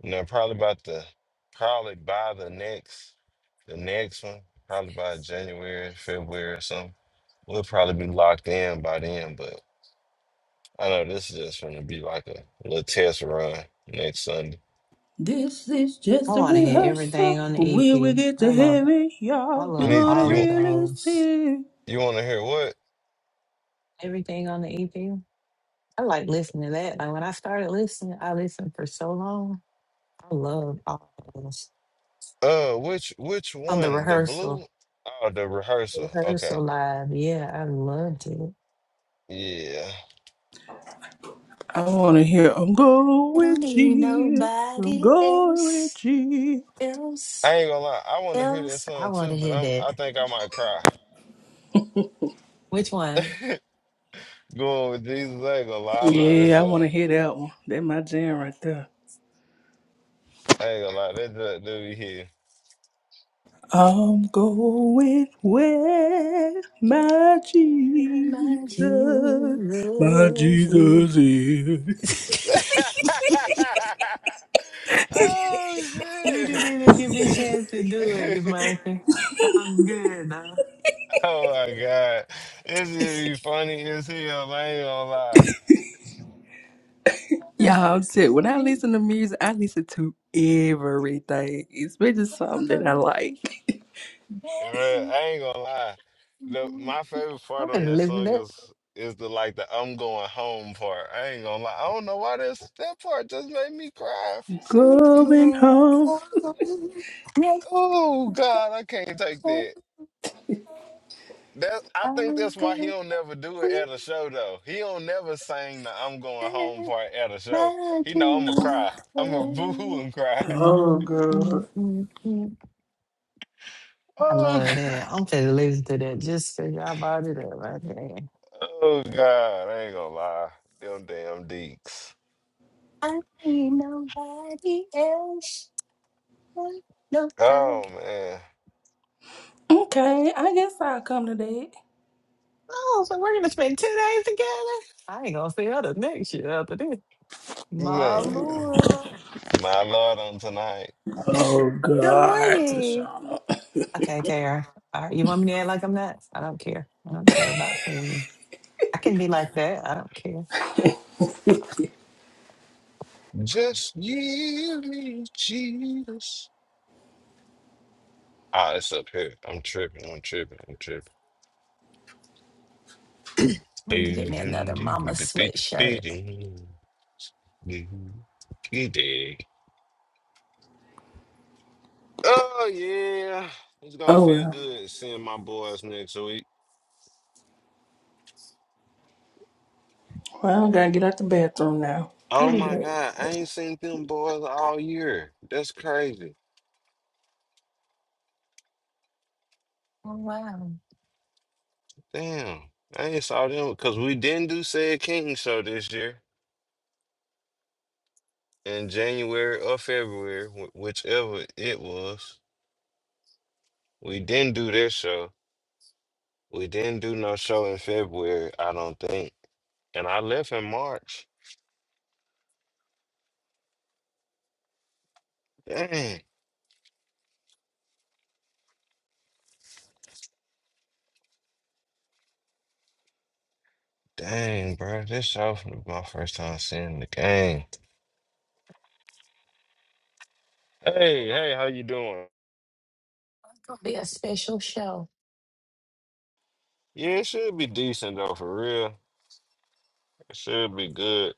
S17: You know, probably about the probably by the next the next one, probably by January, February or something. We'll probably be locked in by then, but I know this is just gonna be like a little test run next Sunday.
S12: <laughs> this is
S4: I
S12: just a
S4: want to hear
S12: rehearsal.
S4: everything on the
S12: When we
S4: EP.
S12: get
S4: I
S12: to
S4: love,
S12: heaven,
S4: I
S12: y'all, we're
S17: You
S4: love
S17: need
S12: gonna
S4: all
S17: you
S4: of
S12: really
S4: those.
S12: sing.
S17: You want to hear what?
S4: Everything on the EP. I like listening to that. Like when I started listening, I listened for so long. I love all those.
S17: Uh, which which
S4: On the
S17: one? The
S4: rehearsal,
S17: blue? Oh, the
S4: the
S17: rehearsal. Okay.
S4: rehearsal live. Yeah, I loved it.
S17: Yeah.
S12: I wanna hear I'm going
S4: I don't
S12: with
S4: need
S12: you. I'm
S4: nobody
S12: going
S4: else,
S12: with you.
S4: else,
S17: I ain't gonna lie. I want to hear that
S4: else. I
S17: song
S4: want
S17: too,
S4: to
S17: but
S4: hear
S17: I'm. I
S4: that.
S17: think I might cry.
S4: Which one?
S17: Going with Jesus. I ain't gonna lie. I love that
S12: Yeah, I wanna
S17: song.
S12: hear that one. That my jam right there.
S17: I ain't gonna lie. That that do be here.
S12: I'm going where my
S4: Oh, my
S12: Jesus, my
S4: Jesus.
S12: Jesus is.
S17: <laughs>
S4: <laughs>
S17: oh
S4: you didn't
S17: shit.
S4: even give me a chance to do it, you
S17: <laughs>
S4: monkey. I'm good now. <laughs>
S17: oh my god. This is be funny as hell. I ain't gonna lie.
S12: Y'all too. When I listen to music, I listen to everything, especially something that I like.
S17: Well, I ain't gonna lie. The my favorite
S4: I'm
S17: part on
S4: gonna
S17: this song
S4: live
S17: is is the like the I'm going home part. I ain't gonna lie. I don't know why this that part just made me cry for
S12: <laughs>
S17: some
S4: I'm
S17: reason.
S12: Going
S4: going
S12: home.
S4: falling. Take a
S17: Oh God, I can't take that. That I think
S4: I'm
S17: that's why he
S4: going
S17: don't never do it at a show though. He don't never sing the I'm going home
S4: under
S17: part at a show.
S4: my
S17: He know I'ma cry.
S4: Jesus.
S17: I'ma <laughs> boo hoo and cry. <laughs>
S12: Oh God.
S4: I
S17: Oh
S4: love
S17: God.
S4: that. I'm finna listen to that just because y'all brought it up right there.
S17: Oh God, I ain't gonna lie. Them damn deeks.
S4: I need nobody else. like Nobody.
S17: Oh man.
S12: Okay, I guess I'll come to that.
S4: Oh, so we're gonna spend two days together. I ain't gonna see her the next year after this. My
S17: Man,
S4: lord.
S17: my Lord on tonight.
S12: Oh
S4: Good
S12: God,
S4: morning.
S12: Tashana.
S4: Okay, there. All right, you want me to act like I'm nuts? I don't care. I don't care about seeing you. I can be like that. I don't care.
S12: <laughs>
S17: Just give me Jesus. Ah, it's up here. I'm tripping. I'm tripping. I'm tripping.
S4: I need to get me another mama sweatshirt.
S17: Oh yeah. It's gonna
S12: oh
S17: feel
S12: well.
S17: good seeing my boys next week.
S12: Well, I gotta get out the bathroom now. I
S17: Oh
S12: need
S17: my
S12: that.
S17: god, I ain't seen them boys all year. That's crazy.
S4: Oh, wow.
S17: Damn. I ain't saw them because we didn't do said King show this year. in January or February, wh- whichever it was. We didn't do this show. We didn't do no show in February, I don't think. And I left in March. Dang, dang, bro. This show was my first time seeing the game. Hey, hey, how you doing?
S4: It's going to be a special show.
S17: Yeah, it should be decent though, for real. It should be good.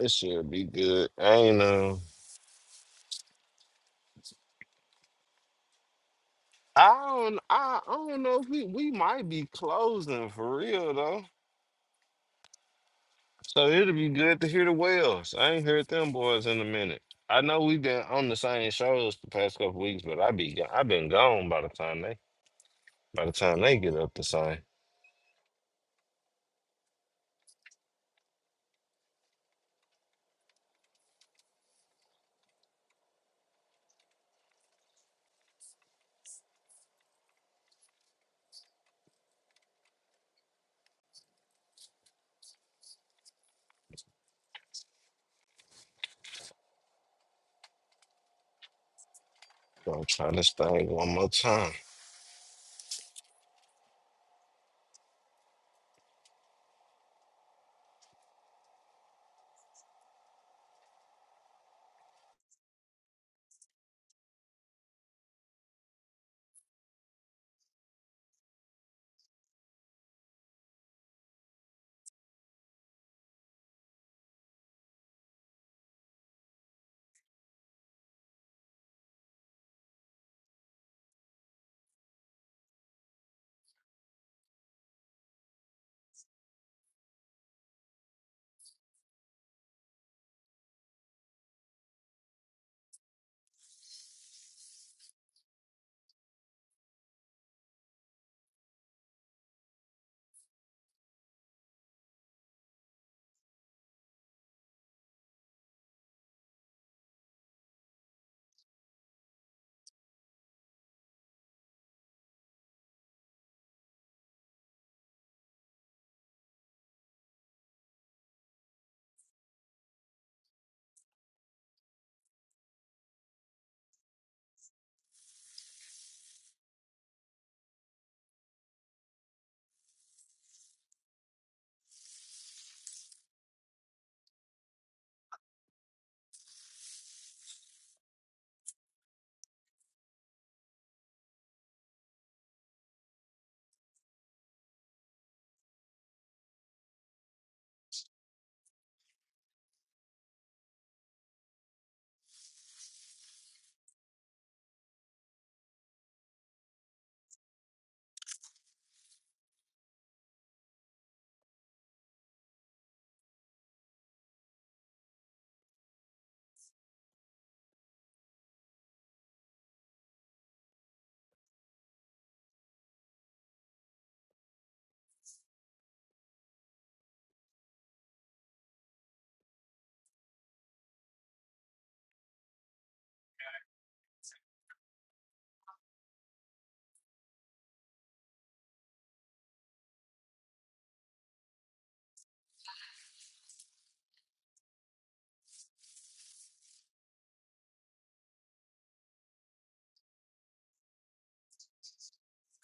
S17: It should be good. I ain't know. I don't. I, I don't know if we we might be closing for real though. So it'll be good to hear the whales. I ain't heard them boys in a minute. I know we've been on the same shows the past couple weeks, but I be go- I been gone by the time they by the time they get up the same. So I'm trying this thing one more time.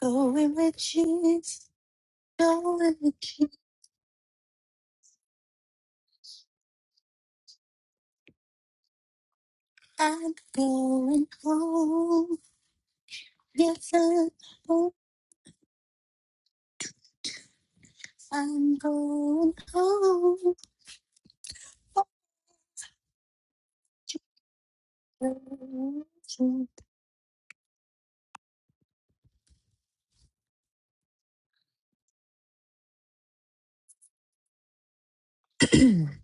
S4: Going with Jesus, Going with Jesus. I'm going home. Yes, sir. Oh, I'm going home. <clears throat>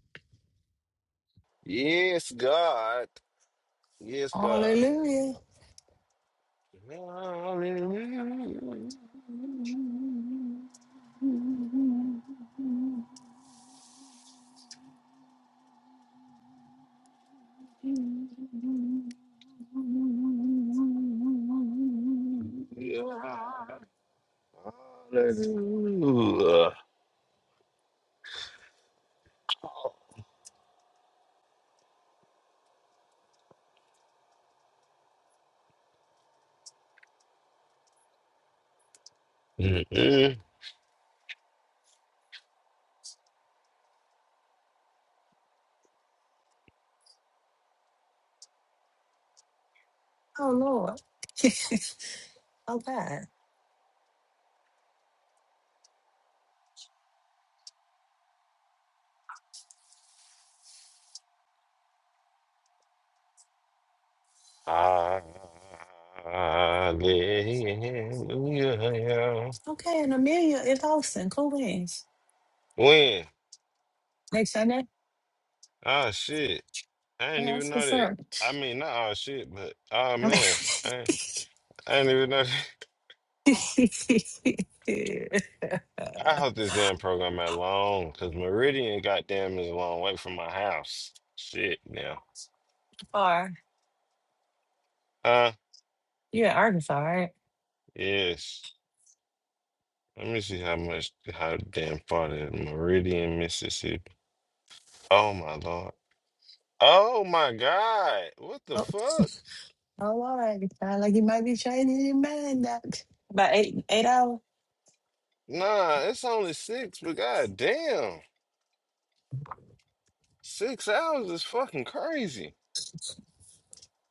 S17: Yes, God. Yes, God.
S4: Hallelujah.
S17: <laughs> Hallelujah. Mhm.
S4: Oh, Lord. <laughs> oh, God.
S17: Hallelujah.
S4: Okay, and Amelia is hosting. Cool beans.
S17: When?
S4: Next Sunday.
S17: Ah, shit. I didn't
S4: Yeah,
S17: even
S4: that's
S17: know
S4: what's
S17: that.
S4: up.
S17: I mean, not all shit, but oh man, I, I didn't even know that. <laughs>
S4: <laughs>
S17: I hope this damn program at long, cause Meridian, goddamn, is a long way from my house. Shit, now.
S4: Far.
S17: Huh?
S4: You're in Arkansas, right?
S17: Yes. Let me see how much, how damn far that Meridian, Mississippi. Oh my lord. Oh my God. What the
S4: Oh,
S17: fuck?
S4: oh, all right. You Sound like you might be changing your mind up. About eight eight hours?
S17: Nah, it's only six, but god damn. Six hours is fucking crazy.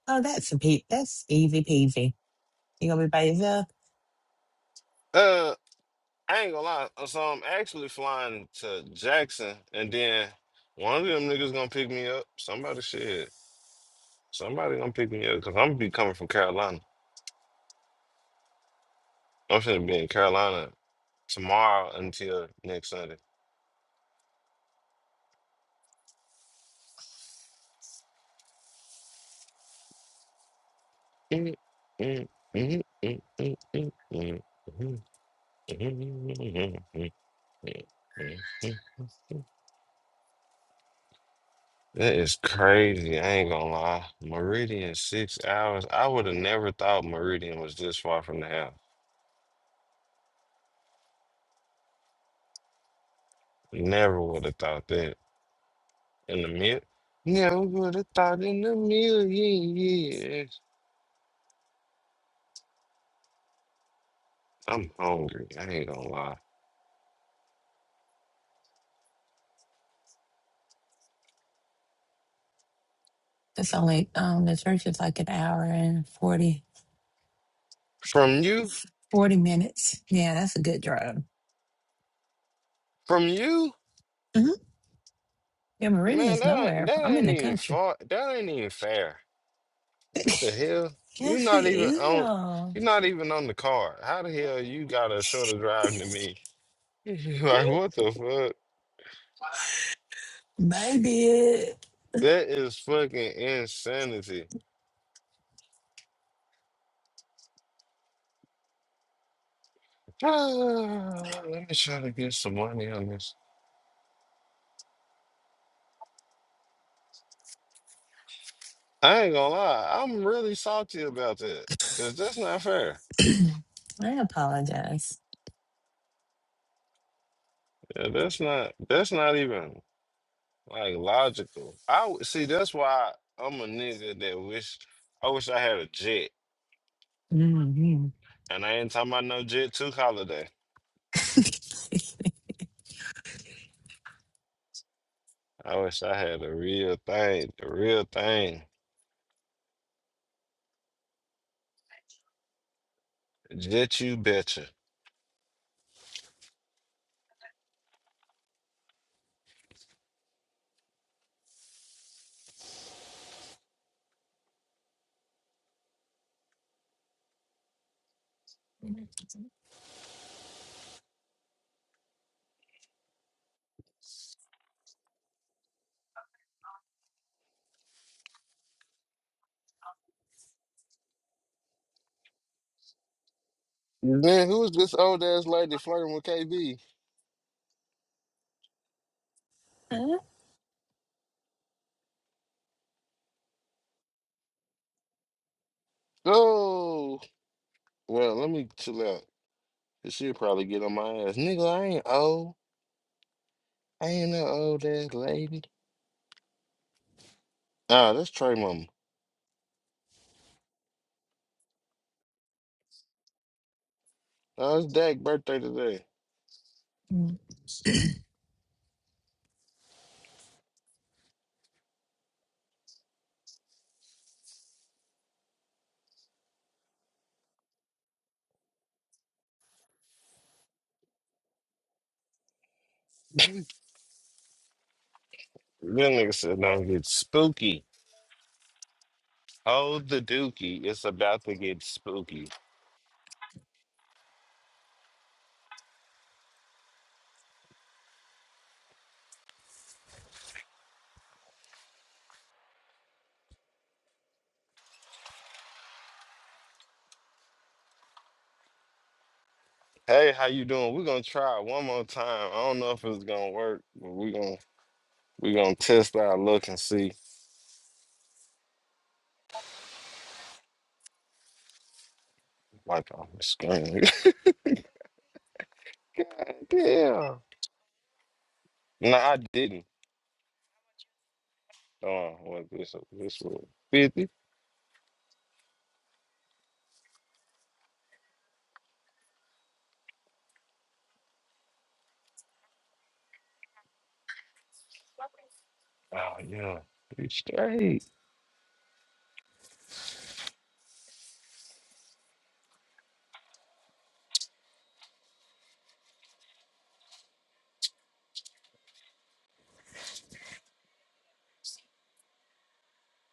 S4: Oh, that's a pe- that's easy peasy. You gonna be by yourself?
S17: Uh I ain't gonna lie. uh, So I'm actually flying to Jackson and then one of them niggas gonna pick me up. Somebody shit. Somebody gonna pick me up because I'm gonna be coming from Carolina. I'm gonna be in Carolina tomorrow until next Sunday. That is crazy. I ain't gonna lie. Meridian six hours. I would have never thought Meridian was this far from the house. Never would have thought that in the mil. Never would have thought in a million years. I'm hungry. I ain't gonna lie.
S4: It's only um the church is like an hour and 40
S17: From you,
S4: 40 minutes. Yeah, that's a good drive.
S17: from you,
S4: hmm Yeah,
S17: man.
S4: Meridian's
S17: That ain't-
S4: nowhere.
S17: that
S4: I'm in
S17: ain't
S4: the
S17: even
S4: country.
S17: far. That ain't even fair. What the hell? you
S4: Yes, it
S17: not even
S4: is.
S17: on. You're not even on the card. How the hell you got a shorter drive than me? <laughs> Like
S4: <laughs>
S17: what the fuck?
S4: Maybe it.
S17: That is fucking insanity. <sighs> Let me try to get some money on this. I ain't gonna lie, I'm really salty about that. Cause that's not fair.
S4: <clears throat> I apologize.
S17: Yeah, that's not that's not even like logical. I would see that's why I'm a nigga that wish I wish I had a jet.
S4: Mhm.
S17: And I ain't talking about no jet two holiday. I wish I had a real thing, the real thing. Jet you betcha. Then who's this old ass lady flirting with KB?
S4: Huh?
S17: Oh. Well, let me chill out. 'cause She'll probably get on my ass. Nigga, I ain't old. I ain't no old ass lady. Ah, that's Trey Mama. Oh, it's Dak's birthday today.
S4: mm
S17: That nigga said, don't get spooky. Hold the dookie. It's about to get spooky. Hey, how you doing? We're gonna try it one more time. I don't know if it's gonna work, but we're gonna we gonna test our luck and see. Like on the screen. <laughs> God Damn. No, <laughs> I didn't. Oh, what this this was fifty? Oh yeah. You straight.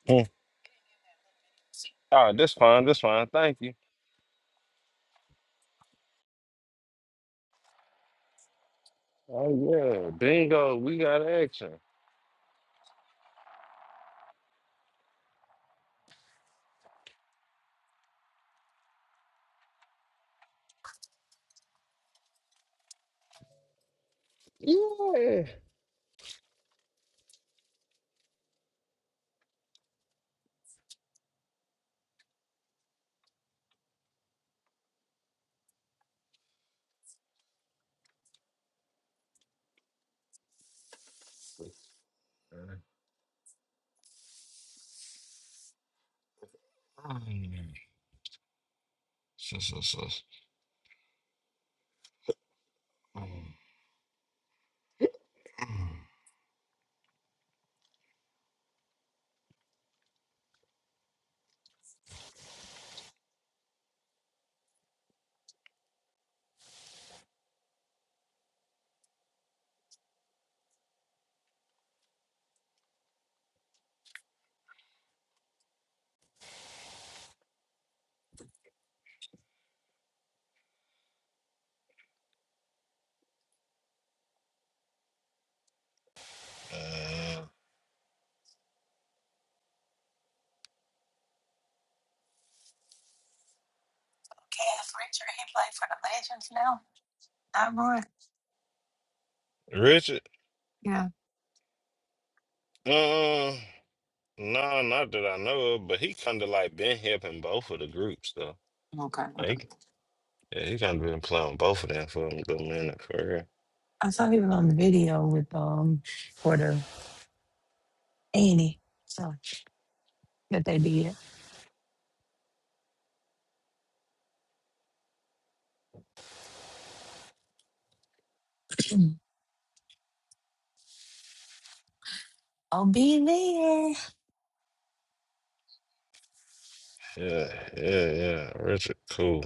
S17: Mm. Oh, this fine, this fine. Thank you. Oh yeah, bingo. We got action. Yeah. <clears throat> Mm. So, so, so. Mm. Uh,
S4: Cass Richard, he played for the Legends now. Not Roy.
S17: Richard.
S4: Yeah.
S17: Uh, no, not that I know of, but he kind of like been helping both of the groups though.
S4: Okay, okay.
S17: Like, yeah, he kind of been playing both of them for a good minute for real.
S4: I saw he was on the video with um for the Annie. So that they did. <clears throat> I'll be there.
S17: Yeah, yeah, yeah. Richard, cool.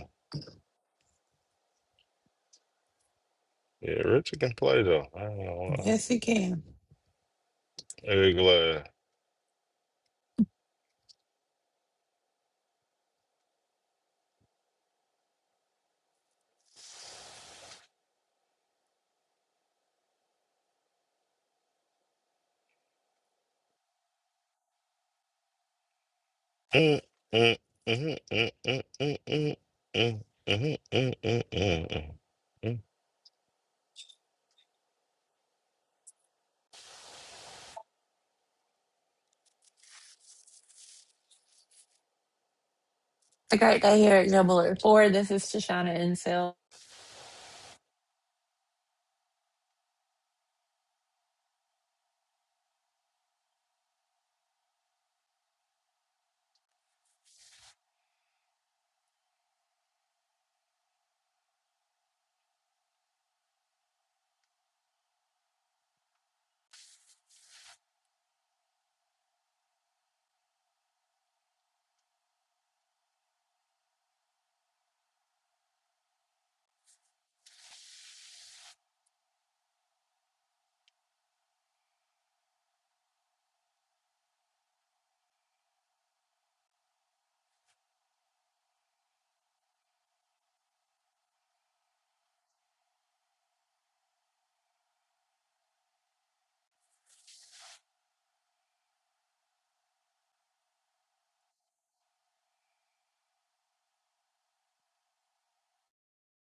S17: Yeah, Richard can play though. I don't know. why.
S4: Yes, he can.
S17: Very glad. Mm-hmm.
S4: The Great Day here at Jubilee 4. This is Shoshana Insel.